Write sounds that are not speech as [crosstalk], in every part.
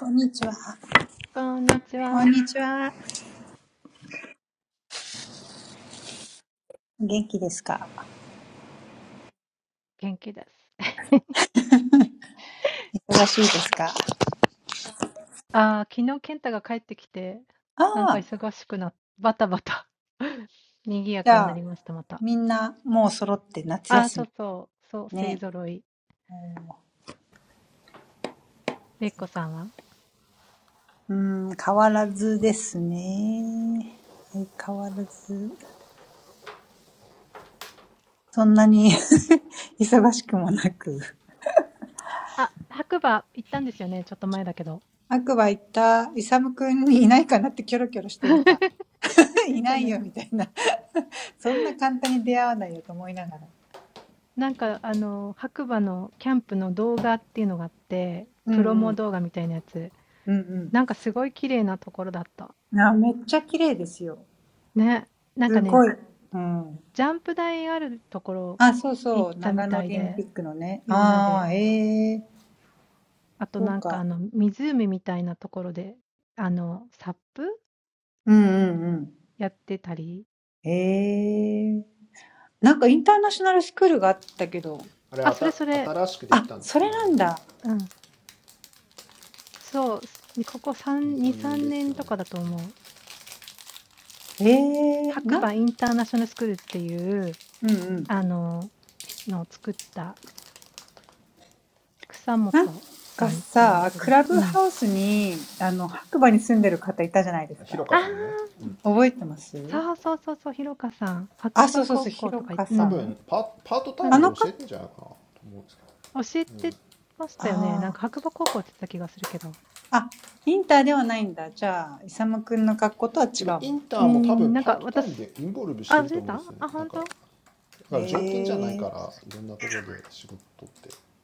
こんにちは。こんにちは。こんにちは。元気です。ああ、昨日健太が帰ってきて、なんか忙しくなっ、バタバタ [laughs] お元気ですか忙しいですかああ、じゃあ、みんなもう揃って夏休みね。おーそうか。うーん、変わらずですね。相変わらず。そんなに [laughs] [laughs] 賑やかになりました、また。ああ、そうそう、そう、勢ぞろい。れっこさんはあ、白馬行ったんですよね、ちょっと前だけど。言ってたね。なんか、あの、白馬のキャンプの動画っていうのがあって、プロモ動画みたいなやつ。なんかすごい綺麗なところだった。ね。なんかね、ジャンプ台あるところ行ったみたいで、すごい。うん。あ、そうそう。長野オリンピックのね。ああ、ええ、そうか。うんうんうん。ええ。なんかインターナショナルスクールがあったけど。あ、それなんだ。ええ、な、うんうん。なんかさ、クラブハウスに、あの、白馬に住んでる方いたじゃないですか。覚えてますあ、そうそうそう、ひろかさん。あの方、ああ。あ、インターではないんだ。じゃあ、イサムくんの格好とは違うの。[laughs] みんなてあとなんかあの湖みたいなところてあのサッフやってたりあそれそれうんそうすここうーん、なんか私あ、忘れてた？あ、ほんと？うん、夏休みはいなかったりね、してたよ。あ、場所として？うーん。うん、そうかも。うんうん。スキーね、行ってた。うん、うん。やばい。へえ、そうなんだ。あ、あの、スバンプのこと？うん、キッカーって言うんだ。ふーん。スキー、スノボ用語？知らない。ええ。ええなんかめっちゃ人気出てるみたいですね、白馬って。日本でも。場所として、そう、だから、小石さんが言ったニセコのように外国人結構来てるし、うん、なんか、まあ、そう、スキーとかもすごいいいんですって。なんか雪の多分質がいいのかな。だからな、かん、うん、かなり脚光を浴びてるらしいです。でも確かにすごい綺麗なとこでした。ええああー、うんうん。うーん [clears throat] あれあた新しくてきたんてすよねあれも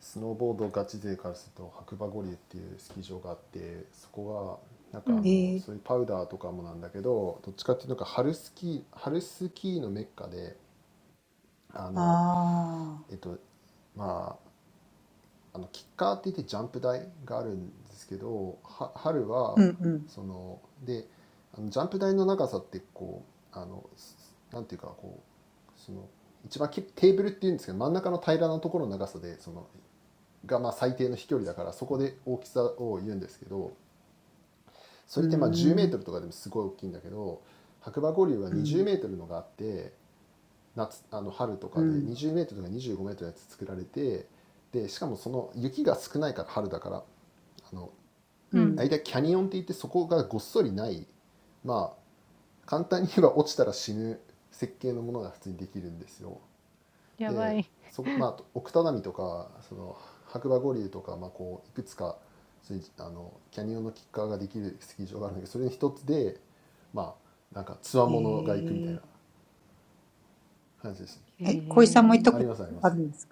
スノーボードガチ勢からすると白馬五里っていうスキー場があってそこがなんかあのそういうパウダーとかもなんだけどどっちかっていうとなんか春スキー春スキーのメッカであのえっとまああのキッカーって言ってシャンフ台かあるんてすけとは春はそのてあのシャンフ台の長さってこうあのすなんていうかこうその一番きテーフルっていうんてすけと真ん中の平らなところの長さてそのかまあ最低の飛距離たからそこて大きさを言うんてすけとそれってまあ うんうん、うん。えええ、小井さんも行ったことあるんですか 夏あの春とかで20メートルとか25メートルのやつ作られてでしかもその雪が少ないから春だからあの間キャニオンって言ってそこがごっそりないまあ簡単に言えば落ちたら死ぬ設計のものが普通にできるんですよ。でそこまあ奥只見とかその白馬五竜とか、まあ、こういくつかそういうあのキャニオンのキッカーができるスキー場があるんだけどそれの一つでまあなんかつわものが行くみたいな感じですね。[laughs] あありますありますでも普通にプロのが撮影とかしてるようなところ僕はなんか普通にあのキャニオンとかでもね本当マジ怖いんですよ、まあ、当たり前だけどあとこわ怖すぎて飛び飛びすぎてこうあのフラットなところで着地するの方もめっちゃ危ないしめっちゃ怖いですあだからまああのスキージャンプとかのああのあの飛距離じゃないですあの要はなんていうかこうまああれあれはもういやー、ジャンプスキーはね、怖いですよね。ちょっと半端ない傾斜だしね。とは違うのおースケボースノボああ。え、スノボ用語なんですかあ、スキーうーん。ね。何でもやってる。うーん。うん。確かに。うーん。なぜそんな危険なものを作ったんだろうか。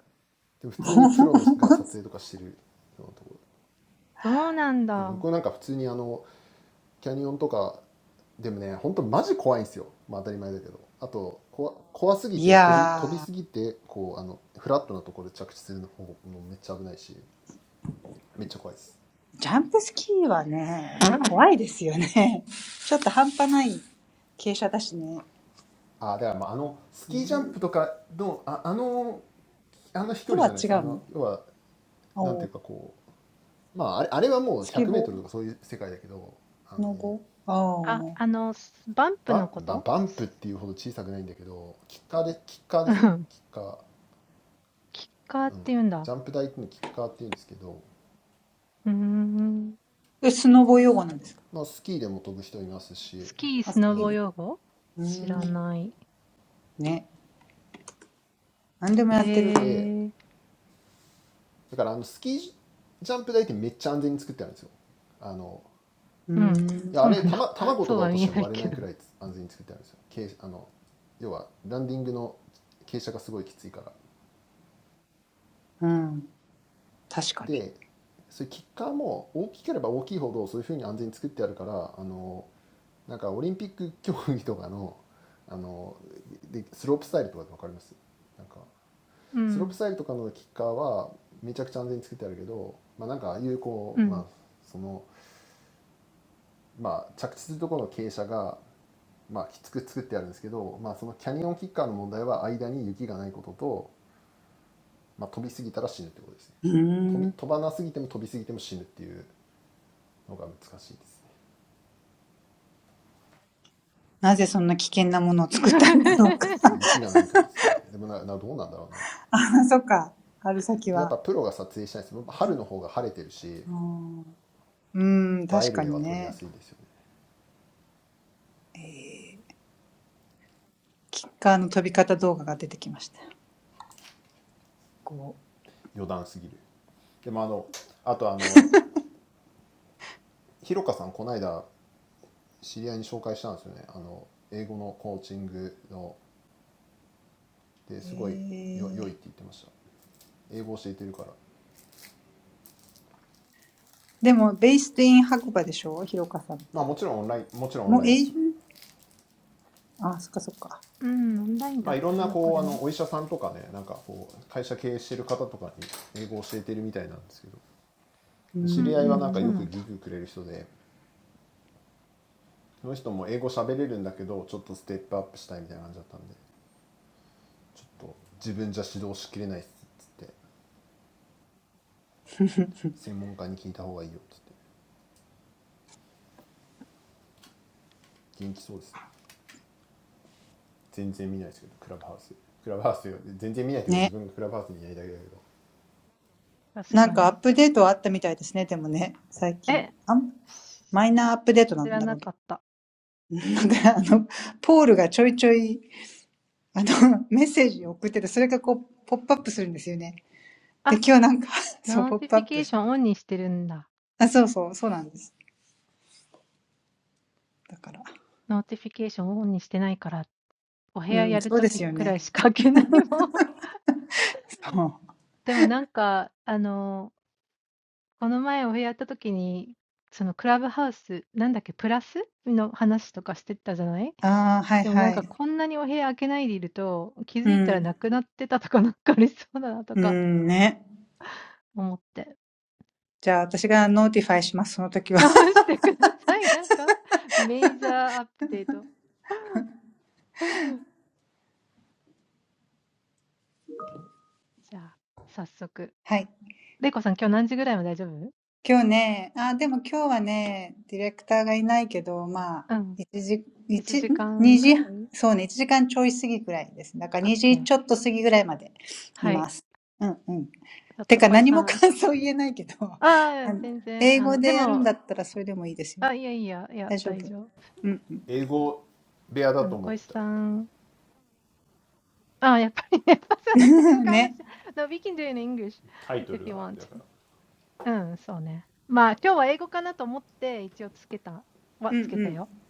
バンバンバンプっていうほど小さくないんだけどキッカーでキッカーですねキッカージャンプ台っていうのをキッカーっていうんですけど、まあ、スキーでも飛ぶ人いますしでだからあのスキージジャンプ台ってめっちゃ安全に作ってあるんですよあのいやあれたま卵とか落としても割れないくらい安全に作ってあるんですよ傾あの要はランディングの傾斜がすごいきついからでそういうキッカーも大きければ大きいほどそういうふうに安全に作ってあるからあのなんかオリンピック競技とかのあのでスロープスタイルとかって分かりますなんかスロープスタイルとかのキッカーはめちゃくちゃ安全に作ってあるけど、まあ、なんかああいうこう、まあそのまあ、着地するところの傾斜が、まあ、きつく作ってあるんですけど、まあ、そのキャニオンキッカーの問題は間に雪がないことと、まあ、飛びすぎたら死ぬってことですね飛び飛ばなすぎても飛びすぎても死ぬっていうのが難しいですね人気がないからですねでもななどうなんだろうなでやっぱプロが撮影したいです春の方が晴れてるし映える絵は撮りやすいですよね余談すぎるでもあのあとあのひろかさんこの間知り合いに紹介したんですよねあの英語のコーチングのですごいよ良いって言ってました英語教えてるからまあもちろんオンラインもちろんオンラインですまあいろんなこうあのお医者さんとかねなんかこう会社経営してる方とかに英語教えてるみたいなんですけどあ、そっか。春先は。えうん、うーん確かにね。えー、キッカーの飛び方動画が出てきました。こう。えー、でも、ベイステイン白馬でしょひろかさんって。もう永住あ、そっかそっか。うーん。ね。なんかアップデートはあったみたいですね、でもね、最近。あんマイナーアップデートなんだろうけど。[laughs] 知り合いはなんかよくギグくれる人でその人も英語喋れるんだけどちょっとステップアップしたいみたいな感じだったんでちょっと自分じゃ指導しきれないっすっつって専門家に聞いた方がいいよっつって元気そうですね全然見ないですけどクラブハウスクラブハウスよ全然見ないというか自分がクラブハウスにいないだけだけど英語部屋だと思ってたタイトルがだからそうねだけど うん、そうなんだ。そうは見えないけど。うん、うん。うん、オンラインだったらどこでも。うんうん、そうなんだ。確かに。え、し知らなかった。あ、ノーティフィケーションオンにしてるんだ。ノーティフィケーションオンにしてないから、お部屋やるときくらいしか開けないもん。でもなんか、あの、この前お部屋やったときに、そのクラブハウス、なんだっけ、プラスの話とかしてたじゃない なんかあの、ポールがちょいちょい、あの、メッセージを送ってて、それがこう、ポップアップするんですよね。[laughs] で、今日なんか [laughs] [laughs] でもなんかこんなにお部屋開けないでいると、気づいたらなくなってたとかなんかありそうだなとか思って。直してください。なんか、メイジャーアップデート。じゃあ、早速。れいこさん今日何時ぐらいも大丈夫うん。1時間ぐらい ?OK。はい。ちょっと小井さん。ああ、全然、あの、でも、あ、いやいや、いや、大丈夫。あの、小石さん。ああ、やっぱりね、やっぱその そう、ポップアップして。あ、そうそう、そうなんです。だから。うん、そうですよね。そう。ああ、はいはい。うん。うん、ね。じゃあ、私がノーティファイします、その時は。はい。今日ね、あ、でも今日はね、ディレクターがいないけど、まあ、1時、1、2時、そうね、1時間ちょい過ぎぐらいですね。だから2時ちょっと過ぎぐらいまでいます。うんうん。てか何も感想言えないけど、あの英語でやるんだったらそれでもいいですよ。[laughs] [laughs] same conversation. No, [laughs] we can do it in English if you want. 大丈夫。うんうん。ね。うんうん。英語でやってください。I うん、そうね。まあ、今日は英語かなと思って一応つけたはつけたよ。あの、especially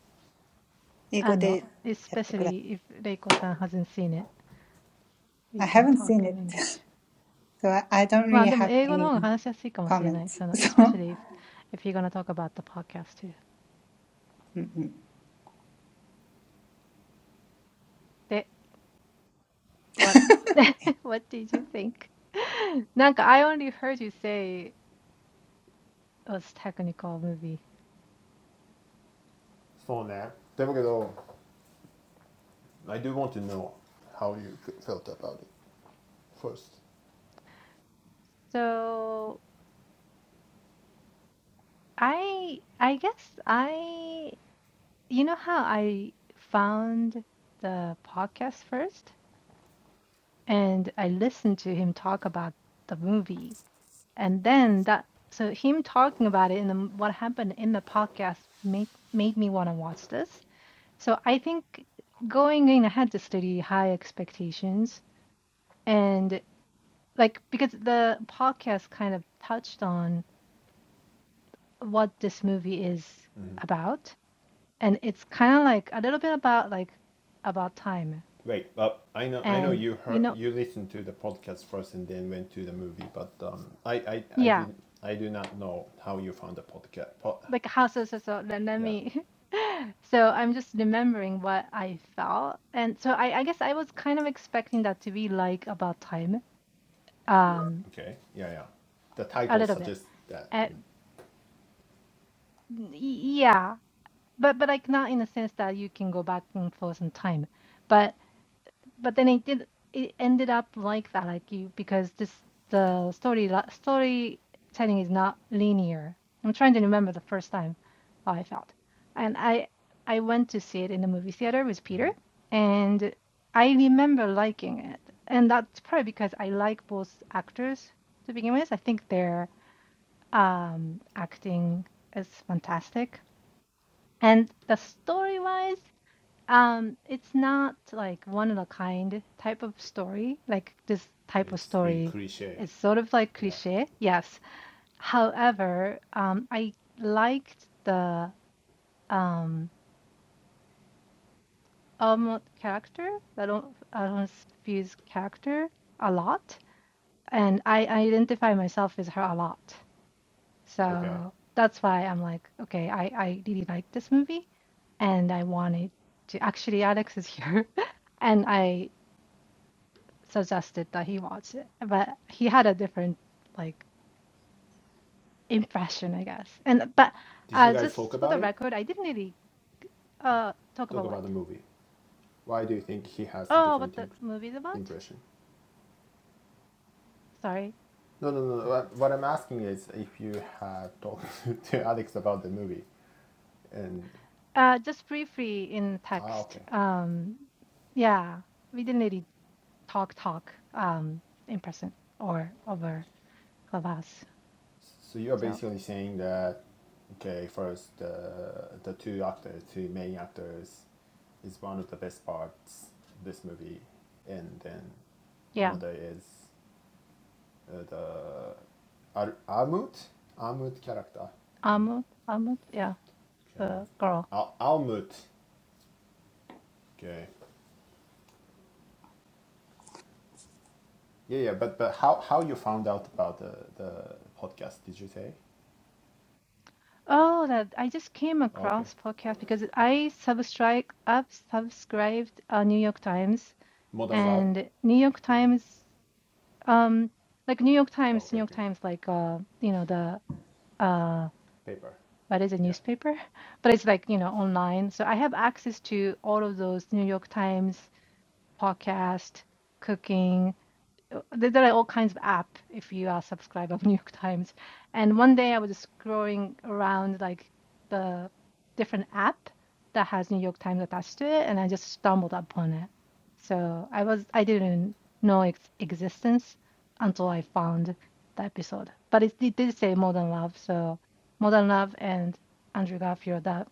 if レイコさん hasn't seen it, we [laughs] can haven't talk seen in it, English. [laughs] so I, I don't really have any comments. [laughs] So, まあ、でも英語の方が話しやすいかもしれない。その、especially if, if you're gonna talk about the podcast too. うんうん。うん で、what, [laughs] what did you think? [laughs] なんか、I only heard you say it was technical movie. I do want to know how you felt about it first So, I, I guess I You know how I found the podcast first and I listened to him talk about the movie and then that so him talking about it and then what happened in the podcast made made me want to watch this. So I think going in, I had to study high expectations and like because the podcast kind of touched on what this movie is about and it's kind of like a little bit about like about time Wait, but I know I know and you you heard know you listened to the podcast first and then went to the movie, but um, I, I I yeah did I do not know how you found the podcast. Po- like how so so so let, let yeah, me [laughs] so i'm just remembering what i felt and so I, I guess i was kind of expecting that to be like about time um okay, yeah, yeah. The a title little bit suggests that uh, mm, y- yeah but but like not in the sense that you can go back and forth in time but but then it did it ended up like that like you because this the story storytelling is not linear i'm trying to remember the first time how i felt and i i went to see it in the movie theater with peter and i remember liking it and that's probably because i like both actors to begin with i think their um acting is fantastic and the story wise um, it's not like one of a kind type of story. Like this type of it's really story cliche. is sort of like Yeah, cliche, yes. However, um, I liked the um Elmo character, the Al- Alphonse's character a lot, and I, I identify myself with her a lot. okay. So that's why I'm like, okay, I, I really like this movie, and I wanted to. Actually, Alex is here, [laughs] and I. suggested that he watch it, but he had a different like impression, I guess. And but Did you uh, guys talk just for the about it? record, I didn't really uh talk Talk about what? about the movie. Why do you think he has a Oh, what different the im- movie's about? impression? Sorry. No, no, no. no, What, what I'm asking is if you have talked [laughs] to Alex about the movie, and Uh, just briefly in ah, text. okay. Um, yeah, we didn't really talk talk um in person or over Clubhouse. So you're So basically saying that okay, first the the two actors, two main actors, is one of the best parts of this movie, and then yeah, another is uh, the Ar- Armut Armut character. Amut, Amut, yeah, Okay, the girl. Al- Almut. Okay. Yeah, yeah, but but how how you found out about the the podcast? Did you say? Oh, that I just came Okay, across podcast because I subscribe up subscribed uh, New York Times Modern Lab. and New York Times um like New York Times Okay, New York okay. Times like uh you know the uh Paper. what is a Yeah, newspaper [laughs] but it's like you know online so I have access to all of those New York Times podcast cooking uh, there there are all kinds of app if you are subscriber of [laughs] New York Times. And one day I was just scrolling around like the different app that has New York Times attached to it, and I just stumbled upon it. So I was I didn't know its existence until I found the episode. But it, it did say Modern Love, so Modern Love and Andrew Garfield that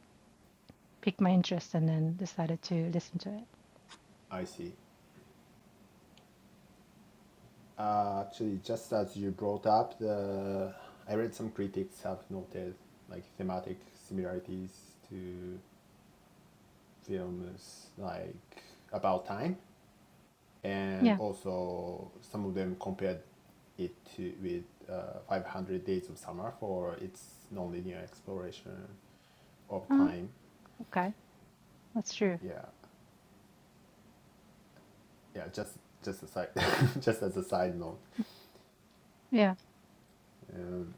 piqued my interest, and then decided to listen to it. I see. Uh, actually, just as you brought up, the I read some critics have noted like thematic similarities to films like About Time, and Yeah. also some of them compared it to with uh, 500 Days of Summer for its nonlinear exploration of Uh, time. okay, that's true. Yeah, yeah. Just just aside, [laughs] just as a side note. Yeah. Um,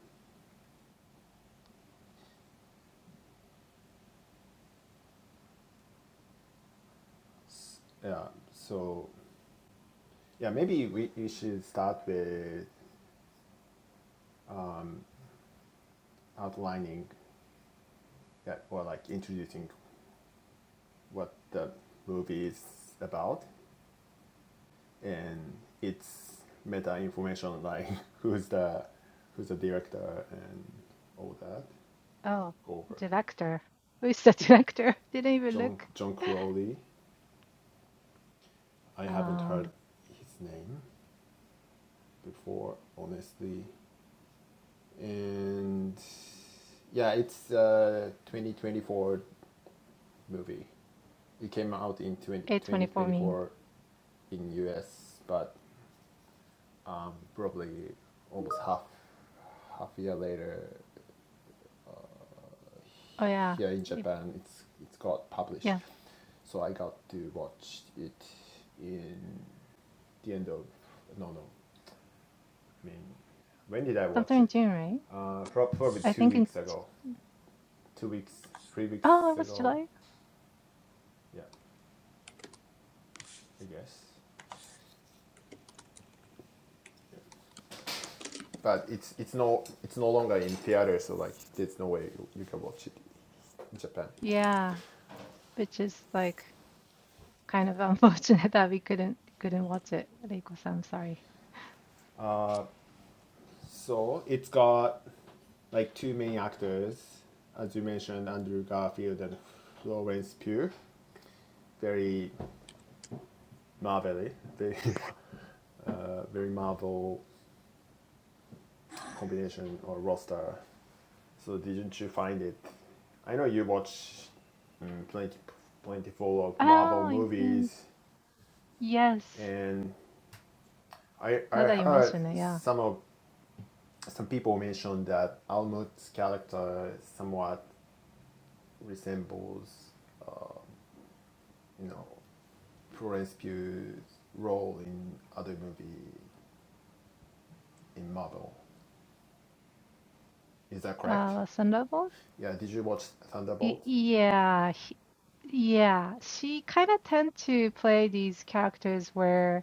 s- yeah. So Yeah, maybe we, we should start with outlining that or like introducing what the movie is about and its meta information like [laughs] who's the who's the director and all that Oh, over. director. Who is the [laughs] director? Didn't even John look. John Crowley. I haven't Uh, heard his name before, honestly. And yeah, it's uh, 2024 movie. It came out in 20, A24 meeting. 2024 in US, but um, probably almost half half year later Oh yeah, here in it, Japan, it's it's got yeah. published. So I got to watch it in the end of no no. I mean, when did I Sometime watch in it? June, right? Uh, prob- probably I two think in. weeks J- ago, two weeks, three weeks Oh, it was ago. July. Yeah, I guess. but it's it's no it's no longer in theater, so like there's no way you, can watch it in Japan. Yeah, which is like kind of unfortunate [laughs] that we couldn't couldn't watch it. Reiko-san, I'm sorry. Uh, so it's got like two main actors, as you mentioned, Andrew Garfield and Florence Pugh. Very marvelly, very [laughs] uh, very Marvel combination or roster. So didn't you find it? I know you watch mm, plenty of Marvel Oh, you mean movies, yes? and I I Now that you heard mention it, yeah. some of some people mentioned that Almut's character somewhat resembles, uh, you know, Florence Pugh's role in other movie in Marvel. Is that correct? Uh, Thunderbolt. Yeah. Did you watch Y Thunderbolt? yeah, he, yeah. She kind of tend to play these characters where.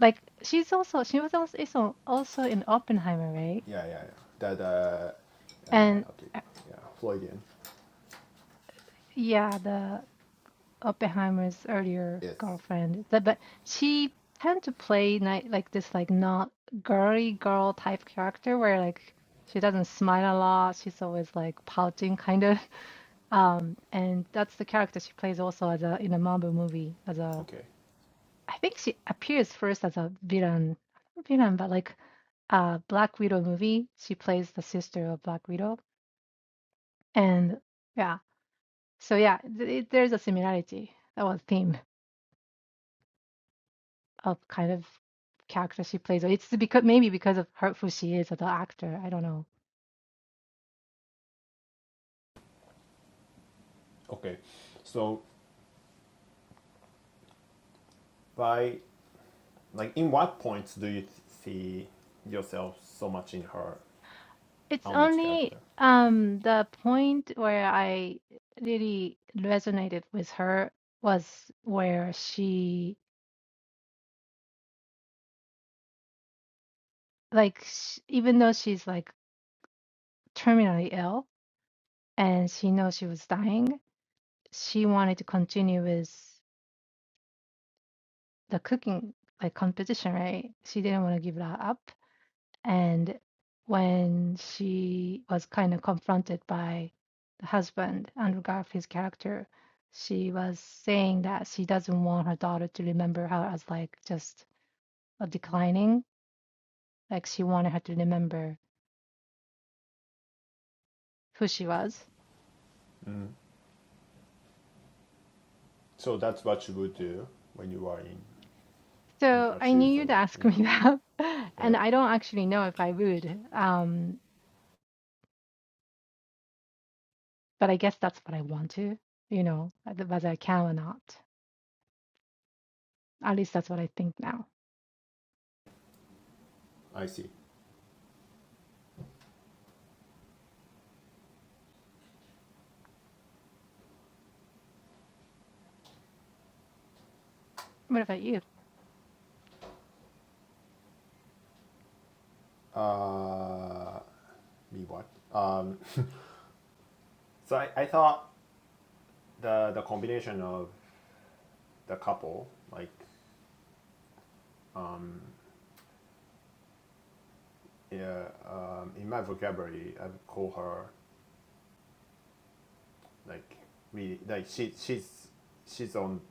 Like she's also she was also is al- also in Oppenheimer, right? Yeah, yeah, yeah. That uh, And uh, okay. uh, Yeah, Floydian. yeah, the Oppenheimer's earlier Yes. girlfriend. That but she tend to play night like this like not girly girl type character where like she doesn't smile a lot. She's always like pouting kind of. [laughs] Um, and that's the character she plays also as a in a Marvel movie as a Okay. I think she appears first as a villain, not villain, but like a Black Widow movie. She plays the sister of Black Widow, and yeah, so yeah, th it, there's a similarity. That was theme of kind of character she plays. It's because maybe because of her who she is as an actor. I don't know. Okay. So by like, in what points do you th- see yourself so much in her It's Almut's only character? um the point where I really resonated with her was where she like sh even though she's like terminally ill and she knows she was dying. She wanted to continue with the cooking like competition, right? She didn't want to give that up. And when she was kind of confronted by the husband, Andrew Garfield's character, she was saying that she doesn't want her daughter to remember her as like just a declining. Like she wanted her to remember who she was. Mm. So that's what you would do when you are in, in So her I knew shoes or you'd like ask yeah. me that, [laughs] Yeah. and I don't actually know if I would. Um, But I guess that's what I want to, you know, uh, whether I can or not. At least that's what I think now. I see. What about you? Uh me what? Um [laughs] so I, I thought the the combination of the couple, like um yeah, um, in my vocabulary I would call her like really like she she's she's on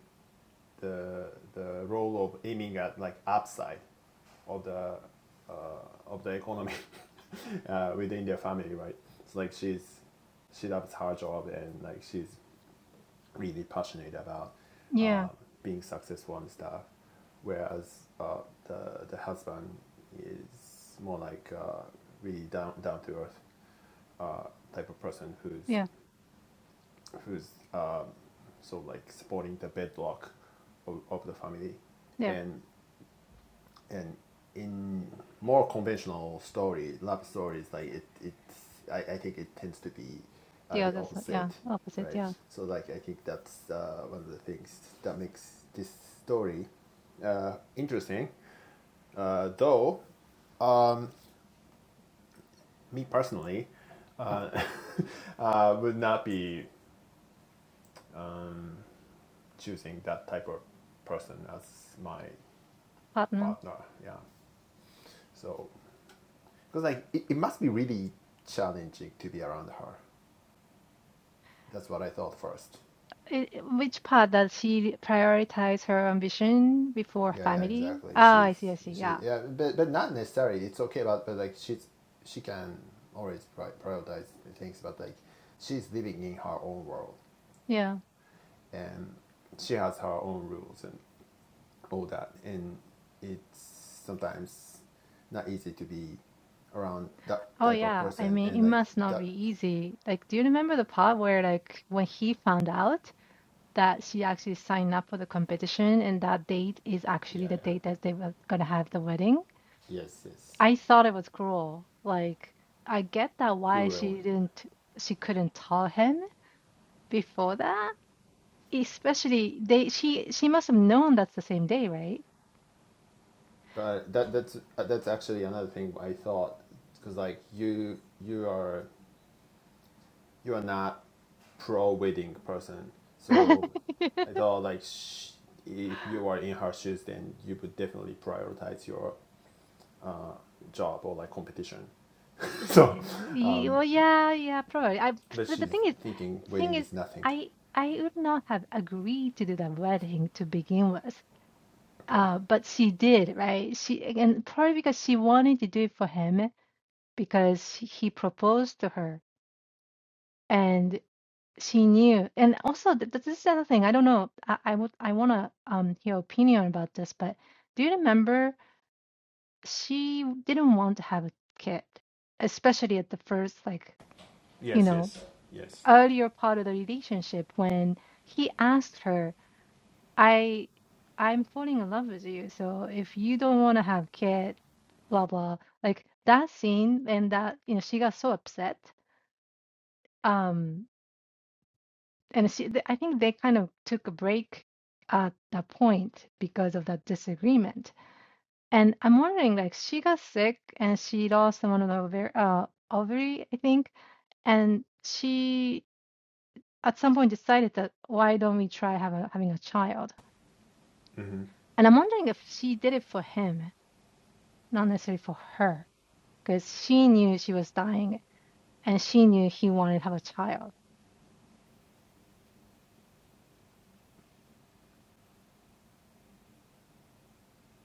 the the role of aiming at like upside of the uh, of the economy [laughs] uh, within their family, right? It's like she's she loves her job and like she's really passionate about Yeah, uh, being successful and stuff, whereas uh, the the husband is more like uh, really down down to earth uh, type of person who's yeah, who's um, sort of like supporting the bedrock of, of the family, yeah, and and in more conventional story, love stories, like it, it's I, I think it tends to be uh, yeah. the That's what- yeah, opposite, opposite. right? Yeah, So like I think that's uh, one of the things that makes this story uh, interesting. Uh, though, um, me personally, uh, [laughs] uh, would not be choosing that type of person as my partner. partner. Yeah, so because like it, it must be really challenging to be around her That's what I thought first. I i- which part does she prioritize her ambition before Yeah, yeah, family? exactly. Ah, She's I see, I see. she Yeah, yeah, but but not necessarily. It's okay, but but like she's she can always pri- prioritize things, but like she's living in her own world yeah. and she has her own rules and all that, and it's sometimes not easy to be around that Oh, type of yeah. I person mean, and it like must not be that. easy. Like, do you remember the part where, like, when he found out that she actually signed up for the competition and that date is actually Yeah, the yeah. date that they were gonna have the wedding? Yes, yes. I thought it was cruel. Like, I get that why she Cruel and didn't, she couldn't tell him before that. Especially they, she, she must have known that's the same day, right? But that that's uh, that's actually another thing I thought because like you you are you are not pro wedding person, so [laughs] I thought like sh- if you are in her shoes, then you would definitely prioritize your job or like competition. [laughs] So, Eh, y- Well, yeah, yeah, probably. I, but so the she's thing is, thinking thing wedding is, is nothing. I, I would not have agreed to do that wedding to begin with. Okay. Uh, but she did, right? She, and probably because she wanted to do it for him because he proposed to her. and. She knew. And also, th th- this is another thing. I don't know. I, I would I want to um hear opinion about this, but do you remember she didn't want to have a kid, especially at the first like, you Yes. know, Yes. Yes. earlier part of the relationship when he asked her, "I I'm falling in love with you, so if you don't want to have kid, blah blah." Like that scene and that, you know, she got so upset. Um and she, th- I think they kind of took a break at that point because of that disagreement. And I'm wondering, like, she got sick and she lost one of the ovary, uh, ovary, I think, and she at some point decided that why don't we try have a, having a child? hmm And I'm wondering if she did it for him, not necessarily for her, because she knew she was dying and she knew he wanted to have a child.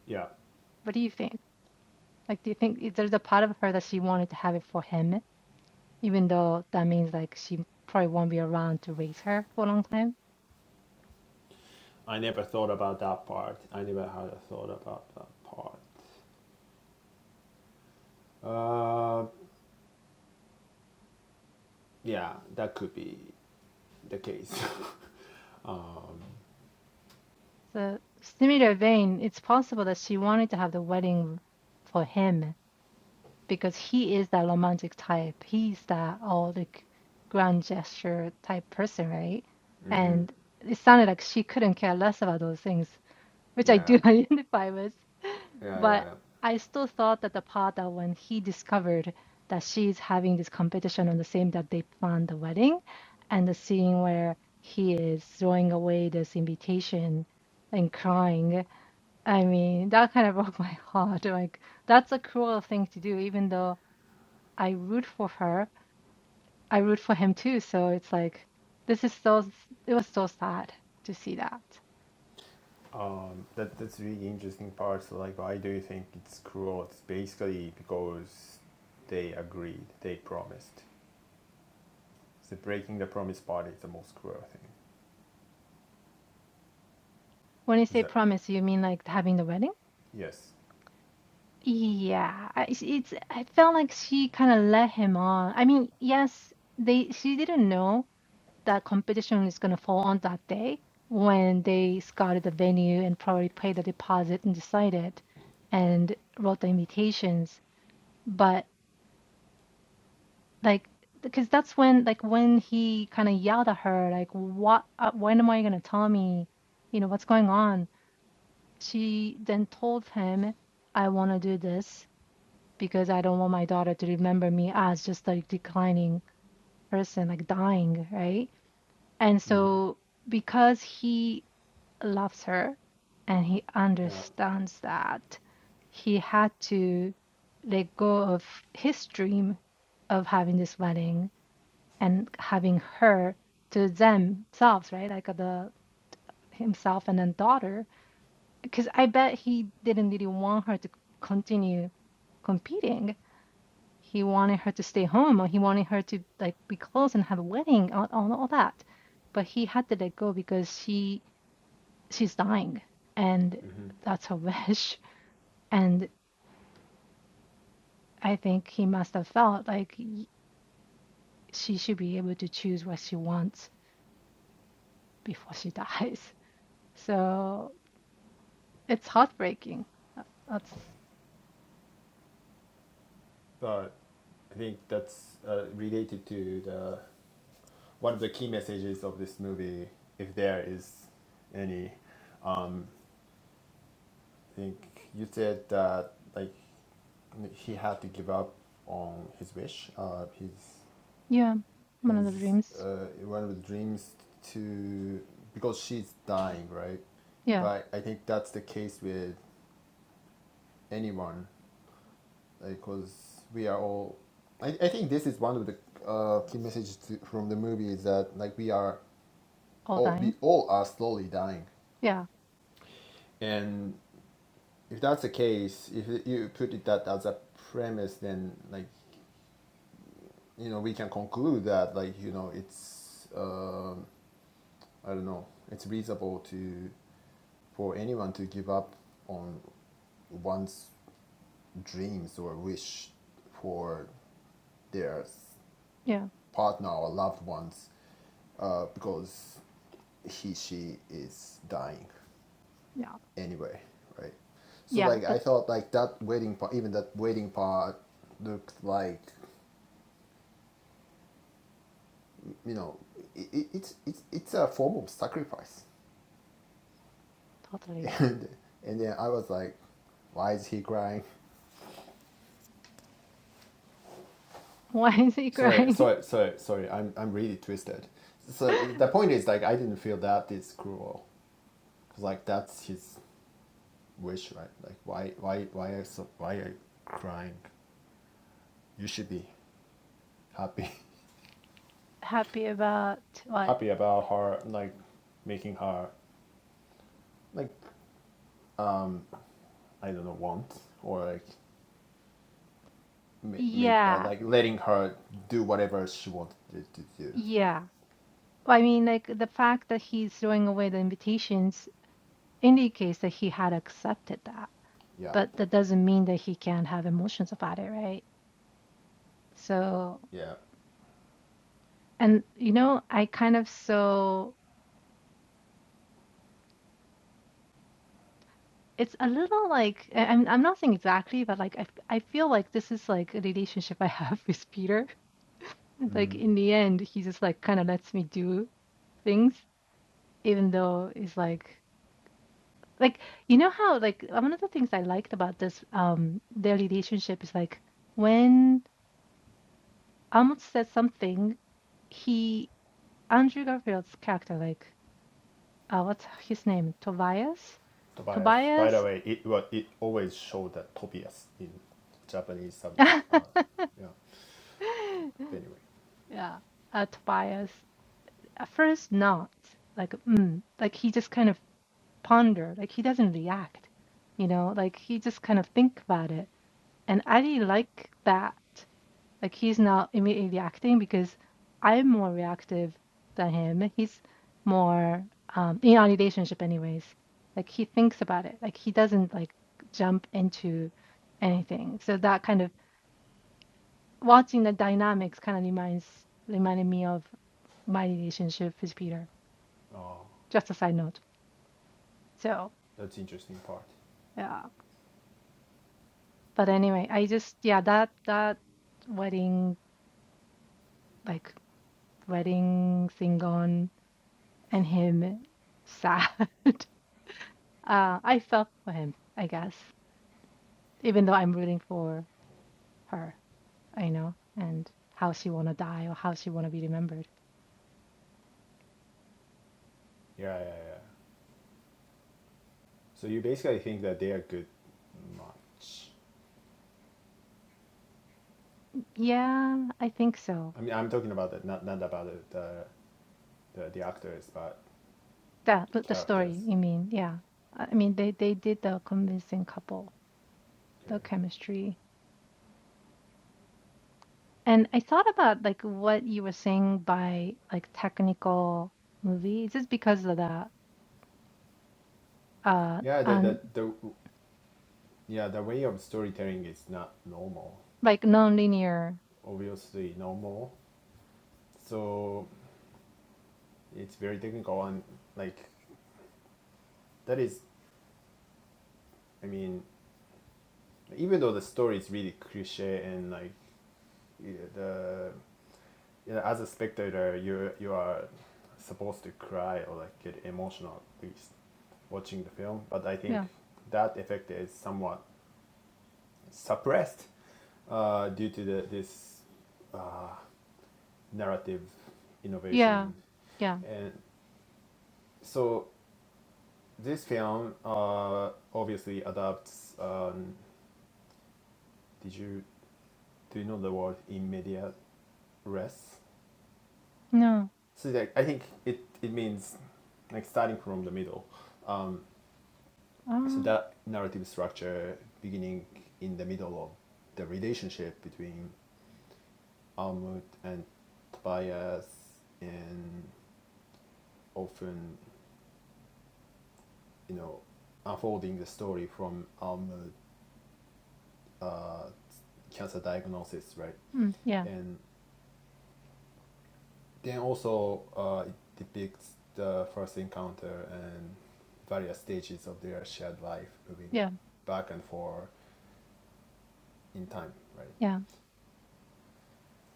Yeah. What do you think? Like, do you think there's a part of her that she wanted to have it for him? even though that means like she probably won't be around to raise her for a long time. I never thought about that part. I never had a thought about that part. Uh, Yeah, that could be the case. So similar vein, it's possible that she wanted to have the wedding for him because he is that romantic type. He's that all the grand gesture type person, right? [laughs] hmm And it sounded like she couldn't care less about those things. which I Yeah, do [laughs] identify with. yeah, yeah, But yeah. I still thought that the part that when he discovered that she's having this competition on the same that they planned the wedding and the scene where he is throwing away this invitation and crying. I mean, that kind of [laughs] broke my heart. Like, that's a cruel thing to do, even though I root for her, I root for him too. So it's like, this is so, it was so sad to see that. um, that that's really interesting part. So like, why do you think it's cruel? It's basically because they agreed, they promised. So breaking the promise part is the most cruel thing. When you Is say that promise, you mean like having the wedding? yes? Yeah, I, it's, it's- I felt like she kind of let him on. I mean, yes, they she didn't know that competition is going to fall on that day when they scouted the venue and probably paid the deposit and decided and wrote the invitations. But like, because that's when like when he kind of yelled at her like, "What? Uh, when am I going to tell me? You know what's going on?" She then told him, "I want to do this." because I don't want my daughter to remember me as just like declining person, like dying, right? And Mm-hmm. so because he loves her and he Yeah. understands that, he had to let go of his dream of having this wedding and having her to themselves, right? Like the himself and then daughter, because I bet he didn't really want her to continue competing He wanted her to stay home, or he wanted her to like be close and have a wedding, all, all, all that. But he had to let go because she she's dying, and Mm-hmm. that's her [laughs] wish. And I think he must have felt like she should be able to choose what she wants before she [laughs] dies. So it's heartbreaking. Uh, That's But I think that's uh, related to the one of the key messages of this movie, if there is any. I think you said that like he had to give up on his wish, uh, his yeah, one of the his dreams. uh, one of the dreams to because she's dying, right? Yeah, But I think that's the case with anyone, because like, we are all. I, I think this is one of the uh, key messages to, from the movie is that like we are all all dying. we all are slowly dying, Yeah, and if that's the case, if you put it that as a premise, then like you know we can conclude that like you know it's um I don't know. It's reasonable to for anyone to give up on one's dreams or wish for their yeah, partner or loved ones uh, because he she is dying yeah, anyway, right? So yeah. like I But thought like that wedding part, even that wedding part looked like you know it, it, it's it's it's a form of sacrifice, totally. [laughs] and and then I was like, why is he crying? [laughs] Why is he Sorry, crying? sorry, sorry, sorry. I'm I'm really twisted. So [laughs] the point is like I didn't feel that is cruel. Like that's his wish, right? Like why why why are so, why are you crying? You should be happy, Happy about [laughs] what? happy about her like making her like I don't know want or like ma- make uh, Yeah, like letting her do whatever she wanted to do. yeah. Well, I mean, like the fact that he's throwing away the invitations indicates that he had accepted that, Yeah, but that doesn't mean that he can't have emotions about it, right? So, yeah. and you know, I kind of so it's a little like I- I'm I'm not saying exactly, but like I I feel like this is like a relationship I have [laughs] with Peter. Like Mm-hmm. in the end, he just like kind of lets me do things, even though it's like. Like, you know how, like, uh, one of the things I liked about this, um, their relationship is like when Ahmed said something, he, Andrew Garfield's character, like, uh, what's his name? Tobias? Tobias. By the Tobias? way, it well, it always showed that Tobias in Japanese [laughs] subs. Uh, yeah. Anyway, Yeah, uh, Tobias. At first, not like, mm, like he just kind of ponder, like he doesn't react, you know, like he just kind of think about it. And I really like that Like he's not immediately acting because I'm more reactive than him. He's more um, in our relationship, anyways. Like he thinks about it. Like he doesn't like jump into anything. So that kind of watching the dynamics kind of reminds reminded me of my relationship with Peter. oh, Just a side note. So that's interesting part. yeah. But anyway, I just yeah that that wedding like wedding thing on and him sad. [laughs] Uh, I felt for him, I guess, even though I'm rooting for her, I know, and how she wanna die or how she wanna be remembered. Yeah, yeah, yeah. So you basically think that they are good match. Yeah, I think so. I mean, I'm talking about that, not not about the the, the, the actors, but That but the the story, characters. you mean? Yeah. I I mean, they they did the convincing couple, Okay. the chemistry. And I thought about like what you were saying by like technical movie. Is this because of that? Uh, Yeah, the, and the the yeah the way of storytelling is not normal. like non-linear. Obviously normal. So it's very technical and like that is. I mean, even though the story is really cliche and like the you know, as a spectator you you are supposed to cry or like get emotional at least watching the film but i think Yeah. that effect is somewhat suppressed uh, due to the, this uh, narrative Yeah. innovation Yeah. and so this film uh, obviously adapts um, did you do you know the word in media res No. So that I think it, it means like starting from the middle. Um, so Oh. that narrative structure beginning in the middle of the relationship between Almut and Tobias and often, you know, unfolding the story from Almut uh, cancer diagnosis, right? hmm, Yeah. And then also uh, it depicts the first encounter and various stages of their shared life moving Yeah. back and forth in time, right? Yeah,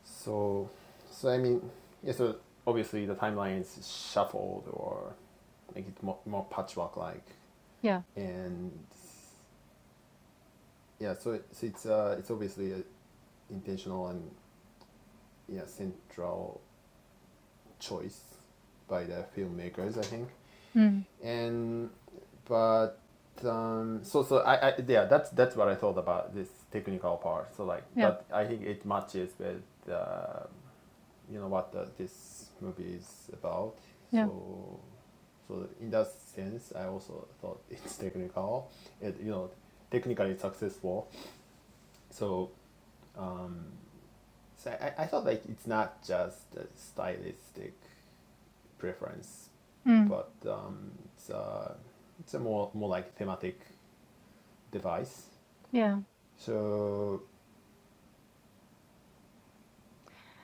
So, so I mean, yeah. So obviously the timeline is shuffled or make it more, more patchwork like, yeah, and yeah. So, it, so it's uh, it's obviously a intentional and yeah central choice by the filmmakers, I think. mm, And but um, so so I, I yeah that's that's what I thought about this technical part. So like, yeah, but I think it matches with uh, you know what the, this movie is about. yeah, So, so in that sense, I also thought [laughs] it's technical. It you know technically successful. So, um, so I, I thought like it's not just a stylistic preference, mm, but um, it's a it's a more more like thematic device. yeah. So,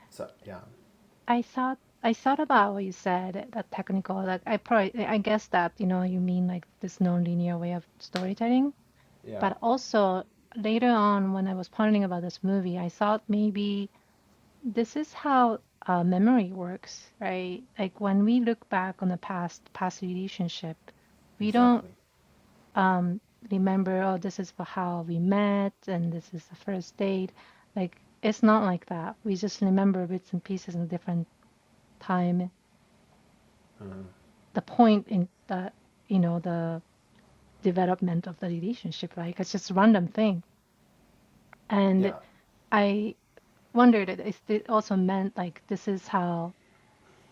so yeah, I thought I thought about what you said, that technical, like I probably I guess that, you know, you mean like this nonlinear way of storytelling. yeah, But also later on when I was pondering about this movie, I thought maybe this is how uh, memory works, right? Like when we look back on the past past relationship, we don't. exactly. um, remember, oh, this is how we met and this is the first date. Like, it's not like that. We just remember bits and pieces in a different time. Mhm. The point in the you know, the development of the relationship, right? It's just a random thing. And Yeah, I wondered if it also meant like this is how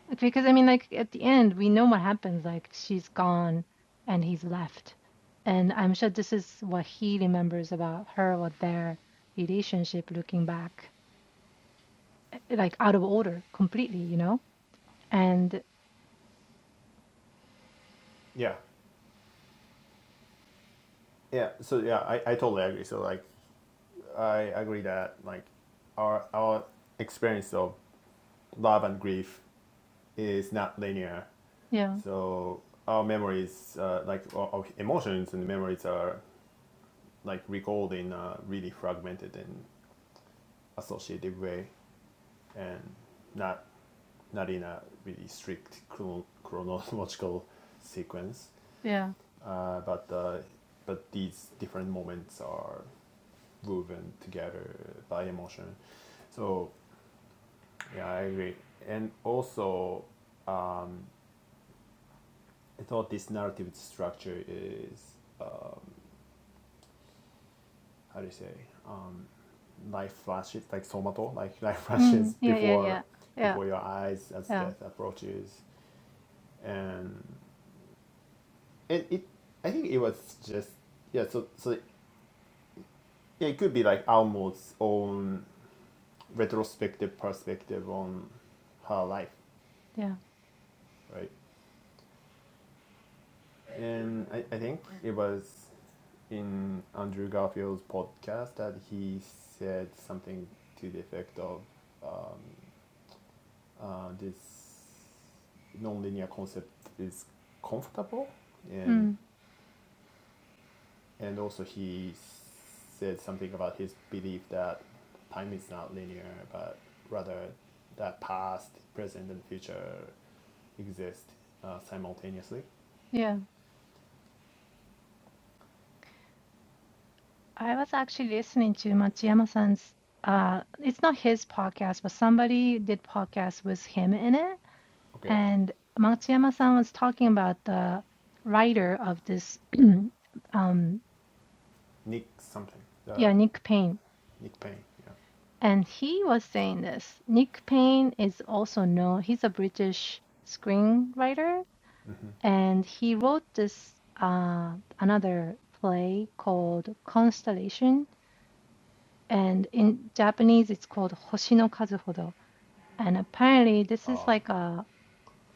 It's because I mean, like at the end, we know what happens. Like she's gone, and he's left, and I'm sure this is what he remembers about her or their relationship, looking back, eh, like out of order completely, you know. And yeah, yeah. So yeah, I, I totally agree. So like I agree that like our our experience of love and grief is not linear. yeah, So our memories, uh, like our of emotions and memories, are like recalled in a really fragmented and associative way, and not not in a really strict chrono- chronological [laughs] sequence. yeah, Uh, but uh, but these different moments are woven together by emotion. So Yeah, I agree. And also, um, I thought this narrative structure is how do you say um, life flashes like somato, like [laughs] life flashes mm, yeah, yeah, before yeah, yeah, before your eyes as yeah, death approaches, and it, it I think it was just yeah. So so yeah, it could be like Almo's own retrospective perspective on her life, yeah, right? And I, I think it was in Andrew Garfield's podcast that he said something to the effect of uh, this nonlinear concept is comfortable and mm, and also he said something about his belief that time is not linear but rather that past, present and future exist uh, simultaneously. yeah. I was actually listening to Matsuyama-san's. Uh, it's not his podcast, but somebody did podcast with him in it Okay. And Matsuyama-san was talking about the writer of this, [clears throat] um, Nick something. Uh, yeah, Nick Payne. Nick Payne, yeah. And he was saying this. Nick Payne is also known, he's a British screenwriter, and he wrote this uh, another play called Constellation. And in Japanese, it's called Hoshi no Kazuhodo. And apparently, this is Uh, like a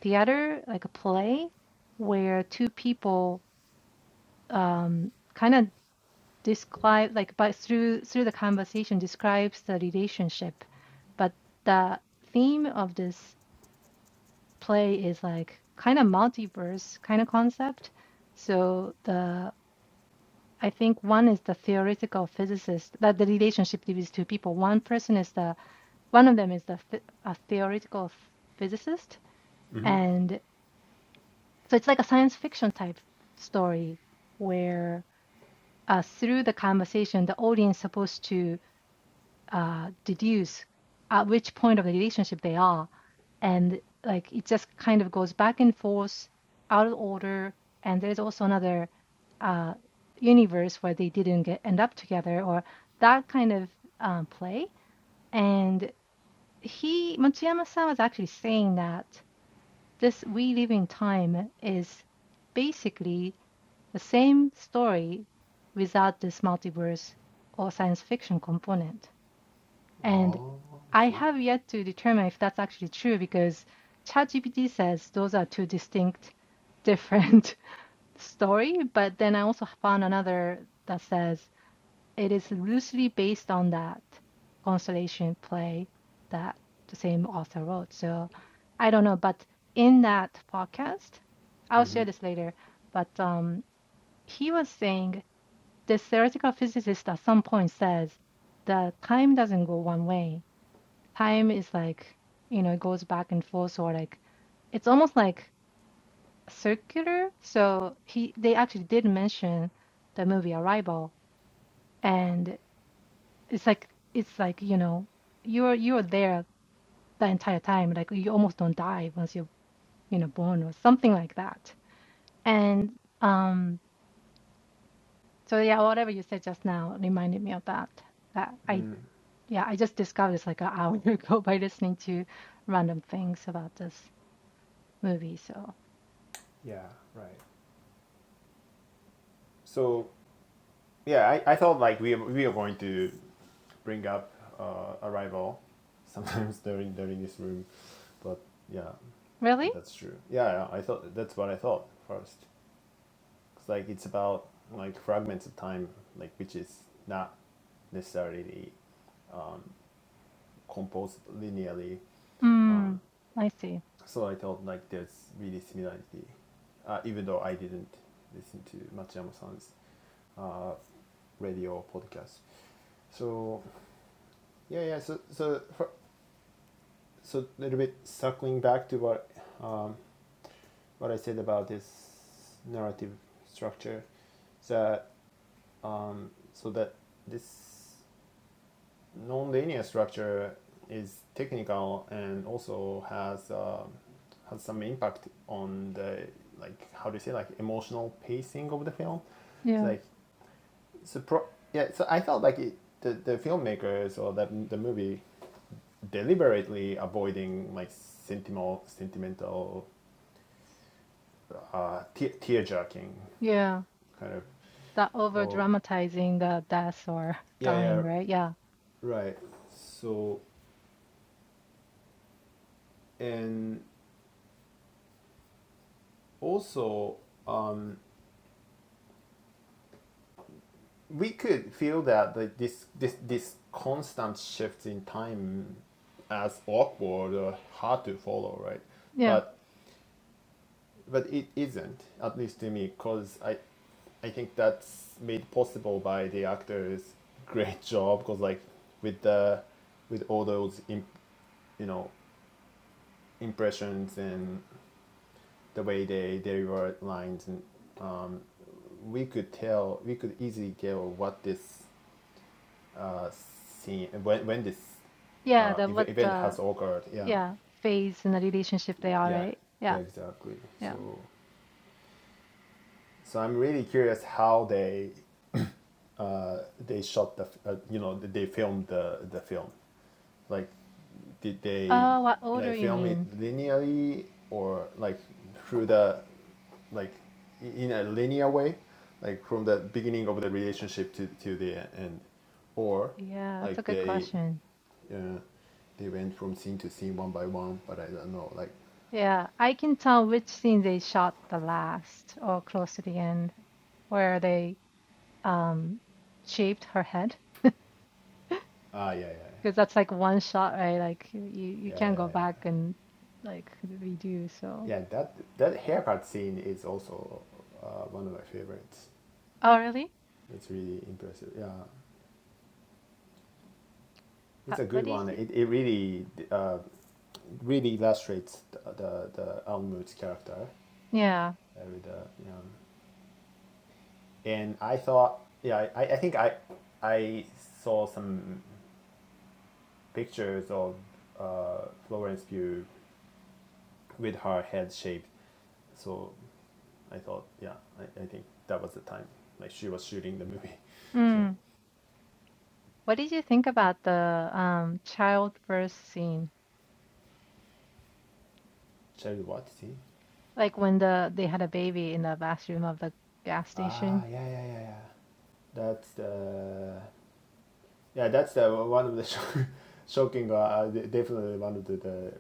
theater, like a play, where two people um, kind of describe like by through through the conversation describes the relationship but the theme of this play is like kind of multiverse kind of concept so the i think one is the theoretical physicist that the relationship between two people one person is the one of them is the a theoretical physicist Mm-hmm. and so it's like a science fiction type story where uh, through the conversation the audience is supposed to uh, deduce at which point of the relationship they are. And like it just kind of goes back and forth, out of order. And there's also another uh, universe where they didn't get end up together or that kind of uh, play. And he, Matsuyama-san was actually saying that this We Live in Time is basically the same story without this multiverse or science fiction component. And Oh, I I see. have yet to determine if that's actually true because ChatGPT says those are two distinct, different [laughs] story. But then I also found another that says it is loosely based on that constellation play that the same author wrote. So I don't know, but in that podcast, I'll Mm-hmm. share this later. But um, he was saying this theoretical physicist at some point says that time doesn't go one way time is like, you know, it goes back and forth or like it's almost like circular. So he they actually did mention the movie Arrival and it's like it's like, you know, you're you're there the entire time. Like you almost don't die once you're, you know, born or something like that. And um so yeah, whatever you said just now reminded me of that. That I Mm, yeah, I just discovered this like an hour [laughs] ago by listening to random things about this movie. So yeah, right. So yeah, I, I thought like we we are going to bring up uh, arrival [laughs] sometimes during during this room, but yeah, really? but that's true. Yeah, yeah, I thought that's what I thought first. It's like it's about like fragments of time, like which is not necessarily composed linearly. Mm, I see. So I thought like there's really similarity, uh, even though I didn't listen to Matsuyama-san's uh, radio podcast. So yeah, yeah. So so for, so a little bit circling back to what um, what I said about this narrative structure that um, so that this non-linear structure is technical and also has um has some impact on the like how do you say like emotional pacing of the film. So Yeah, like so pro- yeah. So I felt like it, the the filmmakers or that the movie deliberately avoiding like sentimental, sentimental uh, te- tear jerking yeah. kind of. That over Oh, dramatizing the death or [laughs] yeah, yeah, dying, right? Yeah, right. So, and also, um, we could feel that like, this, this, this constant shifts in time as awkward or hard to follow, right? yeah, But but it isn't, at least to me, because I, I think that's made possible by the actors' great [laughs] job. Because like with the, with all those imp, you know impressions and the way they deliver lines, and we could tell, we could easily tell what this uh, scene when when this yeah. uh, That ev- what event uh, has occurred. Yeah, yeah, phase in the relationship they are, yeah, right? yeah, Yeah, exactly. yeah. So, so I'm really curious how they uh, they shot the uh, you know they filmed the the film like did they Oh, what order like you film it mean? linearly or like through the like in a linear way like from the beginning of the relationship to, to the end or Yeah, that's a like good they question. uh, they went from scene to scene one by one but i don't know like Yeah, I can tell which scene they shot the last or close to the end, where they um shaved her head, ah yeah yeah because yeah that's like one shot, right? Like you you yeah can't go yeah yeah, back and like redo, so. yeah that that haircut scene is also uh, one of my favorites Oh, really? It's really impressive. Yeah, Ho- it's a What good is one. it? It, it really uh, really illustrates the the, the Almut's character Yeah. uh, with the you know, and I thought yeah I, I think I I saw some pictures of uh, Florence Pugh with her head shaved, so I thought yeah I, I think that was the time like she was shooting the movie, [laughs] so Mm. What did you think about the um childbirth scene? Cherry what see Like when the they had a baby in the bathroom of the gas ah station? yeah yeah yeah yeah that's the yeah, that's the one of the sho- [laughs] shocking, uh, de- definitely one of the, the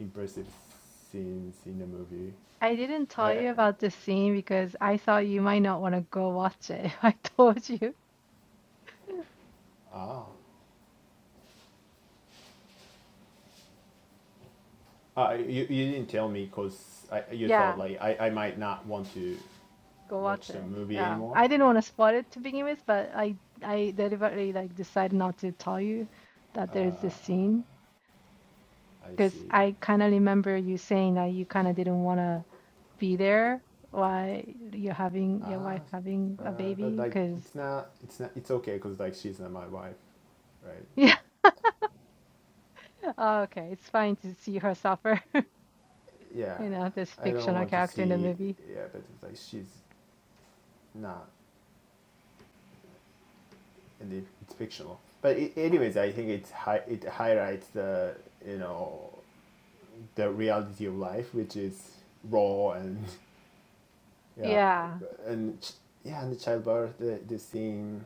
impressive scenes in the movie. I didn't tell I I- you about this scene because I thought you might not want to go watch it [laughs] if I told you. ah, uh, you you didn't tell me because I you thought Yeah, like I, I might not want to go watch watch the it. movie Yeah. anymore. I didn't want to spoil it to begin with, but I I deliberately like decided not to tell you that there's this Uh, scene I because see. I kind of remember you saying that you kind of didn't want to be there while you're having your Ah, wife having uh, a but baby like because it's not it's not it's okay because like she's not my wife, right? yeah [laughs] oh, okay it's fine to see her suffer [laughs] Yeah, you know this I don't fictional want to character in the see. movie Yeah, but like she's not and it, it's fictional. But it, anyways, I think it's hi- it highlights the you know the reality of life, which is raw and [laughs] yeah, yeah and yeah, and the childbirth, the, the scene.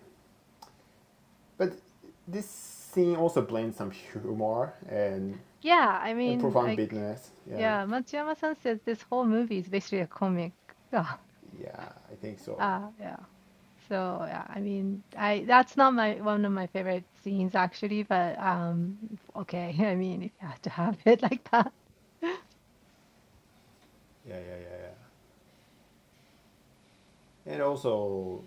But this scene also blends some humor and yeah I and mean profound like bitterness. Yeah, yeah Matsuyama-san says this whole movie is basically a comic [laughs] uh, yeah, I think so. uh yeah so yeah I mean I that's not my one of my favorite scenes actually but um okay [laughs] I mean if you have to have it like that [laughs] Yeah, yeah, yeah, yeah. And also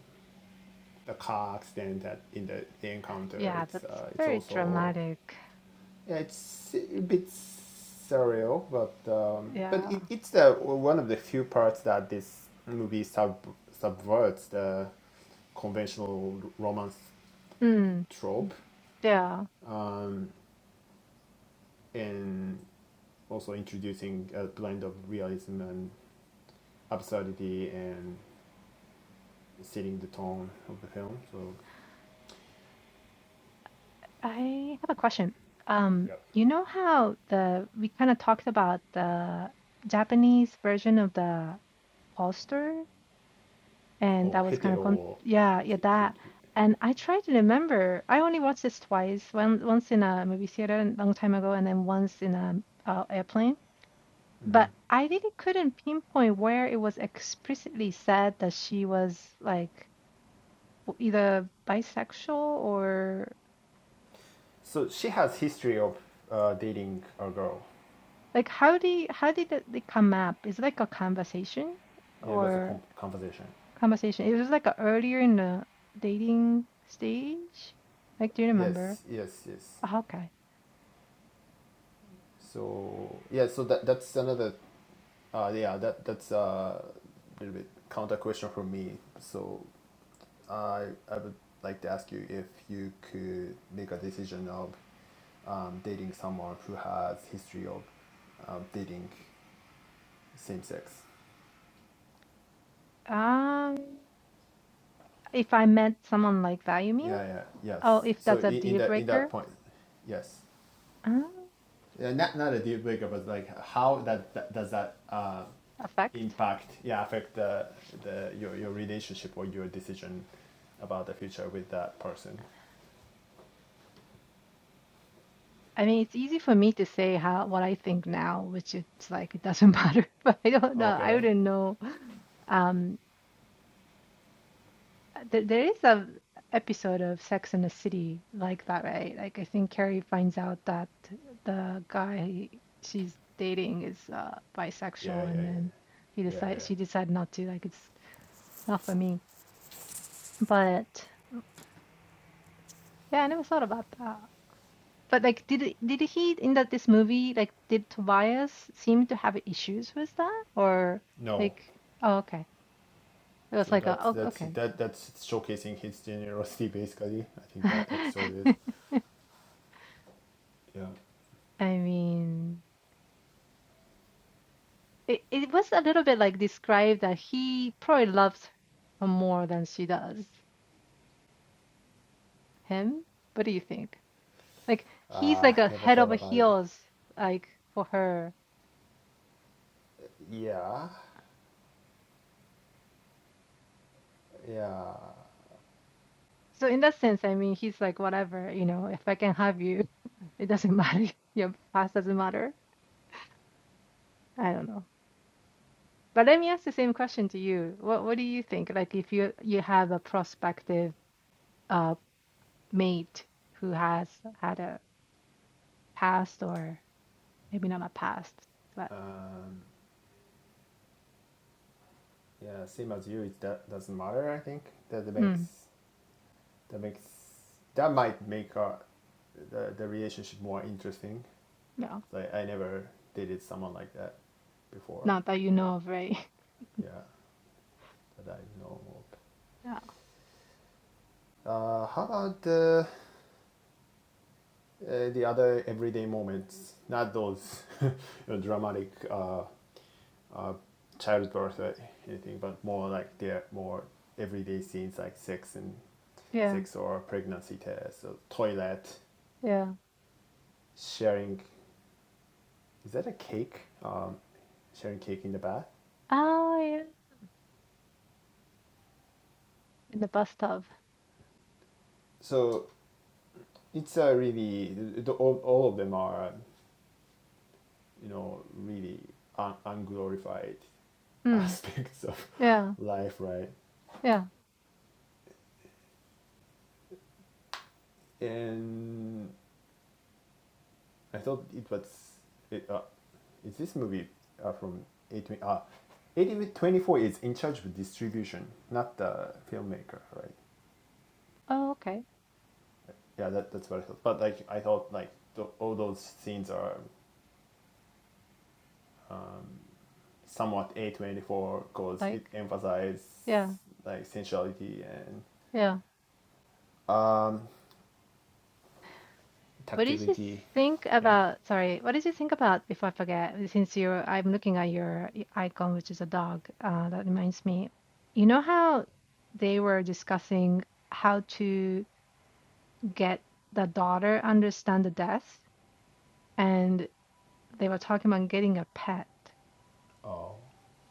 the car accident that in the, the encounter, yeah it's that's uh, it's very also dramatic Yeah, It's si, a bit surreal, but um, but yeah it, it's the one of the few parts that this movie sub, subverts the conventional romance Mm, trope, yeah. um, and also introducing a blend of realism and absurdity and setting the tone of the film. So I have a question. Um, Yep. you know how the we kind of talked about the Japanese version of the poster, and that or was kind of con hetero. yeah, yeah, si, si, that. si. And I tried to remember. I only watched this twice. One once in a movie theater a long time ago, and then once in a uh, airplane. But I really couldn't pinpoint where it was explicitly said that she was like w- either bisexual or. So she has history of uh, dating a girl. Like, how do you, how did it they come up? Is it like a conversation Yeah, that's a or com- conversation. conversation? It was like a earlier in the dating stage. Like, do you remember? yes yes yes Oh, okay. so yeah so that that's another uh yeah that that's a little bit counter question from me so i i would like to ask you if you could make a decision of um, dating someone who has history of um, dating same sex Um, if I met someone like that, you mean? yeah yeah Oh, yes if so that's a in, in deal that in breaker, that point yes um, yeah, not not a deal breaker, but like how that, that does that uh, effect. impact? Yeah, affect the the your your relationship or your decision about the future with that person. I mean, it's easy for me to say how what I think now, which it's like it doesn't [laughs] matter. But I don't know. I Okay. wouldn't know. Um. Uh, There, there is a episode of Sex in the City like that, right? Like I think Carrie finds out that the guy she's dating is uh, Yeah, bisexual, yeah, and then he yeah, yeah, decides yeah. she decided not to. Like it's not for me. But yeah, I never thought about that. But like, did did he in that this movie like did Tobias seem to have issues with that, or No, like oh okay, it was so like a, that's oh that's okay. that that's showcasing his generosity basically. I [laughs] think that episode is. Yeah. I mean. It it was a little bit like described that he probably loves her more than she does him. What do you think? Like he's Uh, like a never head thought over about it. heels like for her. Yeah, yeah, So in that sense, I mean, he's like whatever, you know, if I can have you, [laughs] it doesn't matter. [laughs] Your past doesn't matter. I don't know. But let me ask the same question to you. What what do you think? Like if you you have a prospective uh mate who has had a past or maybe not a past, but um, yeah. Same as you, it that doesn't matter. I think that hmm. makes that makes that might make our the, the relationship more interesting Yeah, like i never dated someone like that before not that you know of, right? [laughs] yeah that i know of Yeah, uh, how about the uh, the other everyday moments not those [laughs] you know, dramatic uh, uh, childbirth or anything but more like they're more everyday scenes like sex and yeah, sex or pregnancy test or toilet yeah. sharing is that a cake um, sharing cake in the bath Oh, yeah. In the bus tub. so it's a really all, all of them are you know really un- unglorified [laughs] Hmm. aspects of Yeah, life right yeah. and i thought it was it, uh, is this movie uh, from 18 twenty-four? uh, eighteen 24 is in charge of distribution not the filmmaker right Oh, okay. yeah that, that's what i thought but like i thought like the, all those scenes are somewhat a24 because it Like, emphasizes yeah, like sensuality and yeah. What did you tactility. think Yeah. about? Sorry, what did you think about before I forget? Since you're, I'm looking at your i- icon, which is a dog. Uh, that reminds me. You know how they were discussing how to get the daughter understand the death, and they were talking about getting a pet. Oh,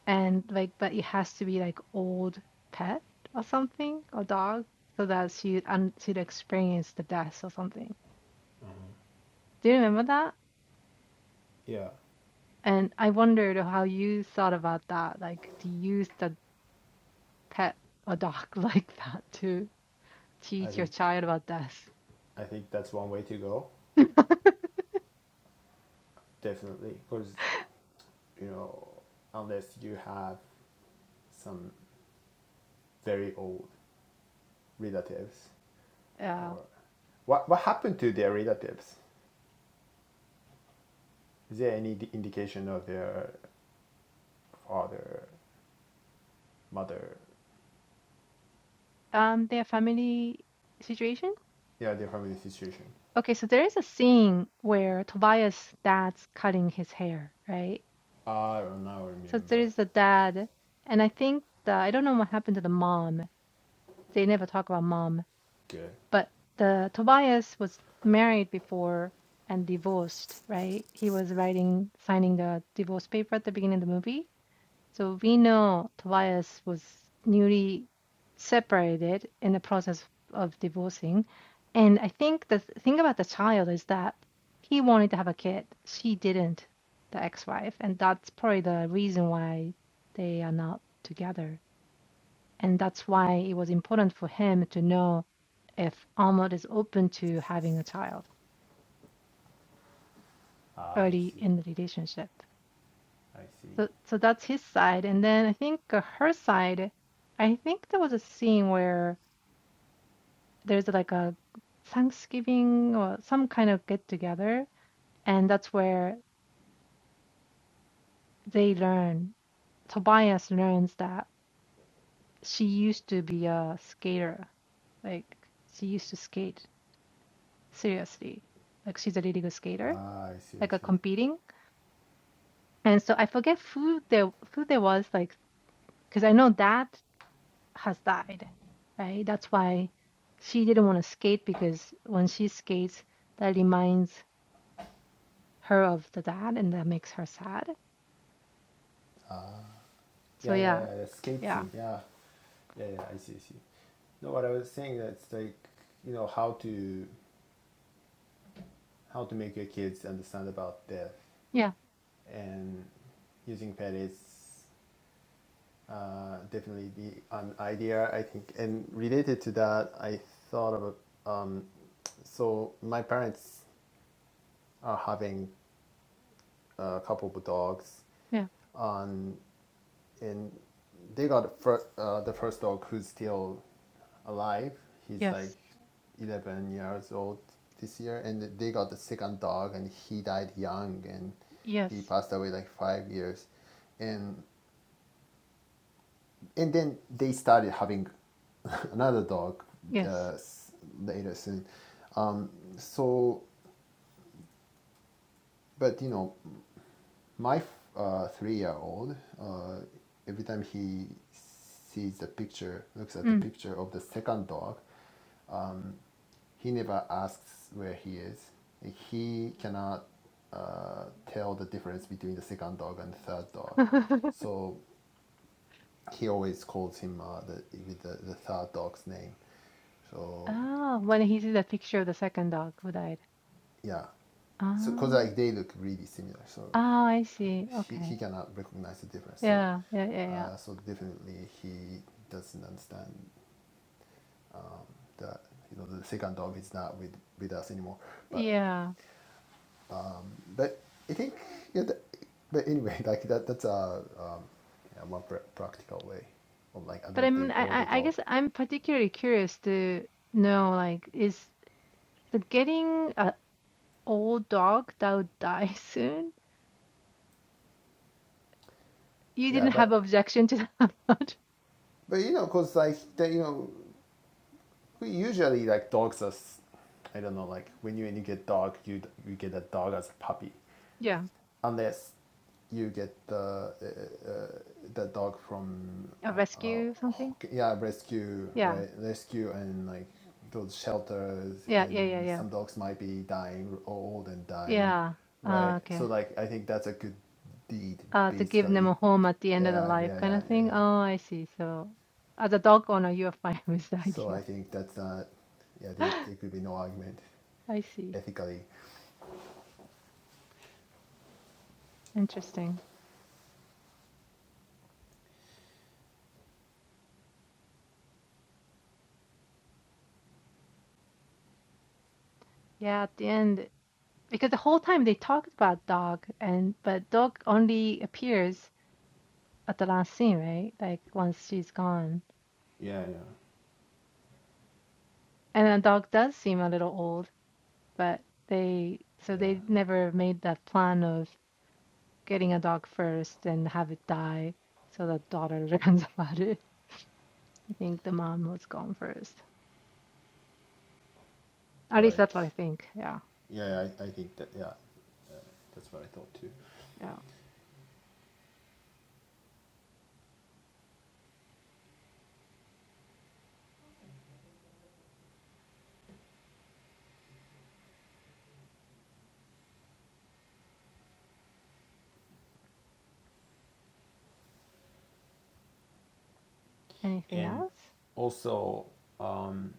and like but it has to be like old pet or something or dog so that she and she'd experience the death or something Mm-hmm. do you remember that Yeah. and i wondered how you thought about that like to use the pet or dog [laughs] like that to I teach think your child about death I think that's one way to go. [laughs] Definitely, because you know, unless you have some very old relatives, yeah or what what happened to their relatives? Is there any indication of their father, mother, um their family situation yeah, their family situation? okay so there is a scene where tobias dad's cutting his hair right I don't now So there remember. is the dad, and I think the I don't know what happened to the mom. They never talk about mom, Good. but the Tobias was married before and divorced, right? He was writing, signing the divorce paper at the beginning of the movie. So we know Tobias was newly separated in the process of divorcing. And I think the thing about the child is that he wanted to have a kid. She didn't, the ex-wife. And that's probably the reason why they are not together. And that's why it was important for him to know if Ahmad is open to having a child Ah, I early see. in the relationship. I see. So so that's his side. And then I think uh, her side, I think there was a scene where there's like a Thanksgiving or some kind of get together, and that's where they learn, Tobias learns that she used to be a skater. Like she used to skate seriously. Like she's a really good skater, Ah, I see. I like a see. competing. And so I forget who there who there was like because I know that has died, right? That's why she didn't want to skate because when she skates, that reminds her of the dad and that makes her sad. So Yeah, yeah, yeah, yeah. The skate yeah, scene. Yeah, Yeah, yeah, I see, I see. No, what I was saying that's like you know how to how to make your kids understand about death yeah, and using pet is uh, definitely the an idea I think. And related to that, I thought of a- um, so my parents are having a couple of dogs yeah, on and they got the first uh, the first dog who's still alive. He's like yes, eleven years old this year, and they got the second dog, and he died young, and yes, he passed away like five years, and and then they started having [laughs] another dog yes. uh, later soon. Um, so, but you know, my uh, three-year-old uh, every time he sees the picture looks at the Mm. picture of the second dog he never asks where he is Like, he cannot uh, tell the difference between the second dog and the third dog [laughs] so he always calls him uh, the, with the, the third dog's name so Ah, when he sees the picture of the second dog who died. yeah so because Ah, like they look really similar so ah, I see. he, Okay. he cannot recognize the difference. So, Yeah, yeah, yeah, yeah. uh, so definitely he doesn't understand that you know the second dog is not with with us anymore. But Yeah. but I think yeah. That, but anyway, [laughs] like that that's a um, yeah, one pr- practical way of like But I mean, adopting I, older I I dog. guess I'm particularly curious to know, like, is the getting a, Old dog that would die [laughs] soon? You Yeah, didn't have but objection to that [laughs] much? but you know, cause like they, you know, we usually like dogs as I don't know, like when you when you get dog, you you get a dog as a puppy Yeah. unless you get the uh, uh, the dog from A uh, rescue something? yeah rescue Yeah. right rescue and like those shelters Yeah, yeah, and yeah, yeah. some dogs might be dying old and dying Yeah. Uh, right so okay. like i think that's a good deed Uh, to give them basically a home at the end of the yeah life yeah kind yeah of yeah thing. yeah Oh, I see. So as a dog owner, you're fine [laughs] with the so i idea. think that's not [gasps] yeah [laughs] there, there I could be no argument see. ethically Interesting. Yeah, at the end, because the whole time they talked about dog and but dog only appears at the last scene, right? Like once she's gone. yeah yeah And the dog does seem a little old. but they so yeah they never made that plan of getting a dog first and have it die so that daughter [laughs] learns about it. I think the mom was gone first. At least that's right what I think. Yeah. yeah i, I think that yeah that's what i thought too Yeah. Anything and else? also um,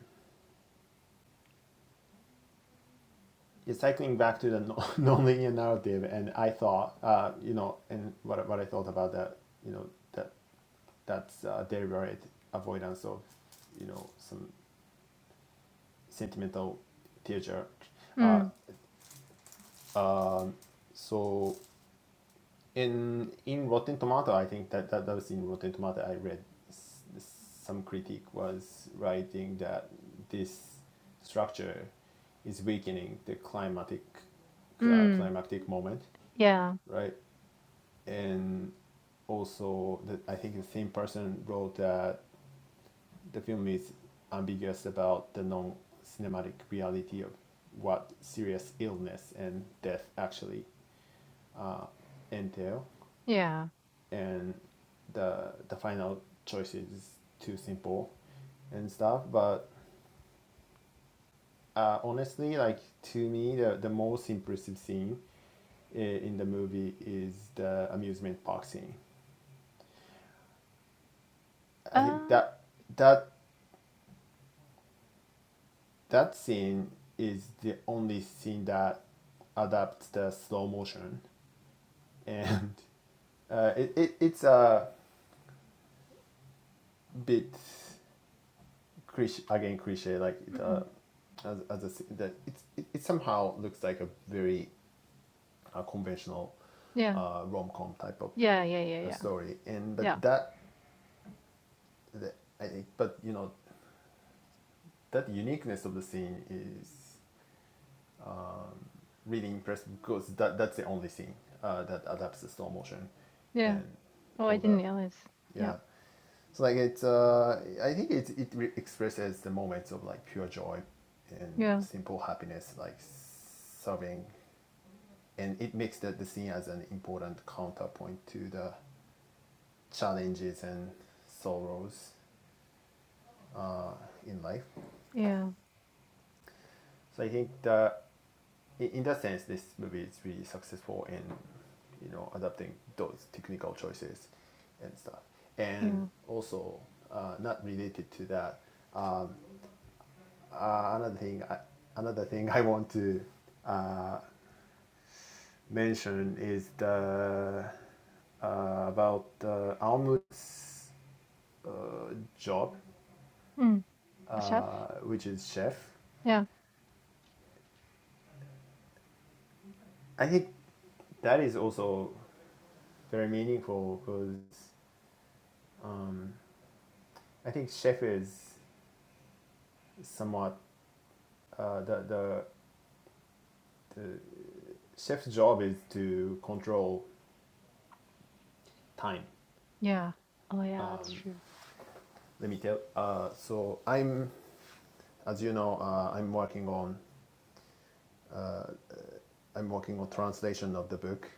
it's cycling back to the no- [laughs] nonlinear narrative. And I thought, uh, you know, and what, what I thought about that, you know, that that's uh, deliberate avoidance of, you know, some sentimental teacher. Uh, Mm. um, so in in Rotten Tomato, I think that that, that was in Rotten Tomato. I read s- some critic was writing that this structure is weakening the climatic uh, Mm. climactic moment, Yeah. right? And also, the, I think the same person wrote that the film is ambiguous about the non-cinematic reality of what serious illness and death actually uh, entail Yeah. and the the final choice is too simple and stuff. But uh, honestly, like to me, the the most impressive scene in the movie is the amusement park scene. I think Uh, that that that scene is the only scene that adapts the slow motion [laughs] and uh, it, it, it's a bit cliche, again cliche like it, uh, mm. as, as a, that it's, it, it somehow looks like a very a conventional Yeah. uh, rom-com type of Yeah. Yeah. Yeah. uh, Yeah. story. And but Yeah. that, the, I but you know, that uniqueness of the scene is really impressive because that that's the only scene uh, that adapts the slow motion, Yeah. and Oh, I all didn't the realize. Yeah. yeah. So like it's uh, I think it it re- expresses the moments of like pure joy and Yeah. simple happiness, like serving, and it makes that the scene as an important counterpoint to the challenges and sorrows uh, in life. Yeah. So I think that in, that sense, this movie is really successful in you know adapting those technical choices and stuff. And Yeah. also, uh, not related to that, um, uh, another thing, I, another thing I want to uh, mention is the uh, about uh, Almut's uh, job, Mm. Chef? uh, which is chef Yeah. I think that is also very meaningful because um, I think chef is somewhat uh, the the chef's job is to control time. Yeah. Oh, yeah. That's true. Let me tell. Uh, so I'm, as you know, uh, I'm working on uh, I'm working on translation of the book,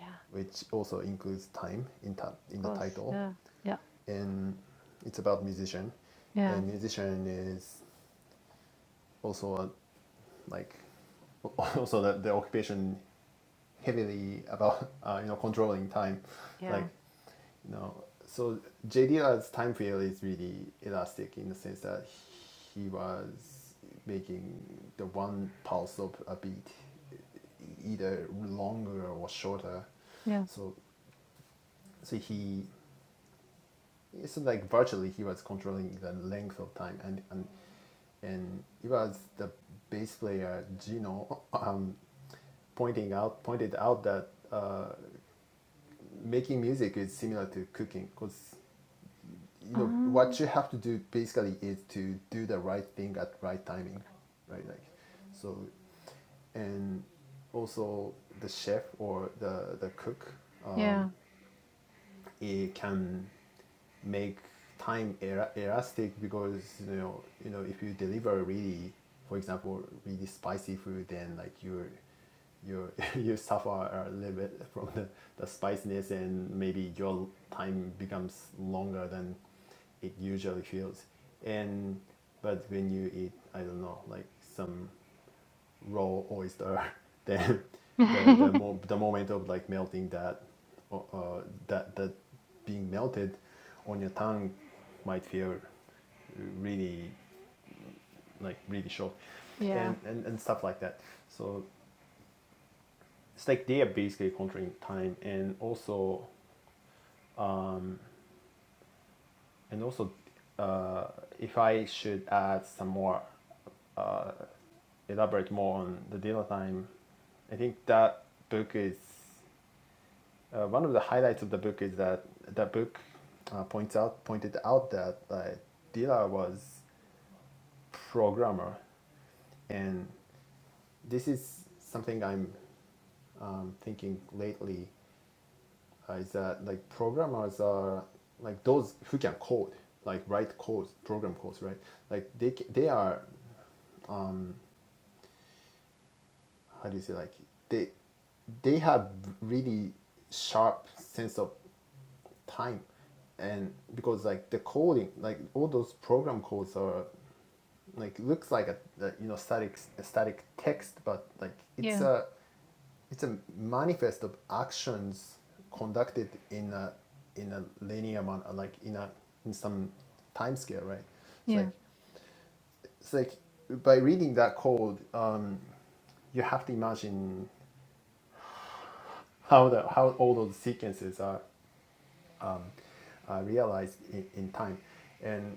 Yeah. which also includes time in ta- Of in the course. title, Yeah. Yeah. and it's about musician, Yeah, and musician is also uh, like [laughs] also the, the occupation heavily about [laughs] uh, you know controlling time yeah, like you know so J D JDR's time period is really elastic in the sense that he was making the one pulse of a beat e-, either longer or shorter yeah. so so he so like virtually he was controlling the length of time and and and it was the bass player Gino [laughs] um, pointing out pointed out that uh, making music is similar to cooking because you know Um, what you have to do basically is to do the right thing at right timing right like so and also the chef or the the cook yeah. it can make time el- elastic because you know you know if you deliver really for example really spicy food then like you you [laughs] you suffer a little bit from the, the spiciness and maybe your time becomes longer than it usually feels and but when you eat i don't know like some raw oyster, [laughs] then the the [laughs] mo- the moment of like melting that uh, uh, that that being melted on your tongue might feel really like really short Yeah, and, and and stuff like that so it's like they are basically controlling time and also and also uh, if i should add some more uh, elaborate more on the dinner time i think that book is uh, one of the highlights of the book is that the book uh, points out pointed out that uh, Dila was programmer, and this is something I'm um, thinking lately uh, is that like programmers are like those who can code, like write codes, program codes, right? Like they they are how do you say like they they have really sharp sense of time and because like the coding like all those program codes are like looks like a, a you know static a static text but like it's yeah, a it's a manifest of actions conducted in a in a linear amount like in a in some time scale right it's yeah, like it's like by reading that code um you have to imagine how the how all those sequences are uh, realized in, in time and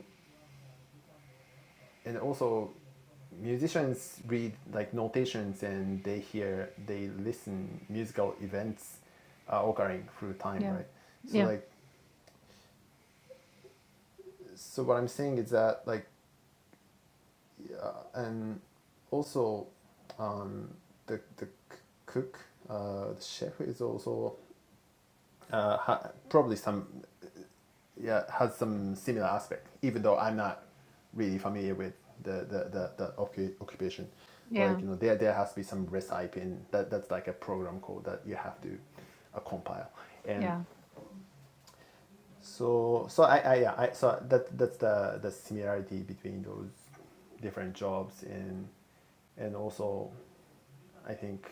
and also musicians read like notations and they hear they listen musical events uh, occurring through time yeah, right so yeah, like so what i'm saying is that like uh, and also um, the the cook uh, the chef is also uh, ha- probably some yeah, has some similar aspect, even though I'm not really familiar with the the, the, the occu- occupation. But like yeah, you know, there there has to be some recipe in that that's like a program code that you have to uh, compile. And yeah, so so I, I yeah I so that that's the the similarity between those different jobs and and also I think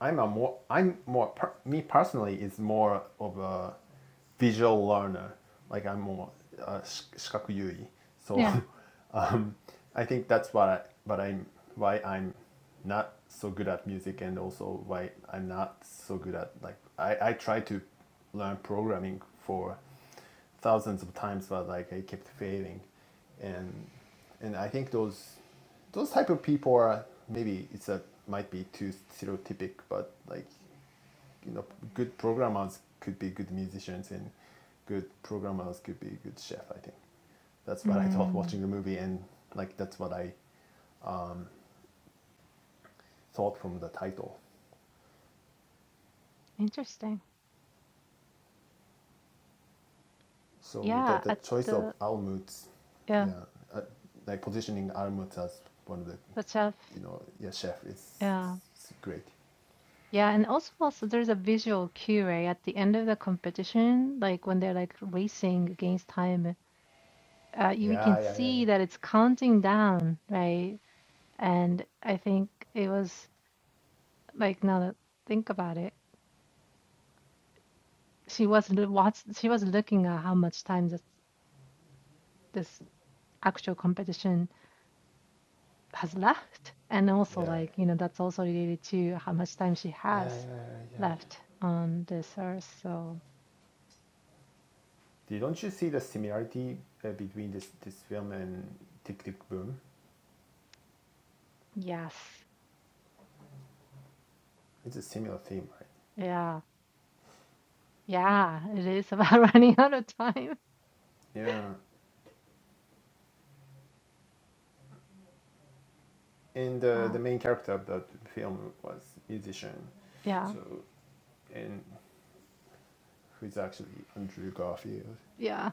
I'm a more I'm more per, me personally is more of a visual learner. Like I'm more uh, shik- shikaku yui. So yeah. [laughs] um, I think that's what I, but I'm why I'm not so good at music and also why I'm not so good at like I, I try to learn programming for thousands of times, but like I kept failing, and and I think those those type of people are maybe it's a might be too stereotypic, but like you know, good programmers could be good musicians, and good programmers could be good chef. I think that's what I thought watching Mm, the movie, and like that's what I thought from the title. interesting. So Yeah, that the at choice of the Almut, yeah, yeah, uh, like positioning Almut as one of the, the chef. you know, yeah, chef is, Yeah. is great. Yeah, and also also there's a visual cue, right? At the end of the competition, like when they're like racing against time, uh you, we can Yeah, yeah, yeah, see that it's counting down, right? And I think it was like now that think about it. she was l- what's she was looking at how much time this this actual competition has left and also yeah, yeah, like you know that's also related to how much time she has yeah, yeah, yeah. yeah. left on this earth so Do- Don't you see the similarity uh, between this this film and Tick Tick Boom? yes It's a similar theme, right? yeah yeah it is about [laughs] running out of time Yeah, and uh, uh, the main character of that film was musician, yeah so and who's actually Andrew Garfield. yeah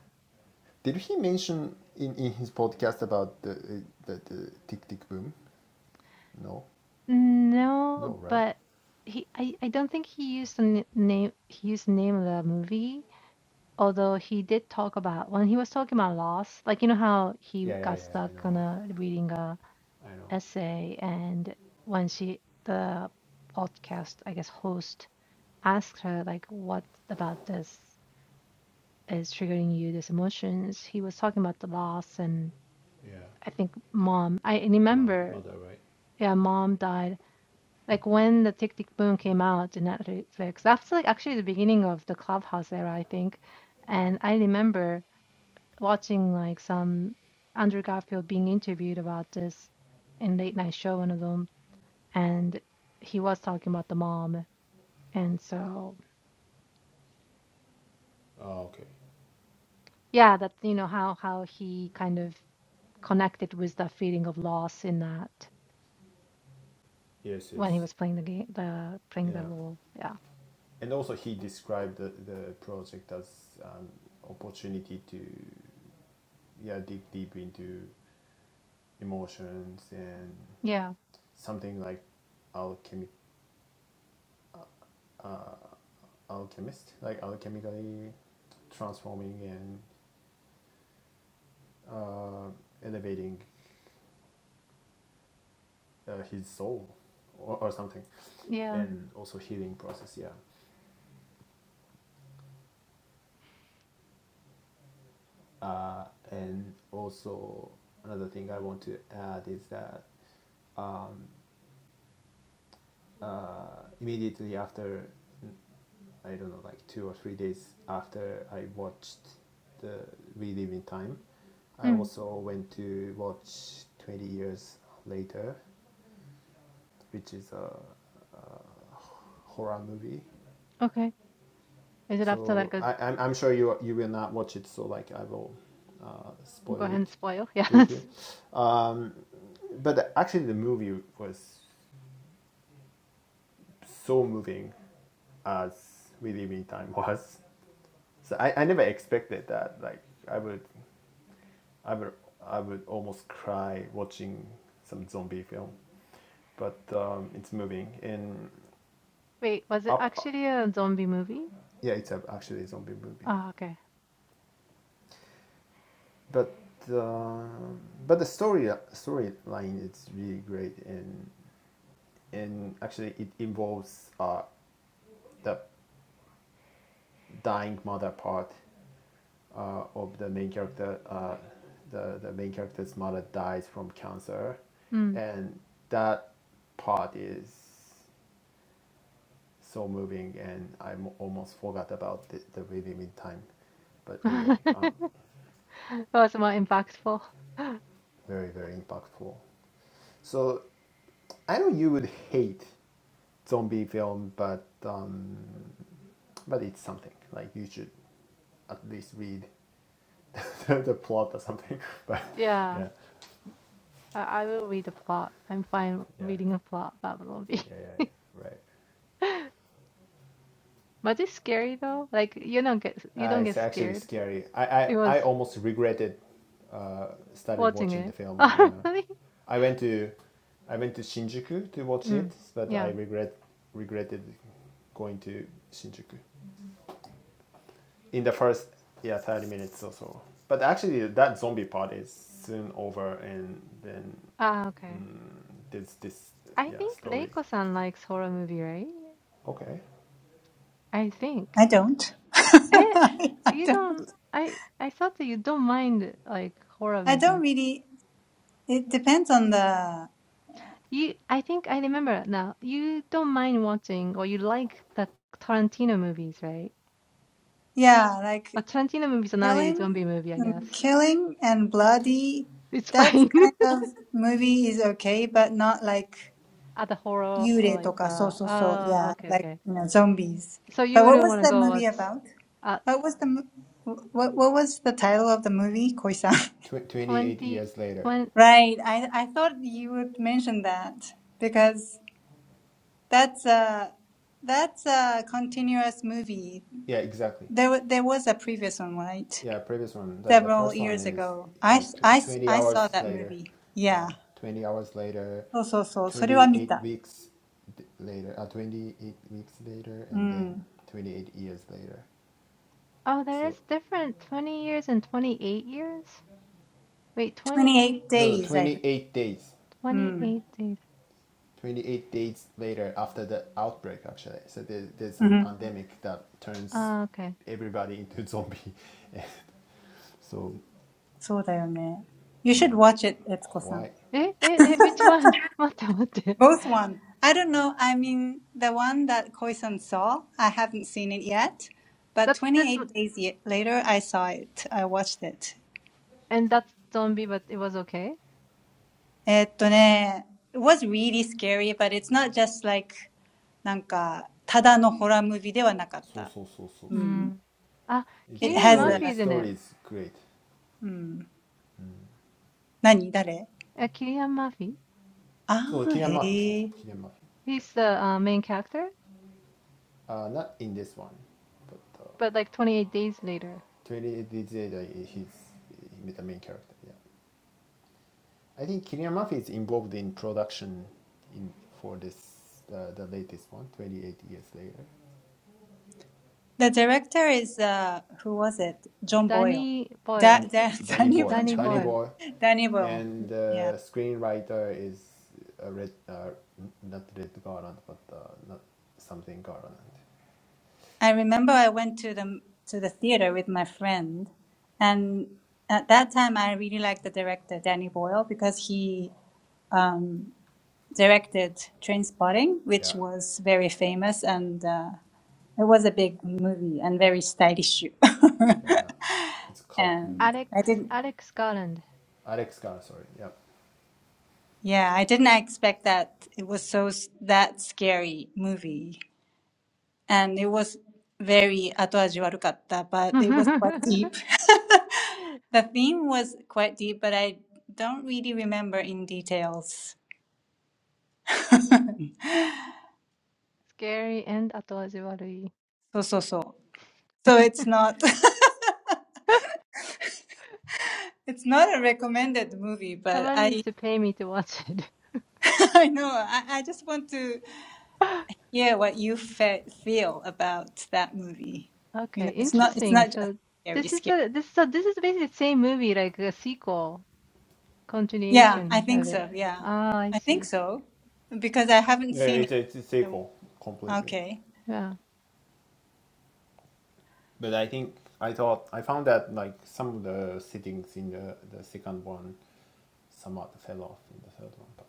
Did he mention in, in his podcast about the, uh, the the Tick Tick Boom? No, no, no right? but he I, I don't think he used the n- name he used the name of the movie Although he did talk about when he was talking about loss, like you know how he Yeah, yeah, got yeah. I stuck on know, a reading a I know. essay, and when she the podcast, I guess, host asked her like, "What about this is triggering you? These emotions?" He was talking about the loss, and Yeah, I think mom. I mom, remember, mother, right? yeah, mom died. Like when the Tick Tick Boom came out in Netflix, that's like actually the beginning of the Clubhouse era, I think. And I remember watching like some Andrew Garfield being interviewed about this in late night show, one of them, and he was talking about the mom, and so Oh, okay. yeah, that you know how how he kind of connected with that feeling of loss in that Yes, yes. when he was playing the game, the playing the Yeah. role. Yeah, And also he described the, the project as an opportunity to yeah, dig deep into emotions and yeah, something like alchemy uh, alchemist, like alchemically transforming and uh, elevating uh, his soul or, or something yeah. and also healing process yeah uh, and also another thing i want to add is that uh, immediately after I don't know like two or three days after I watched the We Live in Time, I Mm, also went to watch Twenty Years Later, which is a horror movie. okay, is it after like So a I, I'm, I'm sure you you will not watch it. So like I will uh, go spoil ahead it and spoil? [laughs] Yes. briefly. Um, but actually the movie was so moving as We Live in Time [laughs] was. So I, I never expected that. Like I would I would I would almost cry watching some zombie film, but um, it's moving and Wait, was it up. actually a zombie movie? Yeah, it's a, actually a zombie movie, Oh, okay. but um but the story storyline is really great and and actually it involves uh, the dying mother part uh, of the main character, uh, the the main character's mother dies from cancer, Mm. and that part is so moving, and I almost forgot about the, the rhythm in time, but [laughs] anyway, um, That was more impactful. [laughs] very very impactful. So I know you would hate zombie film, but um, but it's something like you should at least read [laughs] the, the plot or something. [laughs] But Yeah, yeah, I, I will read a plot. I'm fine yeah, yeah, reading a plot about the movie. yeah, yeah, right. [laughs] But it's scary though. Like you don't get you Uh, don't get it's actually scared scary. I, I, because I almost regretted uh, started watching watching the it. [laughs] film. Yeah, Oh, really? I went to I went to Shinjuku to watch Mm. it, but I Yeah. regret regretted going to Shinjuku in the first yeah thirty minutes or so. But actually, that zombie part is soon over, and then Ah, okay. mm, there's this I yeah think story. Reiko-san likes horror movie, right? Okay, I think. I don't. [laughs] Eh, I you don't. don't. I I thought that you don't mind like horror I movie. don't really. It depends on the. You, I think I remember now. You don't mind watching, or you like the Tarantino movies, right? Yeah, like But Tarantino movies are not a zombie killing, movie, I guess. mm, killing and bloody. It's That fine. kind [laughs] of movie is okay, but not like Other horror or Yure like toka, so uh so so, oh yeah okay, like, okay. you know, zombies. So you But what wouldn't want was to the go movie watch about? uh What was the, mo- what, what was the title of the movie, Koi-san? [laughs] Tw- twenty 20, eight years later. twenty, Right, I, I thought you would mention that because that's a, that's a continuous movie. Yeah, exactly. There, wa- there was a previous one, right? yeah, previous one. The, the Several first one years is ago. I, yeah, s- I, tw- s- 20 I saw hours that later. movie. Yeah, Yeah. 20 hours later, So 28 weeks d- later, uh, 28 weeks later, and then そうそうそう、それは見た。うん。28 28 years later. oh there is So, different 20 years and 28 years? Wait, 28, no, no, days, I think. 28 days. 28 days. 28 days later after the outbreak, actually. So there, there's some うん。pandemic that turns Ah, okay. everybody into zombie. [laughs] so, そうだよね。You should watch it, Etuko-san. Eh, eh, eh, which one? [laughs] 待って待って。That's Both one. I don't know. I mean, the one that Koisan saw, I haven't seen it yet. But this 28 one days ye- later, I saw it. I watched it. and that's zombie but it was okay. えっとね、it was really scary, but it's not just like, まあなんか怖い。そうそうそうそうそう。It's Mm. なんか、ただのホラームービーではなかった。うん。It Ah, a Cillian has story. Murphy a, is in it. Story is great. うん。何誰ああー、へえ。Uh, Cillian Murphy. So Killian Murphy, so, so Killian Murphy. He's the uh, main character. Yeah. Uh, not in this one, but uh, but like 28 days later. 28 Days Later, he's, he's the main character. Yeah, I think Killian Murphy is involved in production in for this uh, the latest one 28 Years Later. The director is uh, who was it? John Boyle. Danny Da, Boyle. John da, [laughs] Danny Danny Boyle, Boyle. Danny John Danny Boyle. Boyle. Boyle, Danny Boyle. and Yeah. the uh, screenwriter is uh, Red, uh, not Red Garland, but uh, not something Garland. I remember I went to the to the theater with my friend, and at that time I really liked the director Danny Boyle because he um, directed Train Spotting, Yeah, which was very famous and uh, it was a big movie and very stylish. [laughs] yeah, yeah. It's a cult and movie. Alex, I didn't. Alex Garland. Alex Garland, sorry. Yeah. Yeah, I didn't expect that it was so s- that scary movie, and it was very 後味悪かった, but [laughs] it was quite deep. [laughs] The theme was quite deep, but I don't really remember in details. [laughs] Scary and 後味悪い. So so so. So it's not [laughs] [laughs] it's not a recommended movie, but Someone needs I to pay me to watch it. [laughs] I know I, I just want to [laughs] hear what you fe feel about that movie. You Okay, know, it's not it's interesting. not just So scary this scary. is a this so this is basically the same movie, like a sequel, Yeah, I continuation think of it. so. Yeah, Ah, I I think see. so because I haven't Yeah, seen it. it's, it's a so, sequel completely. Okay. Yeah. But I think I thought I found that like some of the settings in the, the second one somewhat fell off in the third one. But,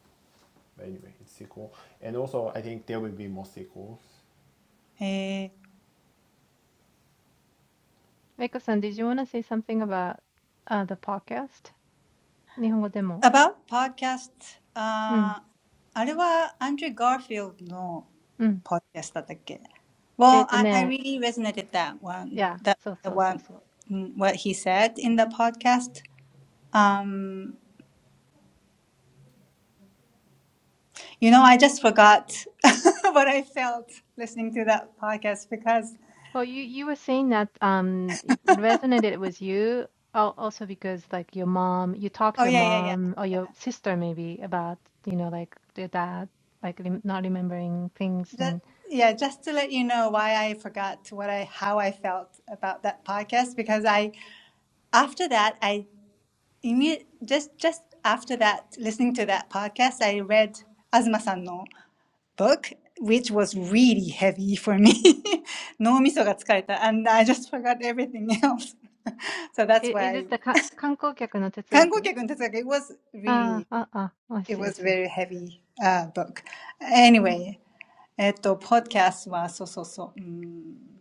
but anyway, it's sequel, and also I think there will be more sequels. Eh, Meiko-san, did you want to say something about uh the podcast? about podcast, 日本語でも。うん、うん。あー、あれは Andrew Garfield の podcast だったっけ Well, I, I really resonated that one, Yeah, that so the so so one, so. mm, what he said in the podcast. Um, you know, I just forgot [laughs] what I felt listening to that podcast because, Well, you you were saying that um it resonated with you al- also because like your mom, you talked to oh your yeah, yeah, mom yeah. or your sister maybe about, you know, like their dad like rem not remembering things Just, and yeah, just to let you know why I forgot what I how I felt about that podcast because I after that I imme- just just after that listening to that podcast I read Azuma-san no book which was really heavy for me. [laughs] no miso ga tsukareta and I just forgot everything else. [laughs] so that's i- is why it the ka- 観光客の哲学? Kangokyakun Tetsugaku it was Ah, really ah, ah. I it see, I was see. very heavy uh, book. Anyway, えっと、podcast は、そうそうそう。うん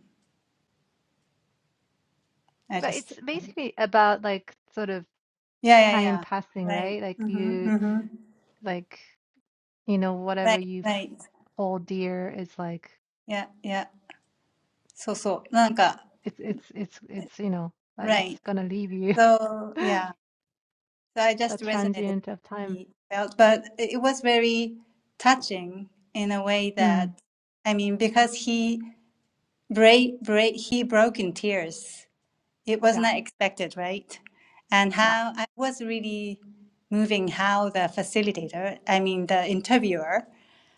I But just, it's um, basically about like sort of yeah, yeah, time yeah. passing, Right. right? Like you うんふん、うんふん。like you know whatever Right, you f- right. hold dear is like Yeah, yeah. so So, なんか, It's it's it's it's you know uh, it's right. gonna leave you So, yeah. [laughs] So I just that resonated with transient of what time. he felt, but it it was very touching in a way that, Mm. I mean, because he break, break, he broke in tears. It was Yeah, not expected, right? And yeah, how I was really moving how the facilitator, I mean, the interviewer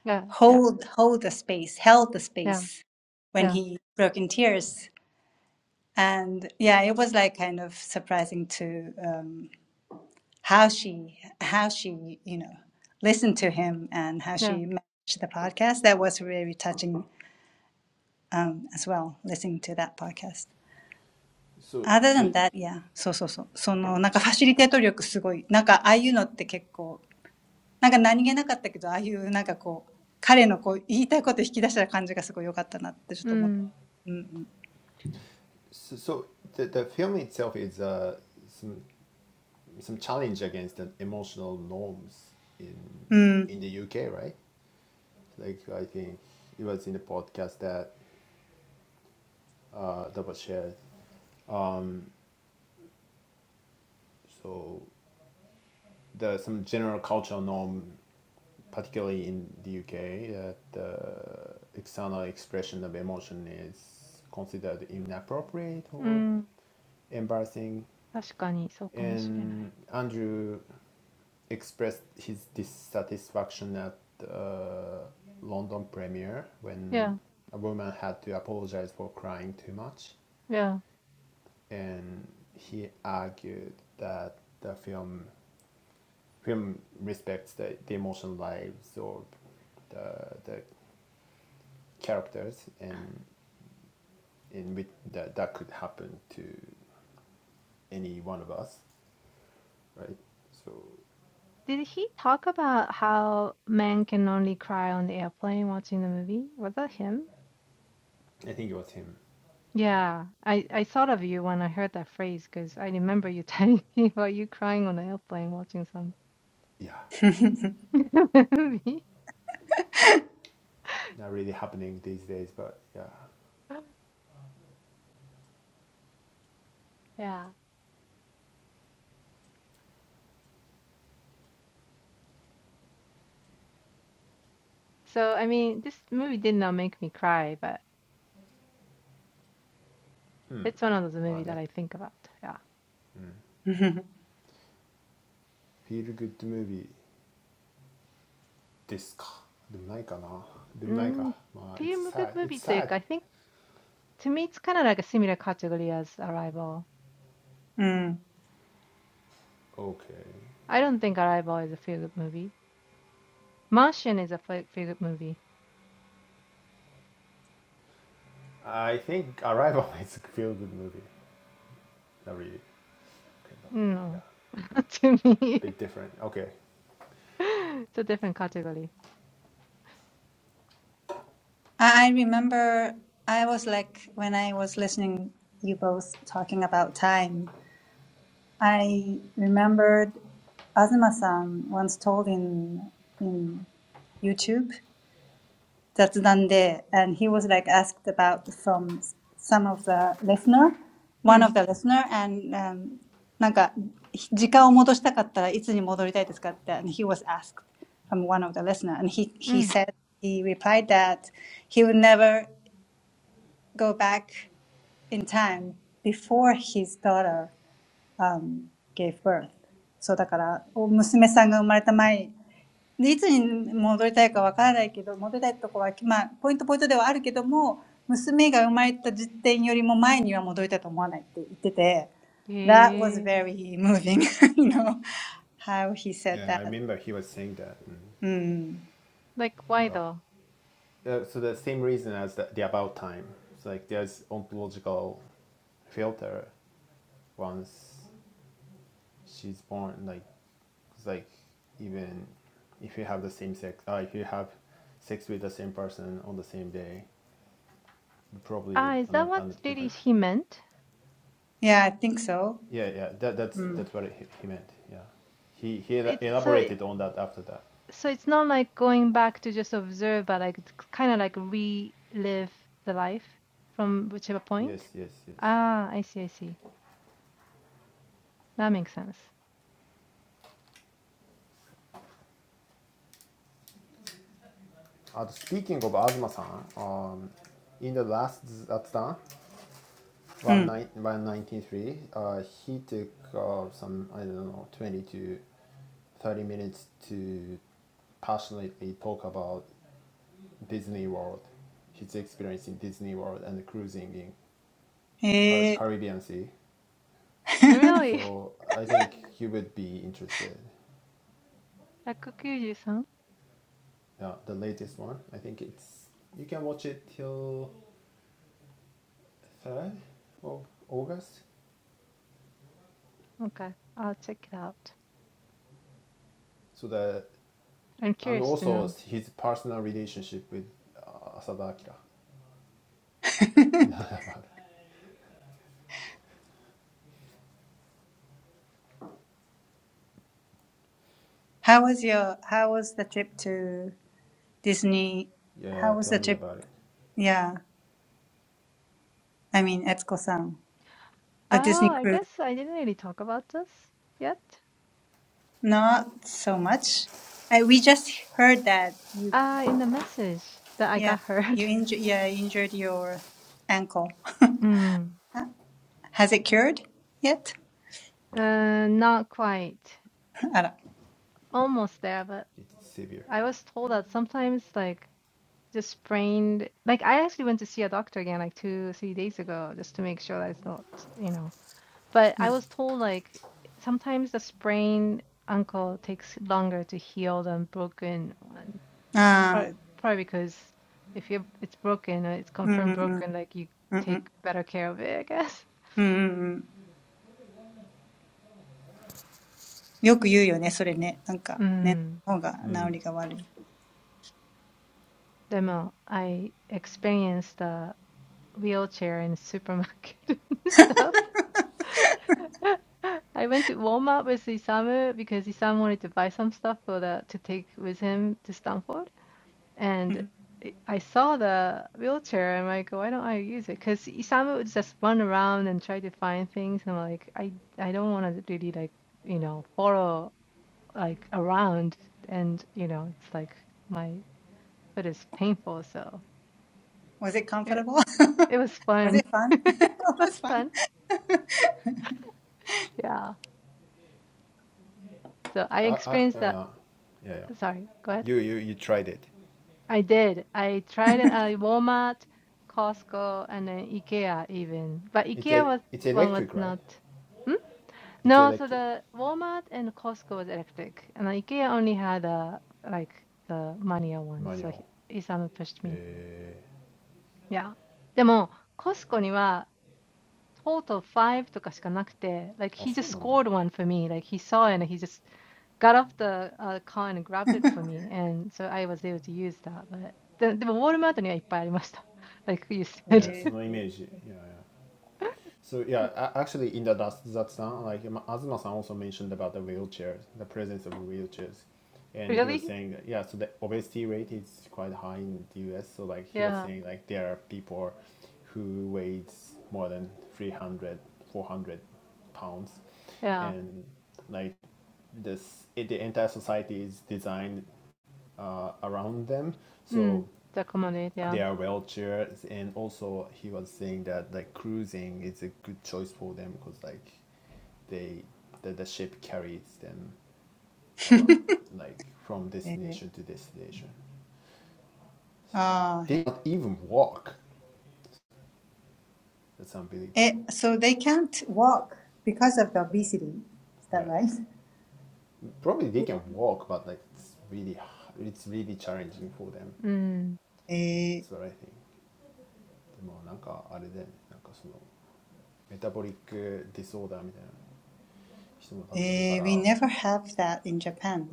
yeah, yeah, hold hold the space, held the yeah, space when yeah, he broke in tears. And yeah, it was like kind of surprising to um, how she how she you know listened to him and how yeah. she managed the podcast. That was really touching um, as well, listening to that podcast. So Other so than that, yeah, そうそうそう。その、なんかファシリテート力すごい。なんかああいうのって結構、なんか何気なかったけど、ああいうなんかこう、彼のこう言いたいこと引き出した感じがすごい良かったなってちょっと思って。so, so the, the film itself is uh, some some challenge against the emotional norms in Mm. in the UK, right? Like I think it was in the podcast that uh, that was shared. So the some general cultural norm, particularly in the UK, that the external expression of emotion is considered inappropriate or embarrassing. And うん、うん、確かにそうかもしれない。Yeah, Andrew expressed his dissatisfaction at the London premiere when a woman had to apologize for crying too much, yeah. and he argued that the film film respects the, the emotional lives or the, the characters and in which that, that could happen to any one of us, right? So Did he talk about how men can only cry on the airplane watching the movie? Was that him? I think it was him. Yeah, I, I thought of you when I heard that phrase because I remember you telling [laughs] me about you crying on the airplane watching some Yeah, [laughs] movie. not really happening these days, but yeah. Yeah. So, I mean, this movie did not make me cry, but Hmm. it's one of those movies that I think about. Yeah. まあね。うん。Feel [laughs] good movie. Mm, うん、まあね、うん。フィールグッドムービーですか。でもないかな。でもないか。まあ、it's film good sad. It's movie sad. というか、I think to me it's kind of like a similar category as Arrival. Mm. Okay. I don't think Arrival is a feel good movie. Martian is a feel good movie. I think Arrival [laughs] is a feel good movie. Not really. Okay, but yeah. No, [laughs] to me, Bit different. Okay. [laughs] it's a different category. I I remember I was like when I was listening you both talking about time, I remembered Azuma-san once told in in YouTube that's Dande, and he was like asked about from s- some of the listener, one Mm, of the listener, and um, なんか時間を戻したかったらいつに戻りたいですかって、and he was asked from one of the listener, and he he mm. said he replied that he would never go back in time before his daughter um, gave birth. そうだから、お娘さんが生まれた前 で、いつに戻りたいかわからないけど、戻りたいとこは、まあ、ポイントポイントではあるけども、娘が生まれた時点よりも前には戻りたいと思わないって言ってて、That was Yeah. very moving, [laughs] you know, how he said Yeah, I that. remember he was saying that. and うん。Yeah, Like why though? Uh, so the same reason as the, the about time. It's like there's ontological filter once she's born. Like it's like even if you have the same sex, uh, if you have sex with the same person on the same day, probably Ah, is that another, what another really different. he meant? I think so. Yeah, yeah. That that's that's what he, he meant. Yeah, he he It's so. elaborated on that after that. so it's not like going back to just observe, but like kind of like relive the life from whichever point. Yes, yes, yes. Ah, I see, I see. That makes sense. Uh, speaking of Azuma-san, um, in the last Zatsudan, うん。うん。へえ。193, uh, he took uh, some, I don't know, 20 to 30 minutes to passionately talk about Disney World, his experience in Disney World and cruising in Car- Caribbean Sea. Really? [laughs] So I think he would be interested. 193? Yeah, the latest one. I think it's you can watch it till third of August. Okay, I'll check it out. So the I'm and curious to also know. his personal relationship with uh, Asada Akira. [laughs] [laughs] yeah, How was your, how was the trip to Disney? yeah, How was tell the me about trip? it. Yeah, I mean, Etsuko-san, the Disney Oh, I cruise. guess I didn't really talk about this yet. Not so much. I, we just heard that you, Uh, in the message that I yeah, got heard. you [laughs] injured, yeah, you injured your ankle. Mm. [laughs] Has it cured yet? Uh, not quite. [laughs] Almost there, but It's severe. I was told that sometimes like Just sprained. Like I actually went to see a doctor again like two, three days ago just to make sure that it's not, you know. But I was told like sometimes the sprained ankle takes longer to heal than broken one. Probably, probably because if you it's broken, uh, it's confirmed broken, like you take better care of it, I guess. [laughs] あら。うん。ああ。うんうんうん。うんうん。うんうんうん。よく言うよね、それね。なんか、ね、の方が治りが悪い。うん Mm. Mm. でも I experienced the wheelchair in supermarket [laughs] and stuff. [laughs] I went to Walmart with Isamu because Isamu wanted to buy some stuff for the to take with him to Stanford, and I I saw the wheelchair. I'm like, why don't I use it? Because Isamu would just run around and try to find things, and I'm like, I I don't want to really like you know follow like around, and you know it's like my foot is painful, so Was it it comfortable? [laughs] it was Was fun. it [laughs] fun? [laughs] It It was was fun. fun. Yeah. So I Uh, uh, experienced that. yeah, yeah, yeah. Sorry, go ahead. You, you, you tried it. I did. I tried it at Walmart, Costco, and then IKEA even. But It's, IKEA e- was it's one was electric, right? not. Hmm? It's No, so electric. the Walmart and Costco was electric, and then IKEA only had a like the manual one. So he, Manual. Isamu pushed me. Yeah. でも、Costco total of five とかしかなくて、like he just scored えー、あ、そうなんだ。ね、そのイメージ。いやいや。one for me. Like he saw it and he just got off the uh, car and grabbed it for [laughs] me. And so I was able to use that. But then, でもウォールマートにはいっぱいありました。[laughs] Like you said. [laughs] So yeah, actually, in the that that like um, Azuma-san also mentioned about the wheelchairs, the presence of wheelchairs, and he was Really? saying that, yeah, so the obesity rate is quite high in the U.S. So like he was Yeah. saying like there are people who weighs more than 300, 400 pounds, Yeah. and like this, it, the entire society is designed uh, around them. So うん。The accommodate, yeah. their wheelchairs and also he was saying that like cruising is a good choice for them because like they the, the ship carries them around へえ。へえ。ああ、へえ。like from destination to destination it's like [laughs] they do not even walk that's Eh, unbelievable so they can't walk because of the obesity. Is that yeah right? [laughs] probably they can walk but like it's really it's really challenging for them Eh, that's what I think でもなんかあれでなんかそのメタボリックディソーダーみたいな人も多分いるからでも日本でも eh, we never have that in Japan.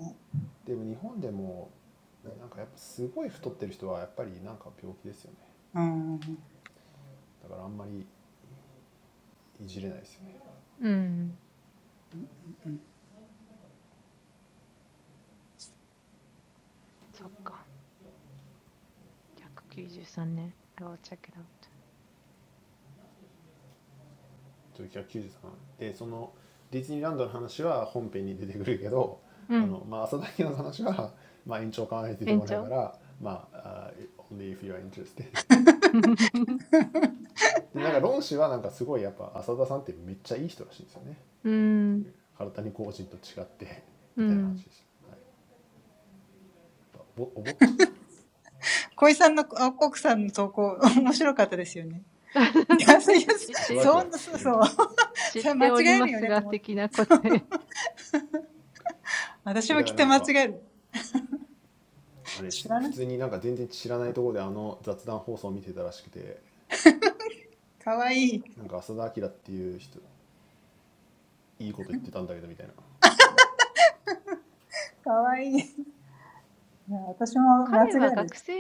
うん。うん。そっか。193ね。I will check it out. うん。延長 なんかやっぱすごい太ってる人はやっぱりなんか病気ですよねだからあんまりいじれないですよね1993でそのディズニーランドの話は本編に出てくるけどあの、まあ、浅田家の話は、まあ、延長考えて出てこないからまあ、uh, only if you are interested [laughs] うん。うん。なんか知ってる。でなんか論氏はなんかすごいやっぱ浅田さんってめっちゃいい人らしいんですよねっていう体に個人と違ってみたいな話でした、はい、おぼっちゃったから浅田家は知ってるみたいなえだからなんかうん。小井さんの、あ、コクさんの投稿、[laughs] 面白かったですよね。いや、そういや、そんな、そうそう。[laughs] [laughs] 知っておりますが、的な答え。彼は学生だよね、浅田彰ににきは。うん。私はドーポモがめっちゃ、なんかむ難しいというか、なんかんん読むのが難しい本だった。わからなすぎると思った。あ、本当にそうなのえー、そうなんだ。ねえねえ、バチェラーのこと話す時間ある あれてすよ普通になんか全然知らないところてあの雑談放送を見てたらしくてなんか浅田彰っていう人いいこと言ってたんたけとみたいな学生てすねなんか上田さんかすこいやっは浅田彰それ間違えるよねと思って。そう私もきっと間違える。知らない。かわいい。かわいい。いや、私も間違える。うん。にき。うん。言ってた。似てるって言ってた。ああ。へえ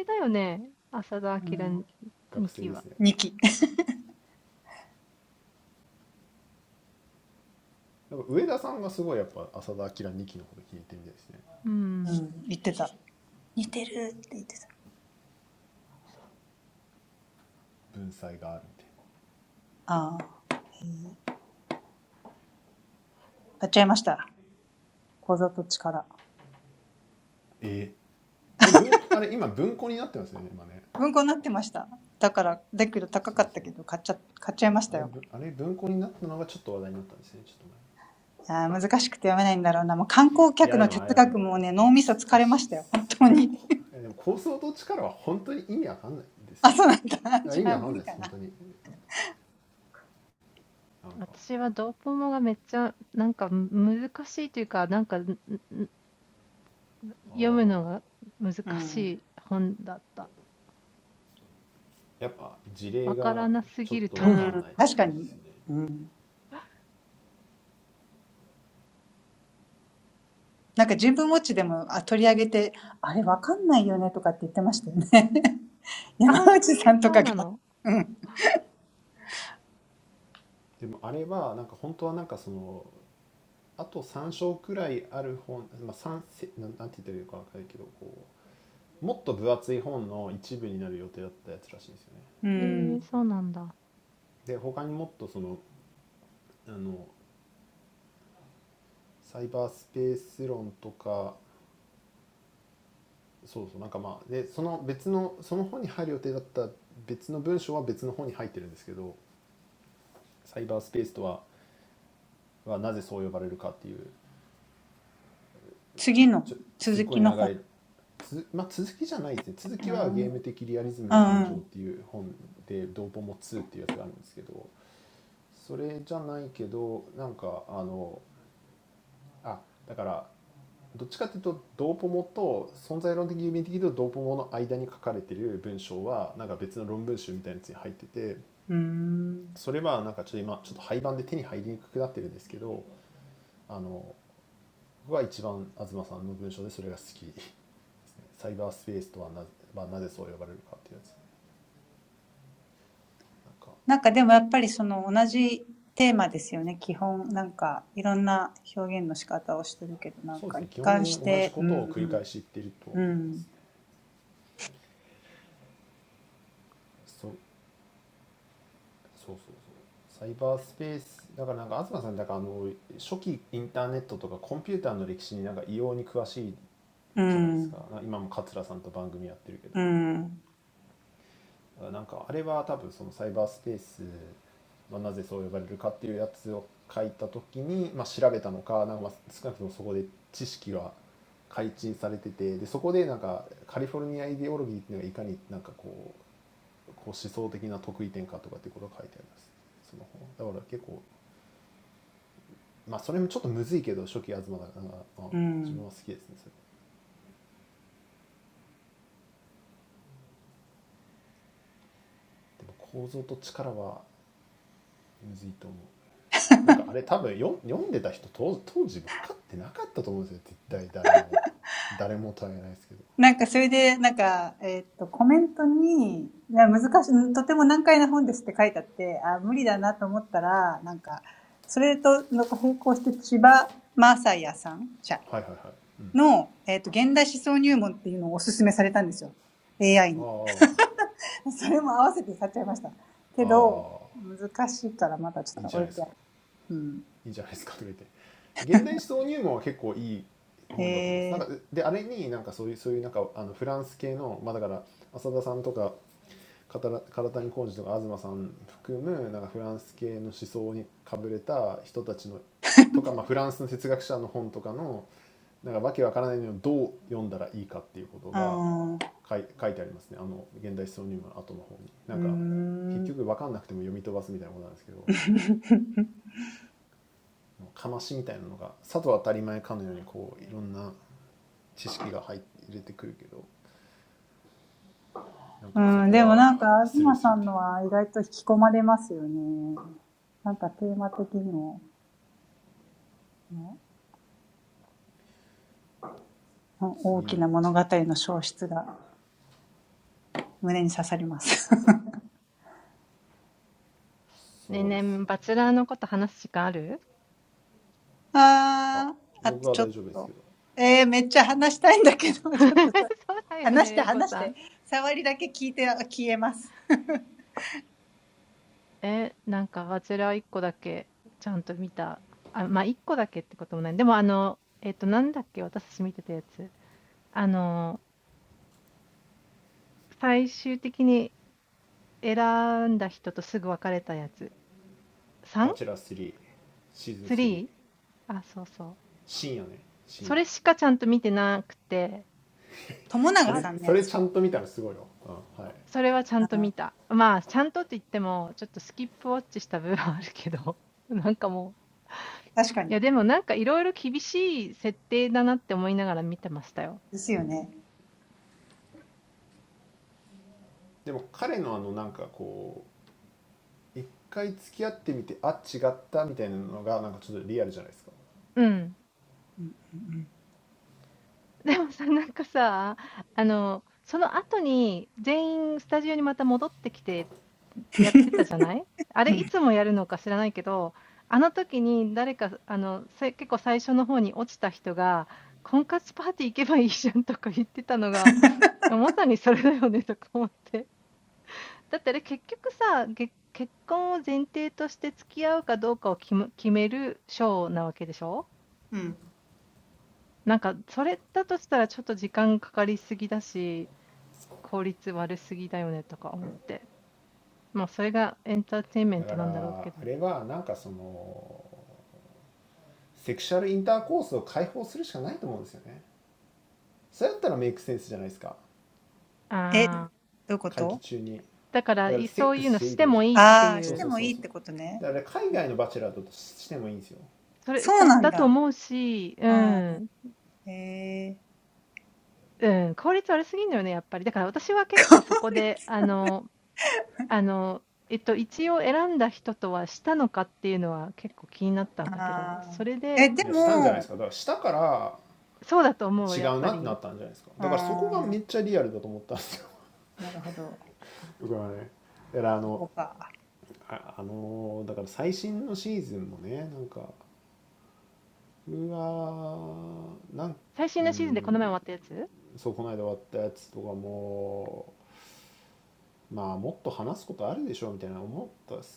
[laughs] なんかやっは事例かちょっと分かんないって感してすねてもあれはなんか本当はなんかそのあと買っちゃいました。小里力。文庫になってました。だから、だけど高かったけど、買っちゃ、買っちゃいましたよ。いやー難しくて読めないんだろうな。もう観光客の哲学もね、脳みそ疲れましたよ。本当に。あ、そうなんだ。じゃあ無理かな。うん。うん。確かに。うん。なんか人文ウォッチでもあ取り上げて、あれわかんないよねとかって言ってましたよね。山内さんとかが。うん。うん。次の、続きの本。うん。うん。うん。うーん ちょすっこい長いつまあ続きしゃないてすね続きはケーム的リアリスムの誕生っていう本てトーホモ [laughs] [laughs] [laughs] サイバースペースとはな,、まあ、なぜそう呼ばれるかっていうやつなんかそうですね基本的に同じことを繰り返し言ってるとは思いますねそうそうそうそうサイバースペースだからなんか東さんだからあの初期インターネットとかコンピューターの歴史になんか異様に詳しいじゃないですかなんか今も桂さんと番組やってるけど なんかでもやっぱりその同じテーマですよね。基本、なんかいろんな表現の仕方をしてるけど、なんか一貫して、うん、うん、うん、うん、うん。なんかそれで、なんか、えーっと、コメントに、いや難しい、とても難解な本ですって書いてあって、あ、無理だなと思ったら、なんか、それとの並行して千葉マーサイヤさん社の、えーっと、現代思想入門っていうのをおすすめされたんですよ。AI に。なんかあれは多分そのサイバースペースまあなぜそう呼ばれるかっていうやつを書いた時に、まあ、調べたのかなんかまあ少なくともそこで知識は開陳されててでそこでなんかカリフォルニアイデオロギーっていうのがいかになんかこうこう思想的な得意点かとかってことが書いてありますその本だから結構まあそれもちょっとむずいけど初期東だから、まあ、自分は好きですねそれでも構造と力はむずいと思うなんかあれ多分よ読んでた人当当時分かってなかったと思うんですよ絶対誰も誰もとは言えないですけどはいはいはい、うん、ああああいいんじゃないですかいいんじゃないですかとか言って現代思想入門は結構いい本だと思いますなんかであれになんかそういうそういうなんかあのフランス系のまあだから浅田さんとか体谷浩二とか東さん含むなんかフランス系の思想にかぶれた人たちのとか、まあ、フランスの哲学者の本とかのなんかわけわからないのをどう読んだらいいかっていうことが書い書いてありますねあの現代思想入門の後の方に。なんか結局分かんなくても読み飛ばすみたいなことなんですけどかましみたいなのがさと当たり前かのようにこういろんな知識が入って入れてくるけどなんかそこはスルーするっていう次のそうですよね それも合わせて買っちゃいました。けど、難しいからまだちょっと置いてある。うん。へえ。あーうーん。うん、でもなんか、東さんのは意外と引き込まれますよね。なんかテーマ的にも、うん大きな物語の消失が胸に刺さります。あー、あとちょっと。えー、めっちゃ話したいんだけど、ちょっと、話して話して、触りだけ聞いて消えます。[laughs] あ僕は大丈夫ですけど「バチェラー3」シーズン3深夜ね深夜それそれちゃんと見たらすごいよ、うんはい、でも彼のあのなんかこう一回付き合ってみてあ違ったみたいなのがなんかちょっとリアルじゃないですかだからあれはなんかそのセクシャルインターコースを解放するしかないと思うんですよねそれだったらメイクセンスじゃないですか そうだよね、玲子さん。[laughs] え、なんかあちらは1個だけちゃんと見た。あ、まあ、1個だけってこともない。でも、あの、えっと、なんだっけ、私たち見てたやつ。あの、最終的に選んだ人とすぐ別れたやつ。3?3? あ、そうそう。それしかちゃんと見てなくて、あ、それはちゃんと見た。まあ、ちゃんとって言っても、ちょっとスキップウォッチした部分はあるけど、なんかもう。いや、でもなんかいろいろ厳しい設定だなって思いながら見てましたよ。うん。友永さんのやつ。確かに。ですよね。うん。え、どういうことああー、してもいいってことね。そうなんだ。うん。えー。効率。ああ。え、でも、うん。なるほど。そこか。そうです。だからその、その、興味ないなと思った後は、もう自分のこう、あの、売り込みなんで、世間に対してね、売り込みなんじゃないそうそうそう。[laughs] でもさ、なんかさ、あの、その後に全員スタジオにまた戻ってきてやってたじゃないあれいつもやるのか知らないけど、あの時に誰か、あの、せ結構最初の方に落ちた人が、婚活パーティー行けばいいじゃんとか言ってたのが、まさにそれだよねとか思って。だってあれ結局さ、げ結婚を前提として付き合うかどうかを決む決めるショーなわけでしょなんか、それだとしたらちょっと時間かかりすぎだし、効率悪すぎだよねとか思って。まあ、それがエンターテインメントなんだろうけど。ああ、だから、いそういうのしてもいいっていう、それ、だだと思うし、うん、うん、効率悪すぎんのよね、やっぱり。だから私は結構そこで、あの、あの、えっと、一応選んだ人とはしたのかっていうのは結構気になったんだけど、それで、そうだと思う、やっぱり。あ最新のシーズンでこの前終わったやつ会期中にだからセックスしていいってことそうそうそうそうだから海外のバチェラーだとしてもいいんですよいやしたんじゃないですかだからしたから違うなってなったんじゃないですかだからそこがめっちゃリアルだと思ったんですよ [laughs] [laughs] 僕はねだからあのああのーだから最新のシーズンもねなんかうわーなんうんそうこの間終わったやつとかもまあもっと話すことあるでしょみたいな思ったっすけどねなんかそんな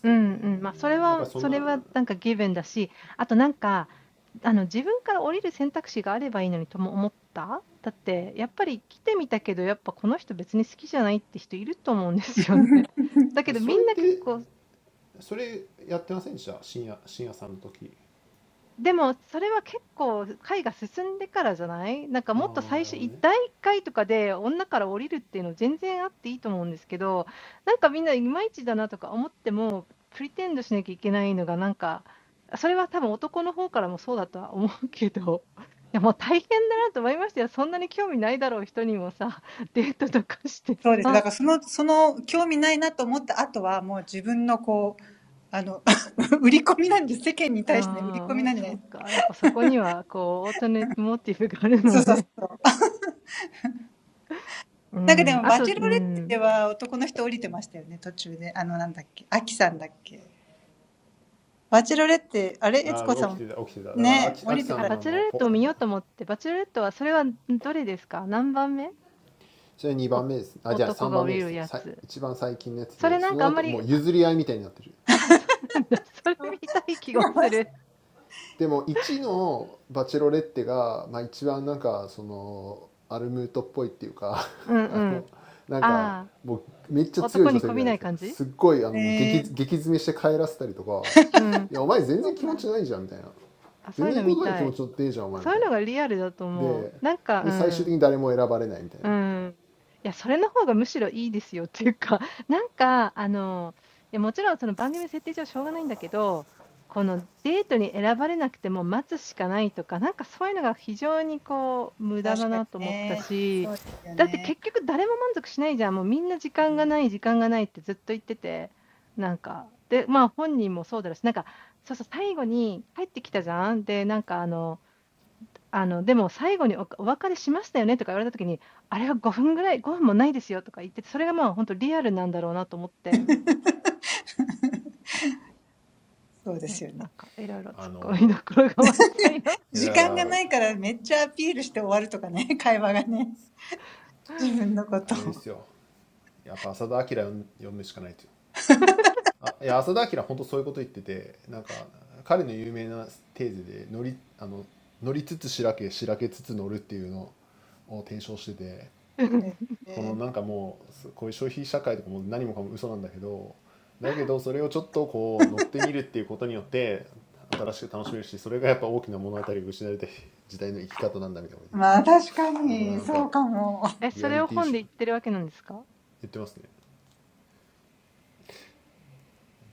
うんうん、ま、それはそれはなんかギブンだし、あとなんか、あの、自分から降りる選択肢があればいいのにとも思った？だって、やっぱり来てみたけど、やっぱこの人別に好きじゃないって人いると思うんですよね。だけどみんな結構 [laughs] てもそれは結構回か進んてからしゃないなんかもっと最初い第なんかでも、バチェロレッテでは男の人降りてましたよね、途中で。あの、なんだっけ、アキさんだっけ。バチェロレッテ、あれ、悦子さんもね、降りてた。そうそうそう違いましたね。そうなんですね。確かにね。そうですよね。そうですよね。時間がないからめっちゃアピールして終わるとかね、会話がね。自分のことを。えーまあ確かに、そうかも。ええうん。うん。あ、バチェラレットを見ようと思って、バチェラレットはそれはんどれですか？何番目？お男が降りるやつ。それなんかあんまり、あ、あ、そうなんだ。それ見たい気がする。うんうん。ああ、男に媚びない感じ？うん。あ、そういうの見たい。そういうのがリアルだと思う。なんか、うん。あそれってそれやってませんてした深夜深夜さんの時ああなるほとねあー起きてた起きてたたからあきあきさんのあのホそれ でも1の「バチェロレッテが」まあ、一番なんかそのアルムートっぽいっていうか あのなんかもうめっちゃ強い女性みたいなんですよすっごいあのもう激激詰めして帰らせたりとか「いやお前全然気持ちないじゃん」みたいな「全然言葉に気持ち乗ってねえじゃんお前」みたいなでで最終的に誰も選ばれないみたいなうーん。いや、それの方がむしろいいですよっていうか、なんか、あの、いや、もちろんその番組設定上しょうがないんだけど、このデートに選ばれなくても待つしかないとか、なんかそういうのが非常にこう無駄だなと思ったし、だって結局誰も満足しないじゃん。もうみんな時間がない、時間がないってずっと言ってて、なんか、で、まあ本人もそうだろうし、なんか、そうそう、最後に帰ってきたじゃん。で、なんかあの、[laughs] あの、でも最後におかお別れしましたよねとか言われた時に、あれは5分ぐらい、5分もないですよとか言ってて、それがまあ、ほんとリアルなんだろうなと思って、うん、なんか色々突っ込みどころが満載の章でした。うん。え、それを本で言ってるわけなんですか？あ、そうなんだ。うん。[laughs] あのいやだからあれですよやっぱ浅田明読むしかないという [laughs] あいや浅田彰本当そういうこと言っててなんか彼の有名なテーゼで乗りあの乗りつつしらけしらけつつ乗るっていうのを提唱しててこのなんかもうすこういう消費社会とかも何もかも嘘なんだけどだけどそれをちょっとこう乗ってみるっていうことによって新しく楽しめるしそれがやっぱ大きな物語を失われた時代の生き方なんだみたいなこと言っててこれはなんかリアリティーション言ってますね。ど闘争論だったかな、構造と力にそんななんか乗るとかいうことは出てこなかった気がするけど、そうですね、そういうこと言ってる人ですよ。それはマジ大事、大事というか、まあ、リアリティショー楽しもうと思ったらそれしかできないと思う。それしか選択肢はないと思う。なんかいやこれ嘘やんとか、まあ、思う思うけど、トゥーホットゥーハンドルとかでしょ。違う違う、なんかまあそれはそれはいっぱいありますよね。うん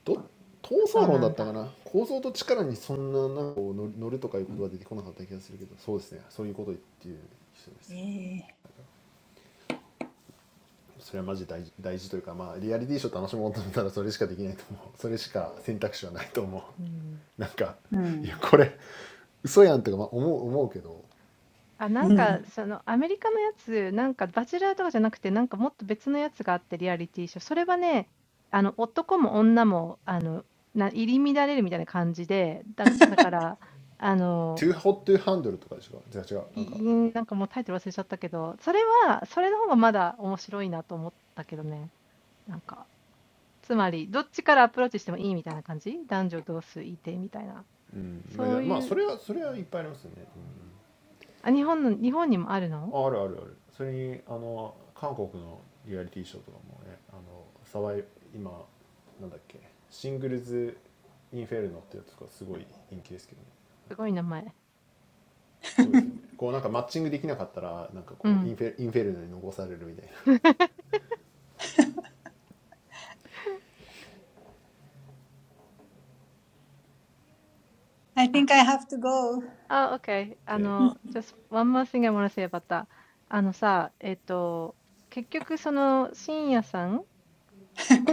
あ、なんか、その、アメリカのやつ、なんかバチェラーとかじゃなくて、なんかもっと別のやつがあって、リアリティショー。それはね、あの、男も女も、あの、な入り乱れるみたいな感じで、だだから、あの、いいなんかもうタイトル忘れちゃったけど、それは、それの方がまだ面白いなと思ったけどね。なんか、つまり、どっちからアプローチしてもいいみたいな感じ男女同数いてみたいな。そういう、あ、日本の、日本にもあるのすごい名前。うん。[laughs] あるあるあるそれにあの韓国のリアリティショーとかもねあの沢井今なんだっけシングルズ・インフェルノってやつとかすごい人気ですけどねなんかすごいですよねこうなんかマッチングできなかったらなんかこうインフェインフェルノに残されるみたいな I think I have to go. OK あ、OK。あの、just one more thing I want to say about that.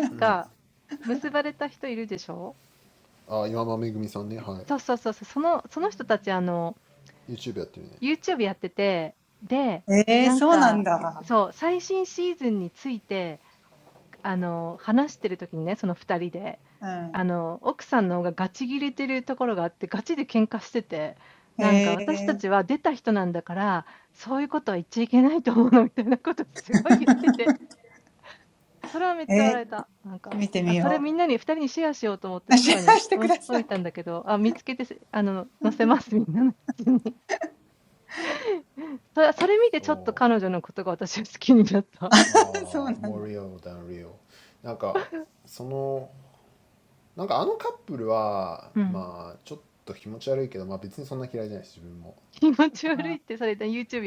あのさ、えっと、結局その、深夜さんが結ばれた人いるでしょ？そうそうそうそう、その、その人たち、あの、YouTube あ岩間めぐみさんねはい [laughs] やってて、で、なんか、そう、最新シーズンについて、あの話してる時にねその えー、そうなんだ。うん。えー、えー、見てみよう。[laughs] シェアしてください。[laughs] real than realなんかその なんかあのカップルはまあちょっと気持ち悪いけど、まあ、別にそんな嫌いじゃないし自分もうーんそうだなんだろうななうんなんかうんそうですねまあいわ岩間さんがそんな好きじゃないですねでもなんかそういう怒ってるのよかったかもしれない、はい、深夜は好きですねまあねそうそうそうなんかでもあの僕あの深夜さんなんで好きかって言ったらなんか結構あの両親と結構喧嘩してたじゃないですかなんかいや俺はあの子はええと思うけどみたいな [laughs] YouTube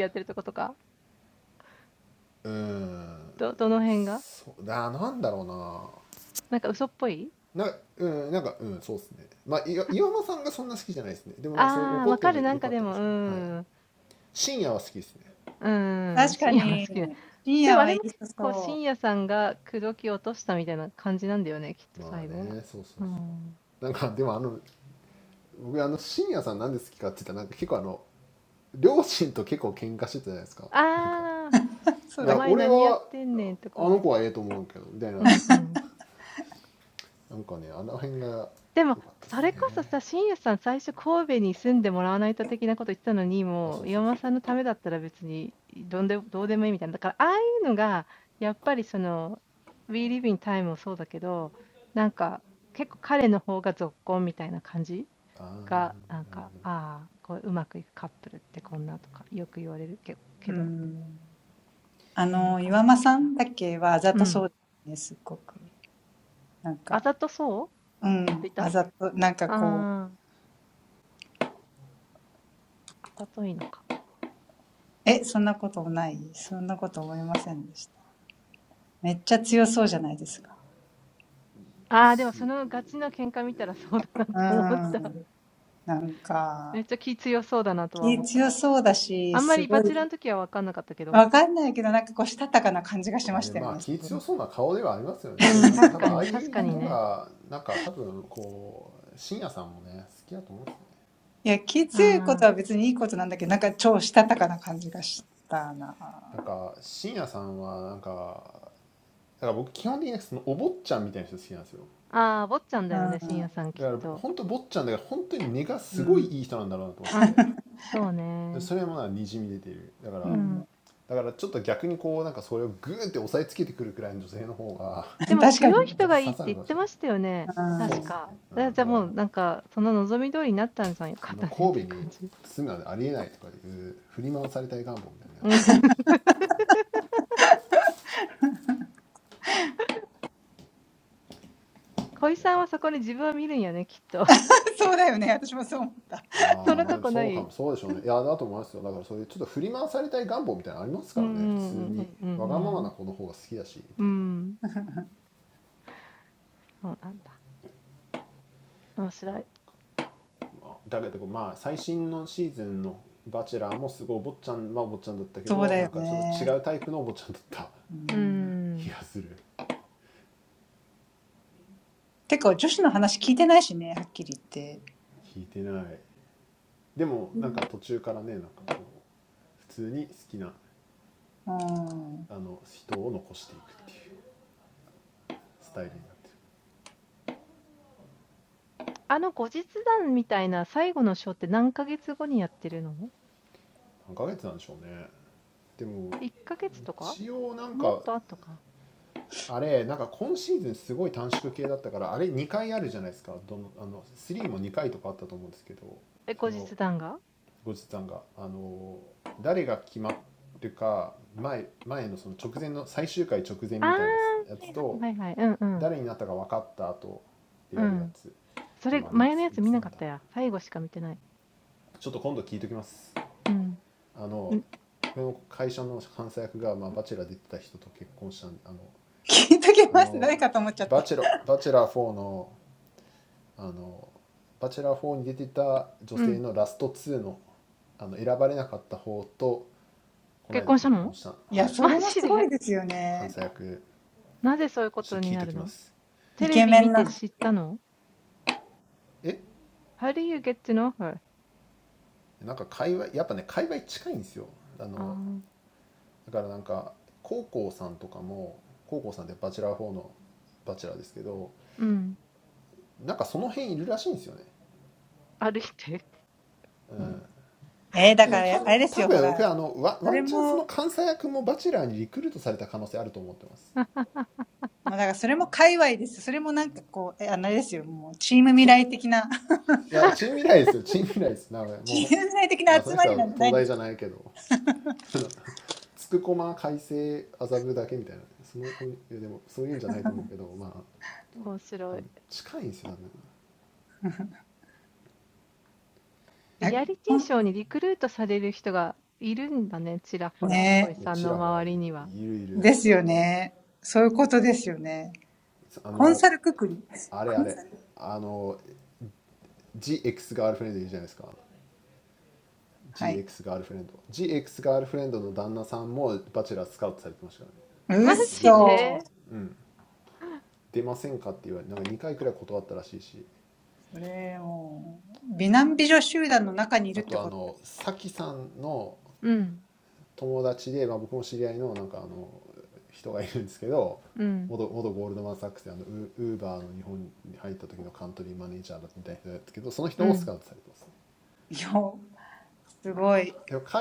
やってるとことか、どどの辺が？なんか嘘っぽい、ああー、わかる。なんかでも、うん、うん、深夜は好きな。でもあれも結構深夜さんが口説き落としたみたいな感じなんだよね、きっと最後は。うん。ああ、お前何やってんねんとか言われた。うんうん。そうなんだ。確かに、深夜はいい人そう。[laughs] なんかねあの辺が良かったですねあそうそうそうあーあでまあ気強そうな顔ではありますよねでもなんか多分ああいう人がなんか多分こう深夜さんもね好きだと思うんですよねなんか深夜さんはなんかだから僕基本的にそのお坊ちゃんみたいな人好きなんですよだから本当坊ちゃんだから本当に根がすごいいい人なんだろうなと思って でも、それこそさ、信也さん最初神戸に住んでもらわないと的なこと言ってたのに、もう岩間さんのためだったら別にどんでどうでもいいみたいな。だからああいうのがやっぱりその「We Live in Time Time」もそうだけど、なんか結構彼の方がぞっこんみたいな感じが、なんか、ああ、こううまくいくカップルってこんなとかよく言われるけけど、そんな感じがした。うん。あざとそうって言ったああー、あざといのか。そうだっけ。うん。あの、岩間さんだっけはあざとそうですね、すっごく。なんか、うん、あざと、なんかこう、え、そんなこともない、そんなこと思いませんでした。めっちゃ強そうじゃないですか。うん。なんか、気強そうだし、すごいああ、でもそのガチの喧嘩見たらそうだなと思った。めっちゃ気強そうだなとは思った。あんまりバチェラーの時は分かんなかったけど。うん、うん確かに、確かにね。ああ、ああ、坊ちゃんだよね、深夜さんきっと。うん、そうね。うん。でも強い人がいいって言ってましたよね。確か。えじゃあもうなんか、その望み通りになったんじゃんよかったねって感じ。うん。[laughs] でそれもなにじみ出ているだからだからちょっと逆にこうなんかそれをグーンって押さえつけてくるくらいの女性の方がやっと刺さるかもしれないそうですね、うん、だからもうその神戸に住むなんてありえないとかいう振り回されたい願望みたいなのがありそうですしいやだあーまあでもそうかもそうでしょうねいやだと思いますよだからそういうちょっと振り回されたい願望みたいなのありますからね普通にわがままな子の方が好きだしみたいななんかわかんないけど、なんかこう、したたかな感じがしましたよね。すごいいや、気強いことは別にいいことなんだけど、なんか超したたかな感じがしたな。うん。うん。うん、確かに。うん、そうだよね。私もそう思った。そうだよね。うん、てか、女子の話聞いてないしね、はっきり言って。うん、聞いときます。誰かと思っちゃった。いや、それもすごいですよね。イケメンなの。小井さんはそこに自分を見るんやね、きっと。そんなとこない たけとまあ最新のシースンのハチェラーもすこいお坊ちゃんまあお坊ちゃんたったけとなんかちょっと違うタイフのお坊ちゃんたった気かする聞いてないてもなんか途中からねなんかこう普通に好きなあの人を残していくっていうスタイルになってる何ヶ月なんてしょうねても一応なんかあれなんか今シースンすこい短縮系たったからあれ ゴジさんがあの誰が決まるか前前のその直前の最終回直前みたいなやつと誰になったか分かった後でやるやつでもあれいついつなんだろうちょっと今度聞いときますあのこの会社の監査役が、まあ、バチェラー出てた人と結婚したんであのあのバチェロバチェラー4の うんうんうんうんうんうん。うーん、そうなんだ。面白い。うーん。あの後日談みたいな最後のショーって何ヶ月後にやってるの？1ヶ月とか？もっと後か？え、後日談が？ああ、はいはいはいはい。うんうん。うん。それ、前のやつ見なかったや。最後しか見てない。うん。うん、うん。結婚したの？マジで？なぜそういうことになるの？テレビ見て知ったの？How あのバチェラー4に出てた女性のラスト2のあの選ばれなかった方とこの間結婚したはい関西役ちょっと聞いときますえなんか界隈やっぱね界隈近いんですよあのだからなんか高校さんとかも高校さんってバチェラー4のバチェラーですけどなんかその辺いるらしいんですよねだからた多分僕はあのワワンチャンその関西役もバチェラーにリクルートされた可能性あると思ってますそ [laughs] [laughs] [laughs] do you get to know her? ああ、うん。歩いて？えー、だから、あれですよ、ほら、それも、まあ、だからそれも界隈です。それもなんかこう、え、あのあれですよ、もう、チーム未来的な、チーム未来的な集まりなんじゃないんですか。あこんねえ、ですよね。そういうことですよね。コンサルくくり。コンサルはい。うっそそれ、もう、美男美女集団の中にいるってことだよ。すごい。えー、えー、深い。えー、確かに。面白い。面白い。リアリティショーにリクルートされる人がいるんだね、ちらほら、小井さんの周りには。マジでうん、うん、うん。やっ、うん、うん、うん。それってやっぱりスカウトされるものなのなんか自分で応募とかしない。ああ、うん、うん、うん、うん。うん、はい、はい。うん、うん。いや、チン未来ですよ、チン未来です、名古屋。もう、まあ、その人は東大じゃないけど、あのつくこま、改正、麻布だけみたいな、その、いやでも、そういうんじゃないと思うけど、まあ、多分近いんですよ、多分。いや、ちらほらいる、いるいる。あの、あれあれ、あの、GX [laughs] ガールフレンドいるじゃないですか。GX ガールフレンド。GX あとあのさきさんの友達で、まあ、僕も知り合いのなんかあの人がいるんですけど元元ゴールドマン・サックスであのウウーバーの日本に入った時のカントリーマネージャーだみたいな人ですけどその人もスカウトされてますねでも彼は確かにかっこいいででてかてかまあエクジエクスガールフレンドの旦那もめっちゃかっこいいです本当にし関西役もめっちゃかっこいい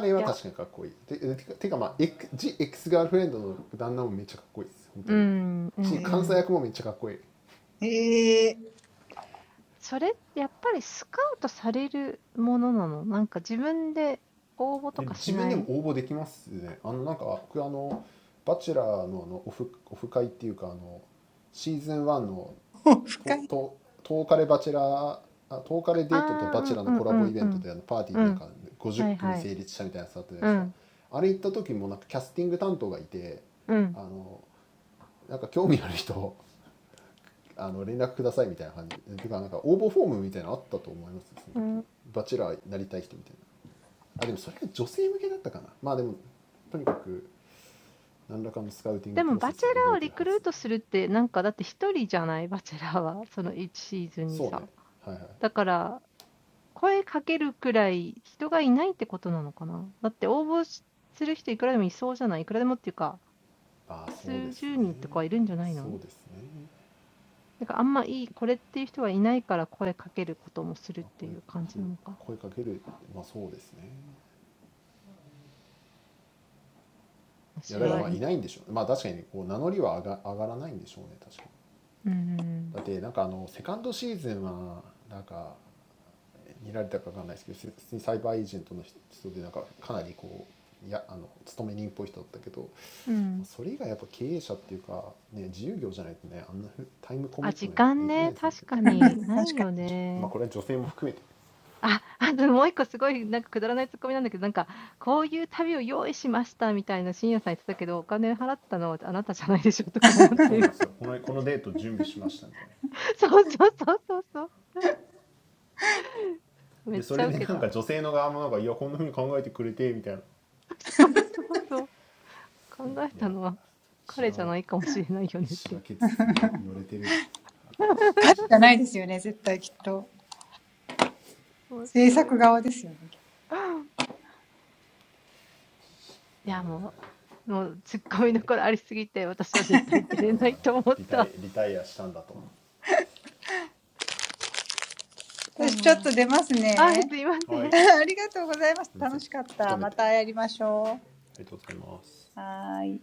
[laughs] でも自分でも応募できますねあのなんか僕あの「バチェラーの」あのオフオフ会っていうかあのシーズン1のととトーカレバチェラーあトーカレデートとバチェラーのコラボイベントであのパーティーでなんか50組成立したみたいなやつあったじゃないですかあれ行った時もなんかキャスティング担当がいてあのなんか興味ある人あの連絡くださいみたいな感じでてかなんか応募フォームみたいなのあったと思いますその時バチェラーになりたい人みたいな あでもそれは女性向けだったかな。まあでもとにかく何らかのスカウティングプロセスは動いてるはず。そうね、はいはい、ああそうですね、そうですね、まあ、声、声かける、まあそうですね。いやだからまあいないんでしょう。まあ確かにこう名乗りは上が、上がらないんでしょうね。確かに。だってなんかあのセカンドシーズンはなんか てもハチェラーをリクルートするってなんかたって Ni Raita, I don't know. It's a sales agent. So he's a pretty dedicated person. But that's why entrepreneurs, or freelancers, can't do that. Well, women too. Yeah, that's right. [laughs] I prepared for this date. And then, women think, "Oh, you thought about me." That's the most あ、あともう1個すごいなんかくだらないツッコミなんだけど、なんか「こういう旅を用意しました」みたいな信也さん言ってたけど、お金払ったのはあなたじゃないでしょとか思って。そうそうそうそうそう。めっちゃウケた。そうそうそう。考えたのは彼じゃないかもしれないよねって。面白い。いや、もうもうツッコミどころありすぎて、私は絶対出れないと思った。ああ、はい、すいません。ああ、面白い。passionate actor. So, retired. Retired. じゃないですよね、絶対きっと。制作側ですよね。きっと私ちょっと出ますね。ありがとうございました。楽しかった。またやりましょう。はーい。はい [laughs]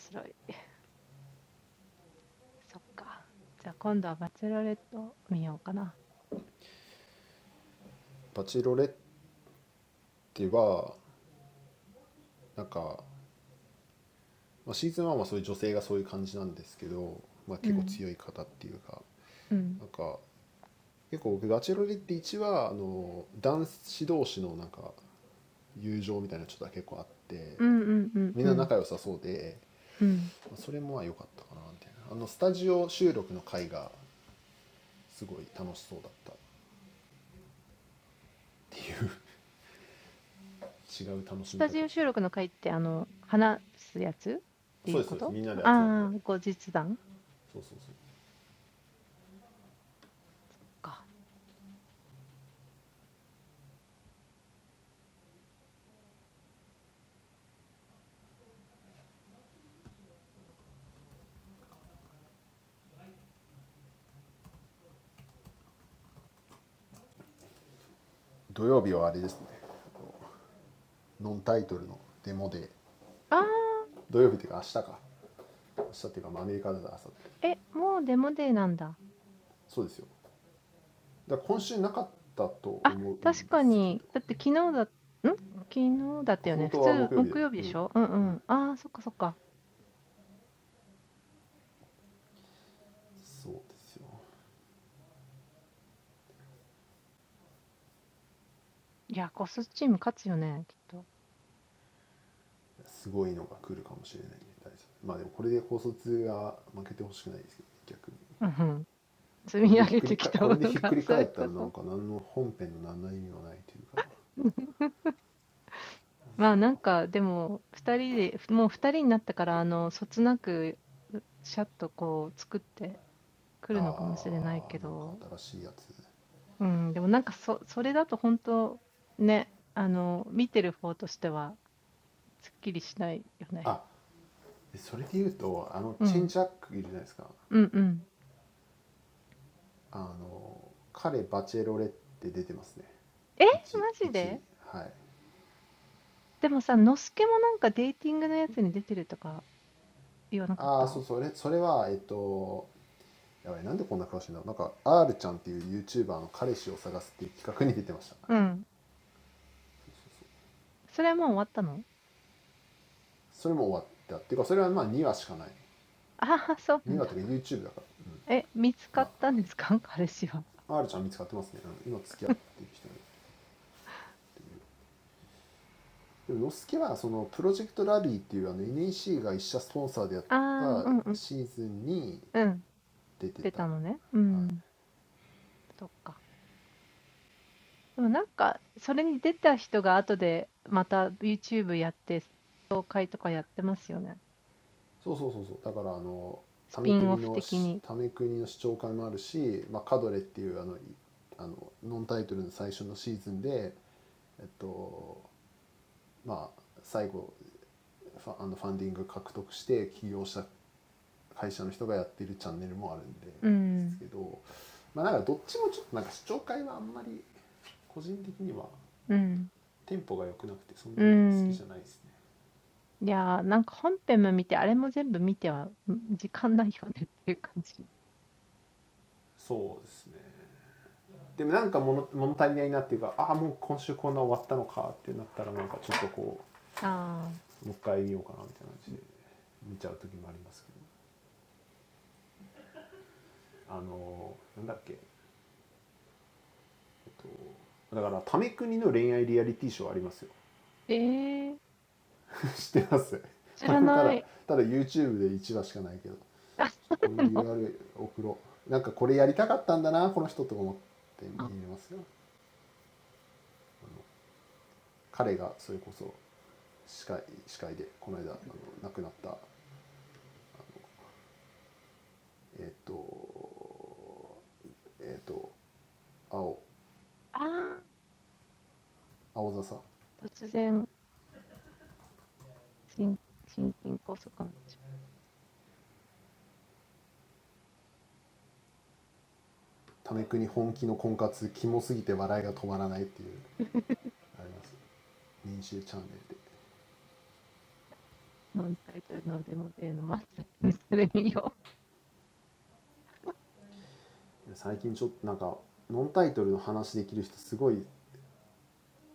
[laughs] [laughs] [laughs] So. そうそうそう [laughs] Yeah. てそれて言うとあのチェンシアックいるしゃないてすかあの彼ハチェロレって出てますね R ちゃんっていう YouTuber の彼氏を探すっていう企画に出てましたそれも終わったっていうかそれはまあ YouTube だから、うんまあ R ちゃん見つかってますね、うん今付き合ってる人にでもノスケはそのプロジェクトラビーっていうあの NEC が一社スポンサーでやったシーズンに出てた、はい、そうそうそうそうだからあの為国のし為国の市長会もあるし、まあ、カドレっていうあのいあのノンタイトルの最初のシーズンでえっとまあ最後ファあのファンディング獲得して起業した [laughs] うん、出たのね。うん、そっか。でもなんか、それに出た人が後でまた YouTube やって、紹介とかやってますよね。スピンオフ的に。うん、うん、うん。いや、なんか本編も見て、あれも全部見ては、ん時間ないよねっていう感じ。ああ、ええ知らない。あ、そうなの。ああー、突然、心、心筋梗塞かもしれない。会社の人がやってるチャンネルもあるんですけどまあなんかどっちもちょっとなんか視聴会はあんまり個人的にはテンポが良くなくてそんなに好きじゃないですねそうですねでもなんか物物足りないなっていうかああもう今週こんな終わったのかってなったらなんかちょっとこうもう一回見ようかなみたいな感じで見ちゃう時もありますけどあのなんだっけえっとだから「ため国の恋愛リアリティショー」ありますよ [laughs] 知ってますこれもただただ YouTube で1話しかないけどこれも URL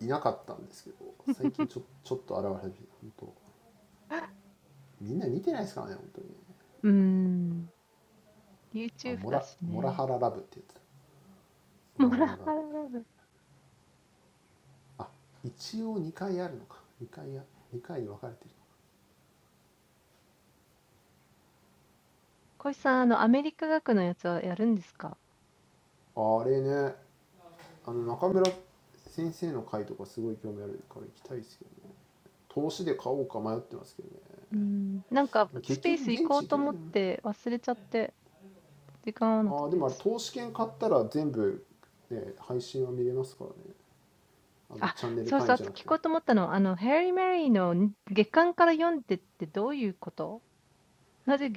いなかったんてすけと最近ちょちょっと現れ始めて本当みんな似てないてすからね本当にねあモラモラハララフって言ってたモラハララフあ一応 ノンタイトルのデモデーの真っ先にそれ見よう。うーん、YouTube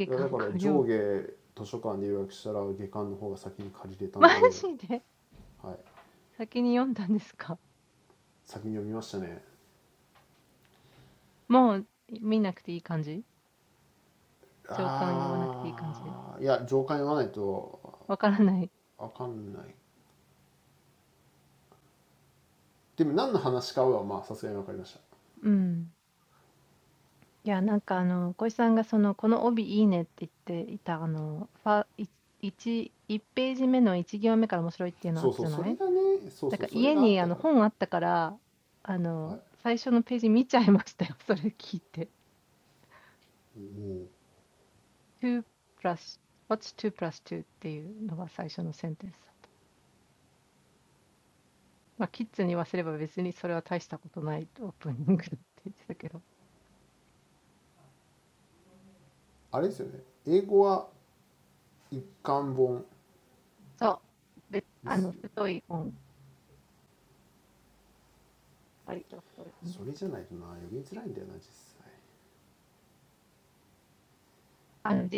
いやだから上下図書館で予約したら下巻の方が先に借りれたんで、はい、先に読みましたねあーいや上巻読まないとわかんないでも何の話かはまあさすがに分かりましたそうそうそれがねそうそうそれがあったから、はい、あれですよね英語は一巻本ですよねそれじゃないとな読みづらいんだよな実際ああはいはい、まあ、そうでしょうねまあ日本語だと、まあ、そこまでだしね。モラハララブ。小石さん、あの、アメリカ学のやつはやるんですかうーん、なんか、スペース行こうと思って忘れちゃって、時間合わなくて。あ、そうそう、あと聞こうと思ったのは、あの、ヘアリー・メリーの月刊から読んでってどういうことなぜ月刊から読む [laughs] [laughs] マジで先に読んだんですかもう見なくていい感じ上巻言わなくていい感じ わからない。うん。いや、なんかあの、小石さんがその、この帯いいねって言っていた、あの、ファ、い一一ページ目の一行目から面白いっていうのあったじゃないだから家にあの本あったから、あの、最初のページ見ちゃいましたよ。それ聞いて。2 plus, what's [laughs] 2 plus 2っていうのが最初のセンテンスだった。まあ、キッズに言わせれば別にそれは大したことないオープニングって言ってたけど。そう。べあの、太い本。割と太い本です。あのシラフシラの方みたいに太いやつまちょっと字は大きいけとねシラのよりうんあてもあれを日本語にすると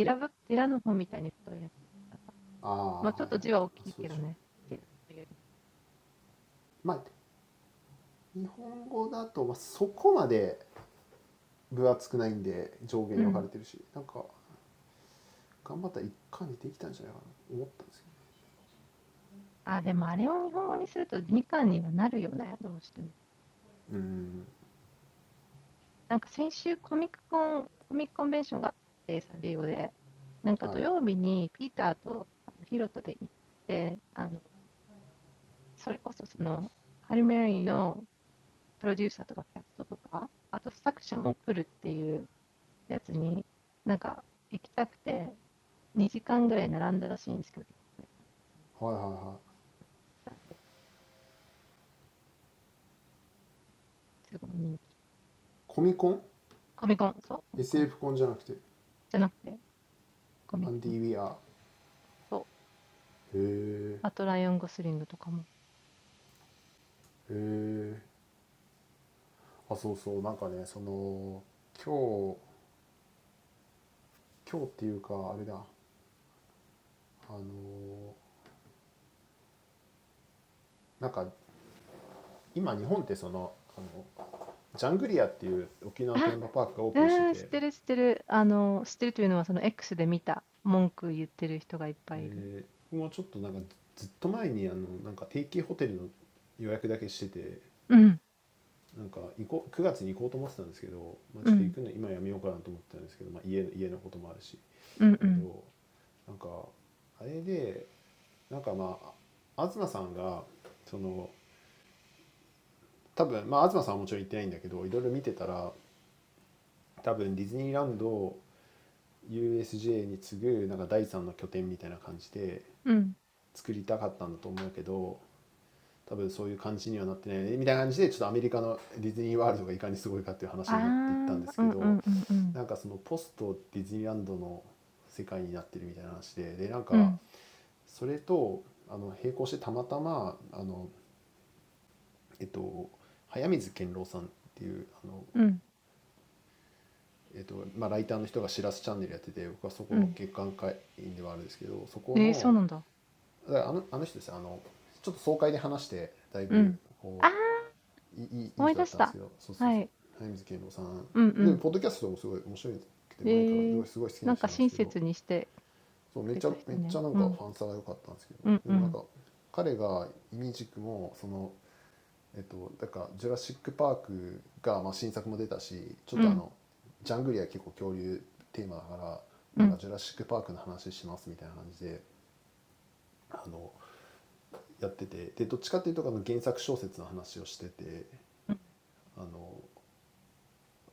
分厚くないんで上下に分かれてるしなんか頑張ったら一巻にできたんじゃないかな思ったんですけどうん、はい、はいはいはいコミコン なんで、すごい人気。コミコン、そう、コミコン。じゃなくて、コミコン。そう。あと、ライオンゴスリングとかも。あ、うん、知ってる、知ってる。あの、知ってるというのは、その SF コンじゃなくてアンディ・ウィアーへえへえあそうそうなんかねその今日今日っていうかあれだあのなんか今日本ってそのあのジャングリアっていう沖縄のテーマパークがオープンしてて X で僕もちょっとなんかずっと前にあのなんか定期ホテルの予約だけしててなんか行こう9月に行こうと思ってたんですけど、まあ、ちょっと行くの今やめようかなと思ってたんですけど、まあ、家の家のこともあるしだけどなんかあれでなんかまああ東さんがその多分まあ東さんはもちろん行ってないんだけどいろいろ見てたら多分ディズニーランドを で見た文句言ってる人がいっぱいいる。うん、うん、うん、うん、うん。ああ、うん、うん、うん、うん、うん、うん、うん。えー、そうなんだ。うん。ああ、思い出した。はい。うん、うん。えー、なんか親切にしてくれた人ね。うん、うん、うん、うん、うん。うん USJ に次ぐなんか第三の拠点みたいな感じで作りたかったんだと思うけど多分そういう感じにはなってないよねみたいな感じでちょっとアメリカのディズニーワールドがいかにすごいかっていう話になっていったんですけどなんかそのポストディズニーランドの世界になってるみたいな話ででなんかそれとあの並行してたまたまあの、えっと、早水健郎さんっていうあの、えっとまあ、ライターの人が「しらすチャンネル」やってて僕はそこの月刊会員ではあるんですけどそこのだからあのあの人ですよあのちょっと爽快で話してだいぶこういいいいいい人だったんですけどそうそうそう早水健郎さんでポッドキャストもすごい面白くて前からすごいすごい好きな人なんですけどそうめっちゃめっちゃなんかファンサが良かったんですけどでもなんか彼がイミジクもそのえっとだから「ジュラシック・パークが」まあ、新作も出たしちょっとあのジャングリア結構恐竜テーマだからなんか「ジュラシック・パーク」の話しますみたいな感じであの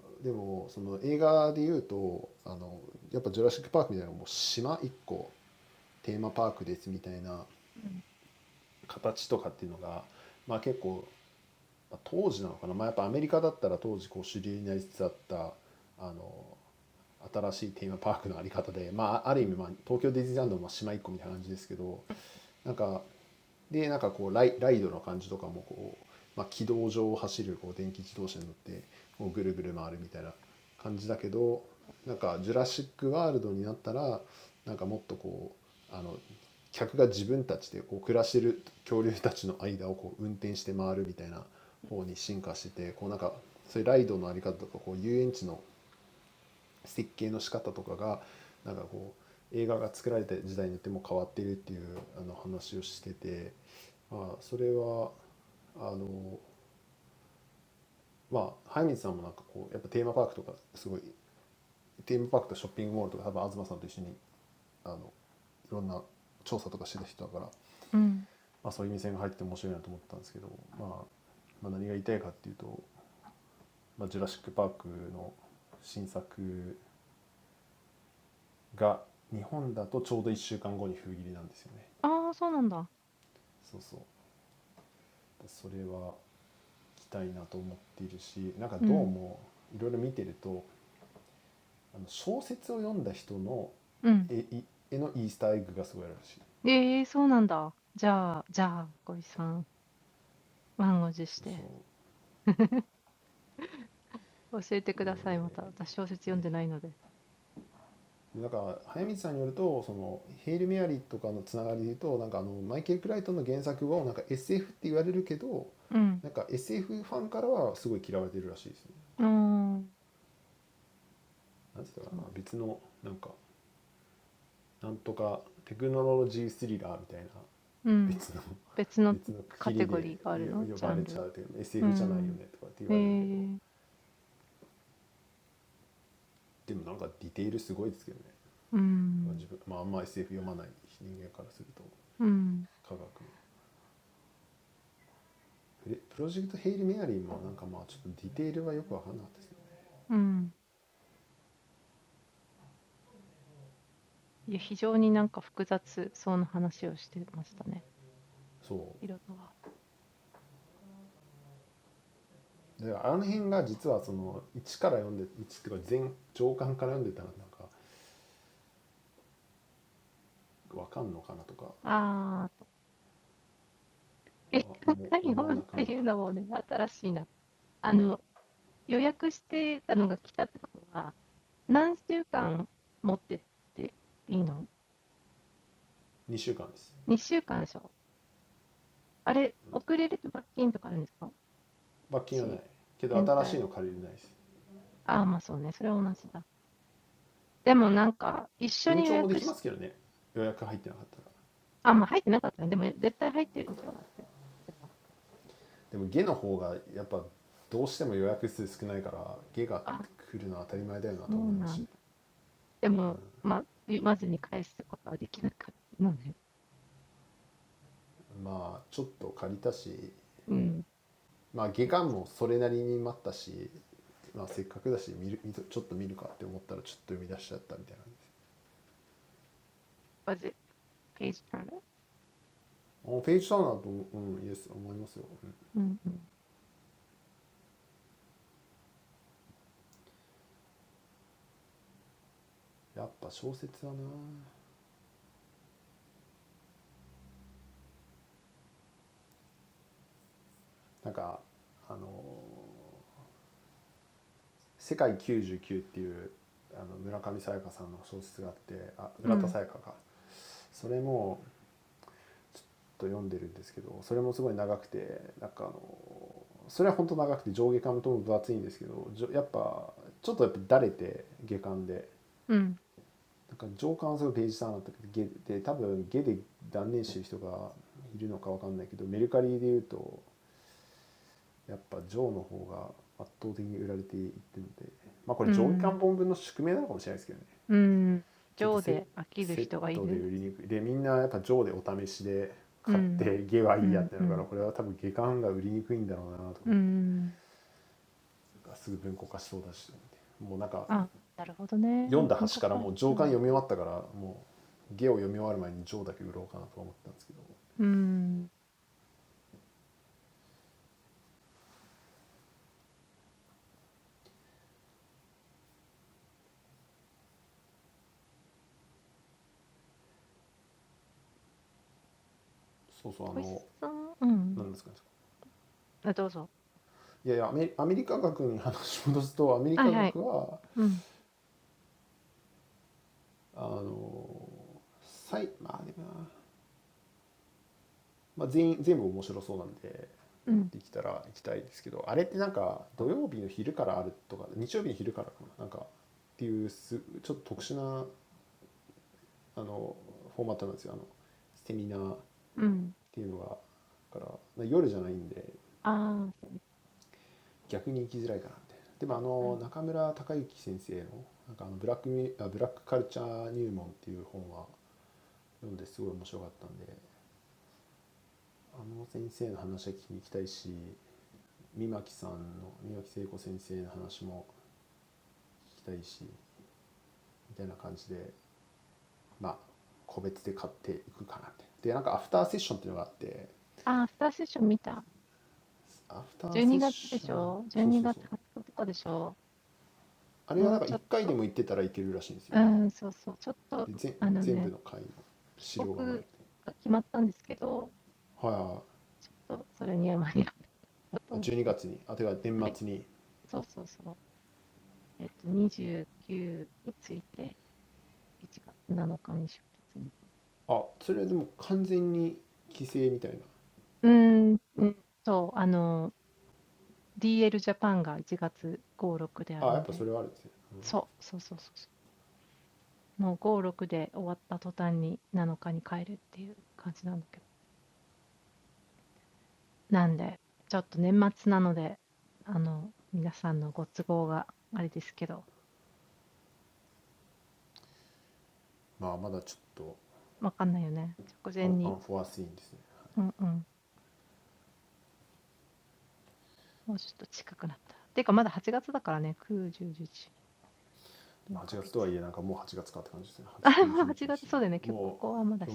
やっててでどっちかっていうとあの原作小説の話をしててあのでもその映画でいうとあのやっぱ「ジュラシック・パーク」みたいなのもう島一個テーマパークですみたいなうんうんうんああ、そうなんだ。うん。うん。ええ、そうなんだ。じゃあじゃあ、ごいさん、満を持して、教えてください、また。私、小説読んでないので。うん。ああ、そう。うん。別のカテゴリーがあるのジャンル。うん。ええ、うん。うん。うん。いや、非常になんか複雑そうな話をしてましたね。色とは。ああ、結果、日本っていうのもね、新しいな。[laughs] 形とかっていうのが、まあ、結構、まあ当時なのかな、まあ、やっぱアメリカだったら当時こう主流になりつつあったあの新しいテーマパークのあり方で、まあ、ある意味、まあ、東京ディズニーランドも島一個みたいな感じですけどなんかでなんかこうライライドの感じとかもこう、まあ、軌道上を走るこう電気自動車に乗ってこうぐるぐる回るみたいな感じだけどなんか「ジュラシック・ワールド」になったらなんかもっとこうあの客が自分たちでこう暮らしてる恐竜たちの間をこう運転して回るみたいな方に進化しててこうなんかそういうライドのあり方とかこう遊園地の設計の仕方とかがなんかこう映画が作られた時代によっても変わってるっていうあの話をしてて、まあ、それはあのまあ早水さんもなんかこうやっぱテーマパークとかすごい Team Park, the shopping mall, and probably Azuma-san together. There are many people who do surveys. So, I thought it would be interesting to enter that store. What I want to see is that Jurassic Park's new work is about to be released in Japan in just one week. So, I want to go there. Also, when I watch various things, the Easter egg in the novel is very interesting. なんか早水さんによるとそのヘイル・メアリーとかのつながりで言うとなんかあのマイケル・クライトンの原作をなんか SF って言われるけどなんか SF ファンからはすごい嫌われてるらしいですね。なんつったかな別のなんかなんとかテクノロジースリラーみたいな別の別の区切りで呼呼ばれちゃうというじゃないよねとかって言われるけどでもなんかディテールすごいですけどね自分、まあ、あんま SF 読まない人間からすると科学フレフロシェクトヘイルメアリーもなんかまあちょっとティテールはよく分かんなかったてすねそうてあの辺か実はその 1から読んて あの、予約してたのが来たってことは、何週間持ってっていいの 1っていうか全上巻から読んてたらなんか分かんのかなとかは思思わなくもなかった ?2 週間でしょあれ、遅れると罰金とかあるんですかし、延滞。ああ、まあそうね、それは同じだ。でもなんか、一緒に予約し、あ、まあ入ってなかったね。でも絶対入ってるでしょだって。それはあ、そうなんだ。でも、まあ、言わずに返すことはできなかったので。うん。Was まあ外観もそれなりに待ったしまあせっかくたし見る見とちょっと見るかって思ったらちょっと読み出しちゃったみたいな感してすあヘーシターナーとうんイエス思いますようんやっは小説はななんかあの世界 it page turner? うんうん。うん。うん。うん。なんか上官はすごく芸術さんだったけどゲで多分ゲで断念してる人がいるのかわかんないけどメルカリでいうとやっぱジョーの方が圧倒的に売られていってるのでまあこれ上下巻本分の宿命なのかもしれないですけどねちょっとセセットで売りにくいでみんなやっぱジョーでお試しで買ってゲはいいやってなるからこれは多分下巻が売りにくいんだろうなと思ってなんかすぐ文庫化しそうだしもうなんか うーん、情で飽きる人がいる。うん。うんうん。うーん。あ、なるほどね。向こうからしたら。うーん。こいさんうん。あ、どうぞ。はいはい。うん。うん。うん。ああ、そうなるほど。ああ、アフターセッション見た。12月でしょ ?12月20日とかでしょもうちょっと、うん、そうそう。ちょっと、あのね、帰国が決まったんですけど、ちょっとそれには間に合わなかったと思って。はい 読んだ端からもう上巻読み終わったからもう下を読み終わる前に上だけ売ろうかなと思ったんですけどそうそうあの何ですかねいやいやアメアメリカ学に話し戻すとアメリカ学はあの最まあでもな、まあ、全員全部面白そうなんでできたら行きたいですけどあれってなんか土曜日の昼からあるとか日曜日の昼からかななんかっていうすちょっと特殊なあのフォーマットなんですよあのセミナーっていうのかたからまあ夜しゃないんて逆に行きつらいかなみたいなてもあの中村隆之先生のなんかあのフラックミあフラックカルチャー入門っていう本は読んてすこい面白かったんてあの先生の話は聞きに行きたいし三巻さんの三巻聖子先生の話も聞きたいしみたいな感してまあ個別て買っていくかなっててなんかアフターセッションっていうのかあってアフターセッションそうそうそうあれはなんかてせ全部の回の資料かもらえるはいはいはいあ そうそうそうえっと29について1月 7日に出発にうーんうんそうあのdl 4か月あもう 8月そうたよねきょここはまた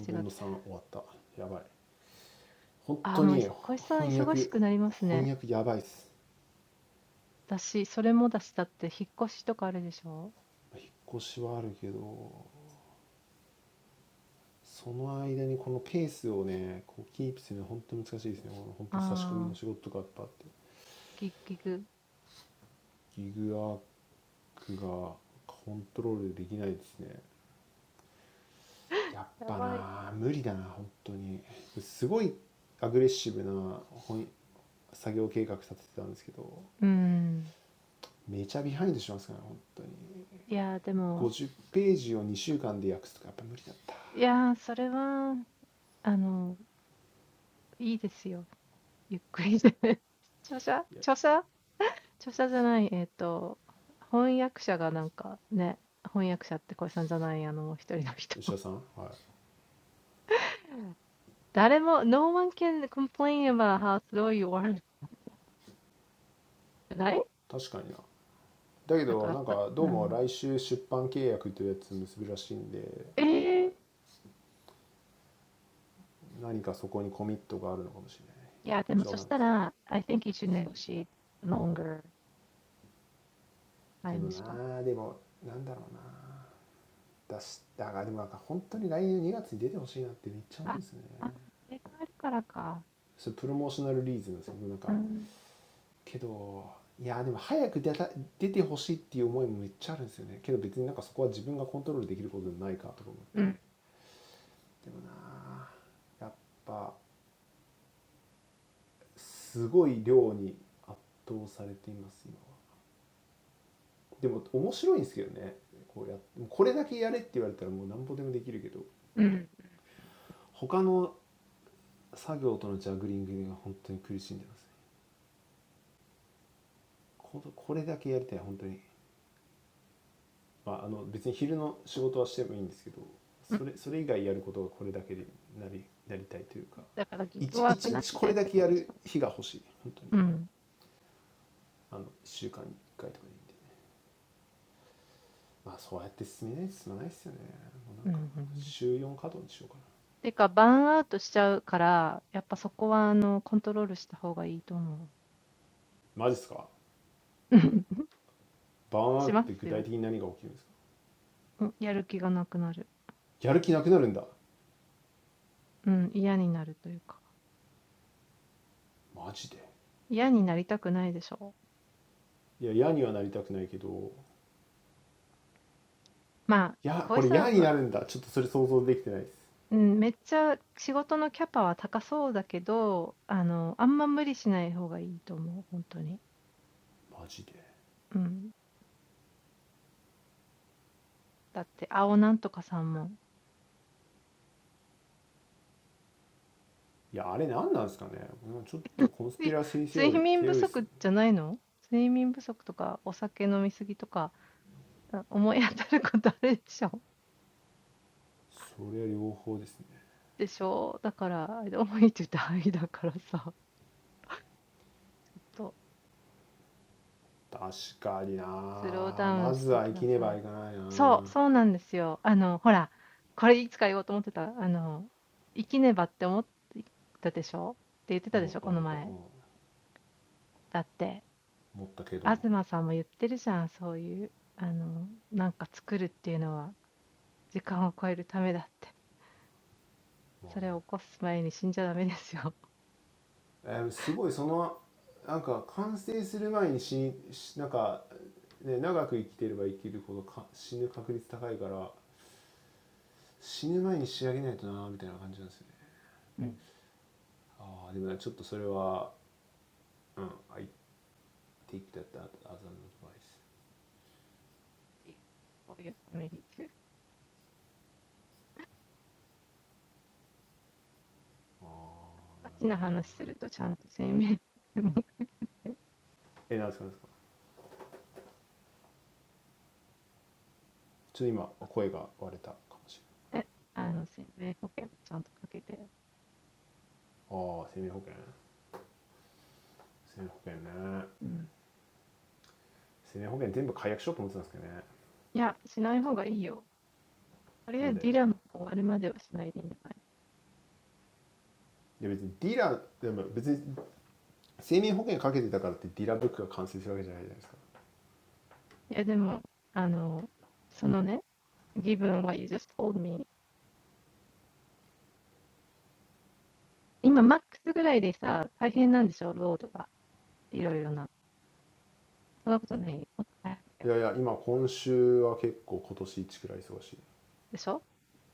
その間にこのヘースをねこうキーフするのは本当に難しいてすねこの本当差し込みの仕事とかやっはあってキクアークかコントロールてきないてすねやっはな無理たな本当にすこいアクレッシフなほい作業計画立ててたんてすけとめちゃヒハイントしますからね本当に [laughs] [laughs] No one can complain about how slow you are tonight. だけどなんかどうも来週出版契約というやつ結ぶらしいんで何かそこにコミットがあるのかもしれないしょうがないですけどなあでもなんだろうな出しだからでもなんか本当に来年2月に出てほしいなってめっちゃ思うんですよねそれプロモーショナルリーズなんですけどなんかけどいやでも早く出た出てほしいっていう思いもめっちゃあるんですよねけど別になんかそこは自分がコントロールできることでもないかとか思ってでもなあやっぱ Because, yeah. But so then, I think you need to sleep longer time span. Ah, ah. Because of that, so. Yeah. Yeah. すこい量に圧倒されています今はても面白いんてすけとねこうやってこれたけやれって言われたらもう何ほてもてきるけと他の作業とのシャクリンクか本当に苦しんてますねここれたけやりたい本当にまああの別に昼の仕事はしてもいいんてすけとそれそれ以外やることかこれたけてなりなりたいというか一一日これたけやる日か欲しい本当にあの Yeah. Yeah. Because no work, no sleep. Yeah. Yeah. Yeah. Yeah. まあそうやって進めない進まないっすよねもうなんか週 Because burnout, so. Yeah. Yeah. Yeah. Yeah. Because burnout, so. Yeah. Yeah. Yeah. Yeah. [laughs] 嫌になりたくないでしょ。まあ、小石さんは、うん、めっちゃ仕事のキャパは高そうだけど、あの、あんま無理しない方がいいと思う、ほんとに。うん。だって、青なんとかさんも。い睡眠不足じゃないの？睡眠不足とか、お酒飲み過ぎとか、あ、思い当たることあるでしょ？でしょ？だから、思いって言うと愛だからさ、とスローダウンしてください。そう、そうなんですよ。あの、ほら、これいつか言おうと思ってた。あの、生きねばって思ってたでしょって言ってたでしょ、この前。だって、東さんも言ってるじゃん、そういう、あの、なんか作るっていうのは、時間を超えるためだって。それを起こす前に死んじゃダメですよ。うん、こういうために。ガチな話すると、ちゃんと生命保険もね、あの、生命保険もちゃんとかけて。うん Yeah, but it's really amazing. Before it's completed, it's like if you live a long life, the probability of dying is high, so you have to finish it before you die. Ah, but that's a bit, um, I'm going to die. Ah, so what's up? I think my voice is broken. Ah, life insurance. Life insurance. Life insurance. I'm thinking of canceling all of them. So, いや、しない方がいいよ。とりあえずディランの終わるまではしないでいいんじゃないいや、でも、あの、そのね、given I'm not a dealer. what you just told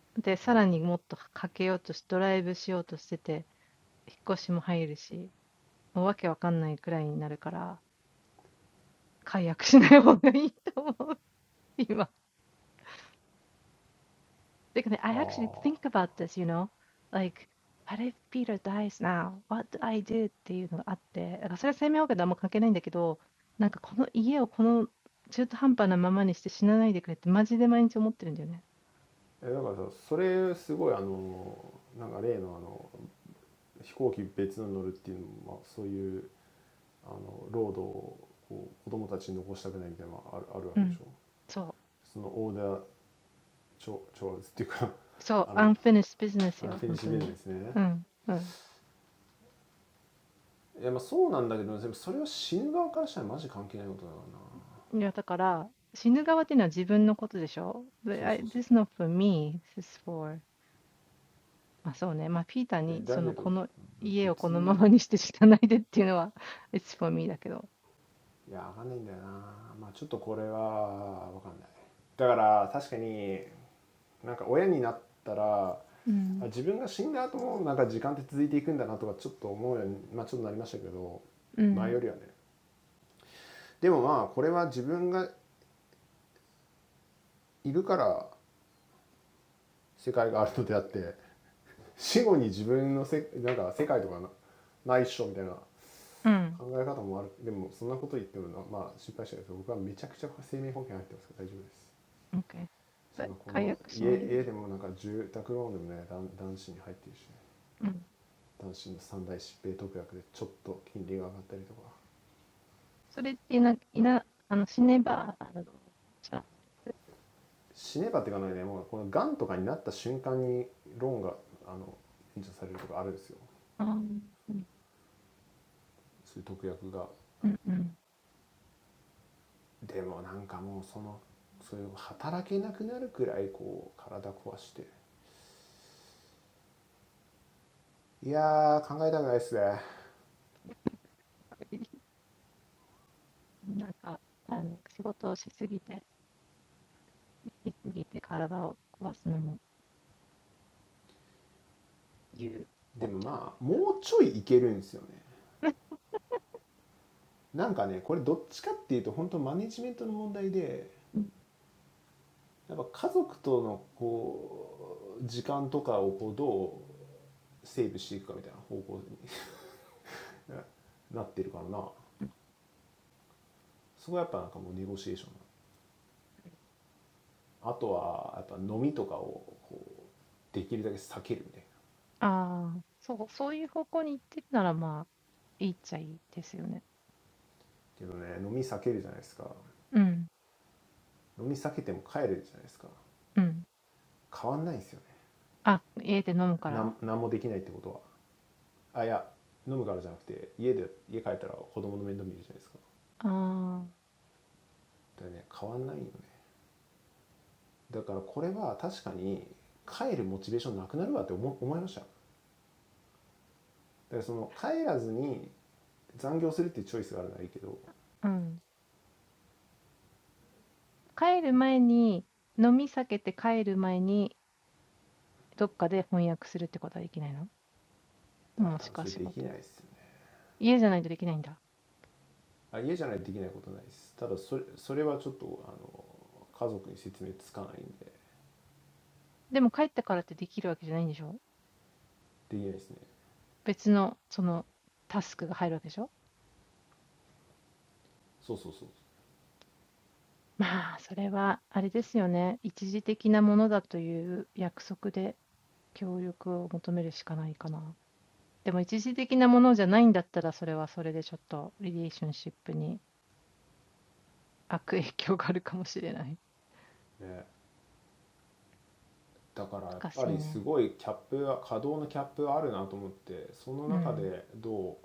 me。今、マックスぐらいでさ、大変なんでしょ、ロードが。いろいろな。そんなことない。もっと大変だよ。でしょで、さらにもっとかけようとし、ドライブしようとしてて、引っ越しも入るし、もうわけわかんないくらいになるから、解約しない方がいいと思う、今。Because I actually think about this, you know, like, "What if Peter dies now? What do I do? do?"っていうのがあって、だからそれは生命保険とあんま関係ないんだけど、なんかこの家をこの中途半端なままにして死なないでくれってマジで毎日思ってるんだよね。うん。そう。そう、unfinished 生命保険かけてたからってディラブックが完成するわけじゃないじゃないですかいやいや今今週は結構今年一くらい忙しいえだからさそれすごいあのなんか例のあの飛行機別の乗るっていうのも、まあ、そういうあの労働をこう子供たちに残したくないみたいなのがあるあるわけでしょそのオーダー調調達っていうかあのアンフィニッシュビジネスねいやまあそうなんだけどでもそれは死ぬ側からしたらマジ関係ないことだからなそうそうそう business [laughs] よ、ほんとに。うん、うん。いや、だから、死ぬ側っていうのは自分のことでしょ。で、I this is not for me, this is for えだけど別にいやわかんないんだよなまあちょっとこれはわかんないだから確かになんか親になったらあ自分が死んだ後もなんか時間って続いていくんだなとかちょっと思うように、まあ、ちょっとなりましたけど前よりはねでもまあこれは自分がいるから世界があるのであって死後に自分のせなんか世界とかなないっしょみたいな ま、そうね、ま、ピーターにその、この家をこのままにして死なないでっていうのは、It's [laughs] for me だけど。うん。考え方もあるでもそんなこと言ってもなまあ失敗したんですけど僕はめちゃくちゃ生命保険入ってますから大丈夫です今この家家でもなんか住宅ローンでもね男男子に入ってるしね男子の三大疾病特約でちょっと金利が上がったりとか死ねばっていかないねもうこのがんとかになった瞬間にローンがあの援助されるとかあるんですよそういう特約がでもなんかもうそのそういう働けなくなるくらいこう体壊していやー考えたくないっすねでもまあもうちょいいけるんですよねなんかねこれどっちかっていうと本当マネジメントの問題でやっぱ家族とのこう時間とかをこうどうセーブしていくかみたいな方向に want to avoid that [laughs] なってるからなそこはやっぱなんかもうネゴシエーションあとはやっぱ飲みとかをこうできるだけ避けるみたいなけどね飲み避けるじゃないですか飲み避けても帰るじゃないですか変わんないんですよねなん何もできないってことは うん。ああ、そう、そういう方向に行ってるなら、まあ、いいっちゃいいですよね。うん。うん。あ、家で飲むから？ああ、うん。帰る前に、飲み避けて帰る前に、どっかで翻訳するってことはできないの？もしくは仕事。家じゃないとできないんだ。でも帰ってからってできるわけじゃないんでしょ？別の、その、タスクが入るわけでしょ？まあ、それはあれですよね、一時的なものだという約束で、協力を求めるしかないかな。でも一時的なものじゃないんだったら、それはそれでちょっとリレーションシップに Ah, yeah. Drink alcohol, not at home. When I get home, my kids get in trouble, right? It doesn't change. So this is definitely making it harder to go home. I thought. So not going home and working overtime is a choice, but I probably can't do that. It's not impossible at home, but I can't explain it to my family. So, so, so. Yeah. So I'm thinking there's a 悪影響があるかもしれない。難しいね。Mm. limit to what we can do.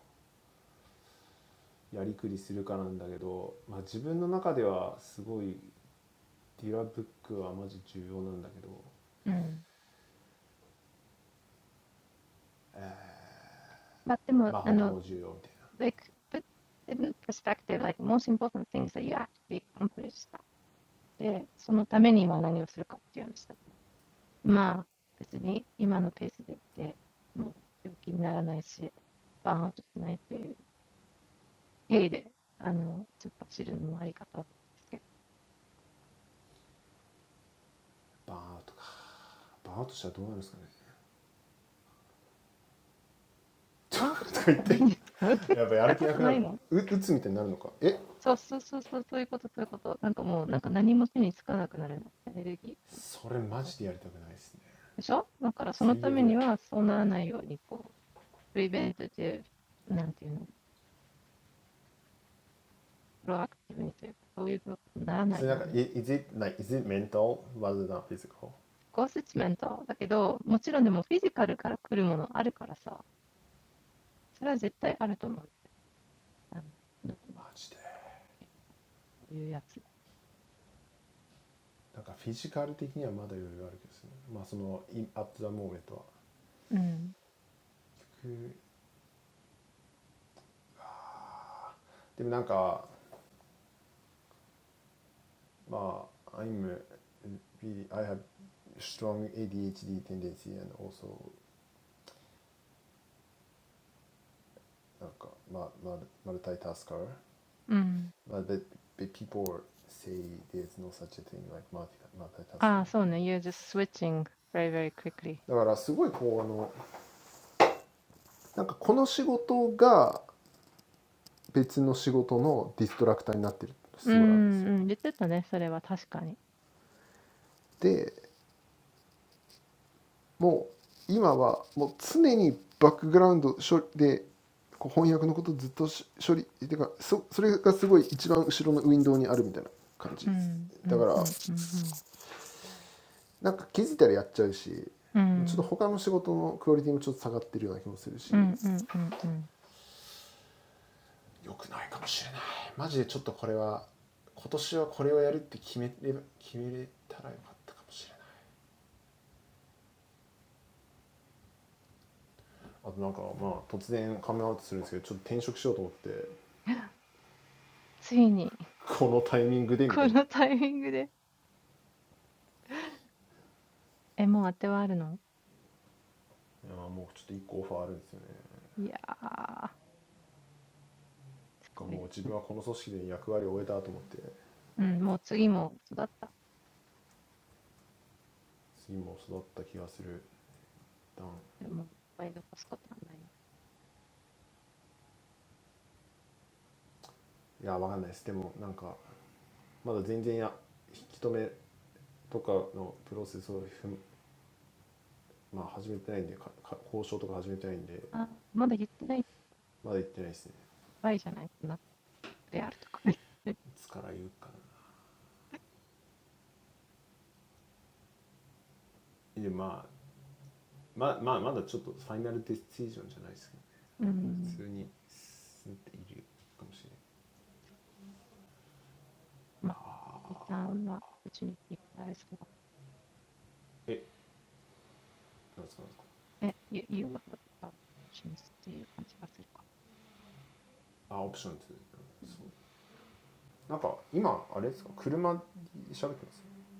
やりくりするかなんだけど、まあ、自分の中ではすごいディラブックはマジ重要なんだけどまあ他も重要みたいなバーンアウトかバーンアウトしたらどうなるんですかね Mm. But the you know, like, put in perspective, like, most important thing is that you actually complete stuff. For that, what do you do? Well, just at the pace we're going, we're not getting sick, and we're not bankrupt. So, [laughs] I'm just learning how to do it. [laughs] とか言ってやっぱやる気なくなるう打つみたいになるのかえそれマジでやりたくないですね最悪だよそれなんか i- [laughs] そうそうそうそう、そういうこと、そういうこと。なんかもう、なんか何も手につかなくなるの。エネルギー。でしょだからそのためには、そうならないように、こう、プリベントで、なんていうの、プロアクティブにというか、そういうことにならないように。コースチメントだけど、もちろんでもフィジカルから来るものあるからさ、それは絶対あると思うんだよ。あの、脳そういうやつ。is it, like, is it mental rather than physical? マジでなんかフィジカル的にはまだ余裕あるけどですねまあその in- at the moment Mm. は結局でもなんかまあ I'm uh, be I have strong ADHD tendency and also なんかまあまあ multitasker Mm. but, but but people say there's no such a thing like multi Ah, multitasking so no, but- you're just switching very, very quickly. うん、うん、言ってたね、それは確かに。うん、うん、うん、うん、うん。うん、うん、うん、うん、うん。ついに、このタイミングで。え、もう当てはあるのいやー、すごいですね。うん、もう次も育った。でも、いっぱい残すことはない。あー、まだ言ってないとやばいじゃないこんなであるとか言って。うん、まあ、小石さんは、うちにいっぱいある人だ。え、言うわけだから、一緒にすっていう感じがするから。うん だからすごいこうあのなんかこの仕事が別の仕事のディストラクターになってるってすごいあるんですよでもう今はもう常にバックグラウンド処理でこう翻訳のことずっとし処理てかそそれがすごい一番後ろのウィンドウにあるみたいな感じですだからなんか気づいたらやっちゃうしまあちょっと他の仕事のクオリティもちょっと下がってるような気もするしよくないかもしれないマジでちょっとこれは今年はこれをやるって決めれば決めれたらよかったかもしれないあとなんかまあ突然カメラアウトするんですけどちょっと転職しようと思ってこのタイミングでみたいないやもうちょっと一個オファーあるんですよね。なんかもう自分はこの組織で役割を終えたと思って次も育った気がする。いや分かんないです。でもなんかまだ全然や引き止めとかのプロセスをまあ始めてないんでかか交渉とか始めてないんでまだ言ってないですね。いつから言うかな。でまあまあ、まあまだちょっとファイナルディシジョンじゃないですけど、ね、普通に進んでいるかもしれない。え、なんですかなんですか。あ、オプションツー、そう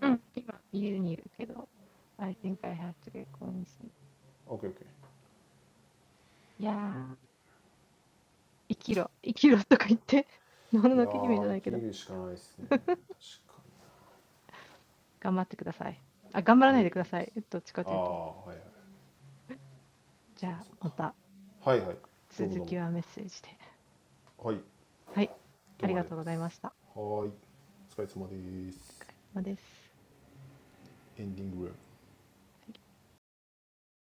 うん、今家にいるけど、I think I have to get going soon. いやー、生きろ、生きろとか言って、もののけ姫じゃないけど、頑張ってください。あ、頑張らないでください。どっちかというと。じゃあ、また続きはメッセージで。はい、ありがとうございました。お疲れ様です。はい なんか今あれですか車で喋ってますオッケーオッケーいやー生きるしかないですね確かにありがとうございますああはいはいそうかそうかはいはいどうもどうもはいどうもありがとうございますはーいお疲れ様ですエンディングルーム [laughs]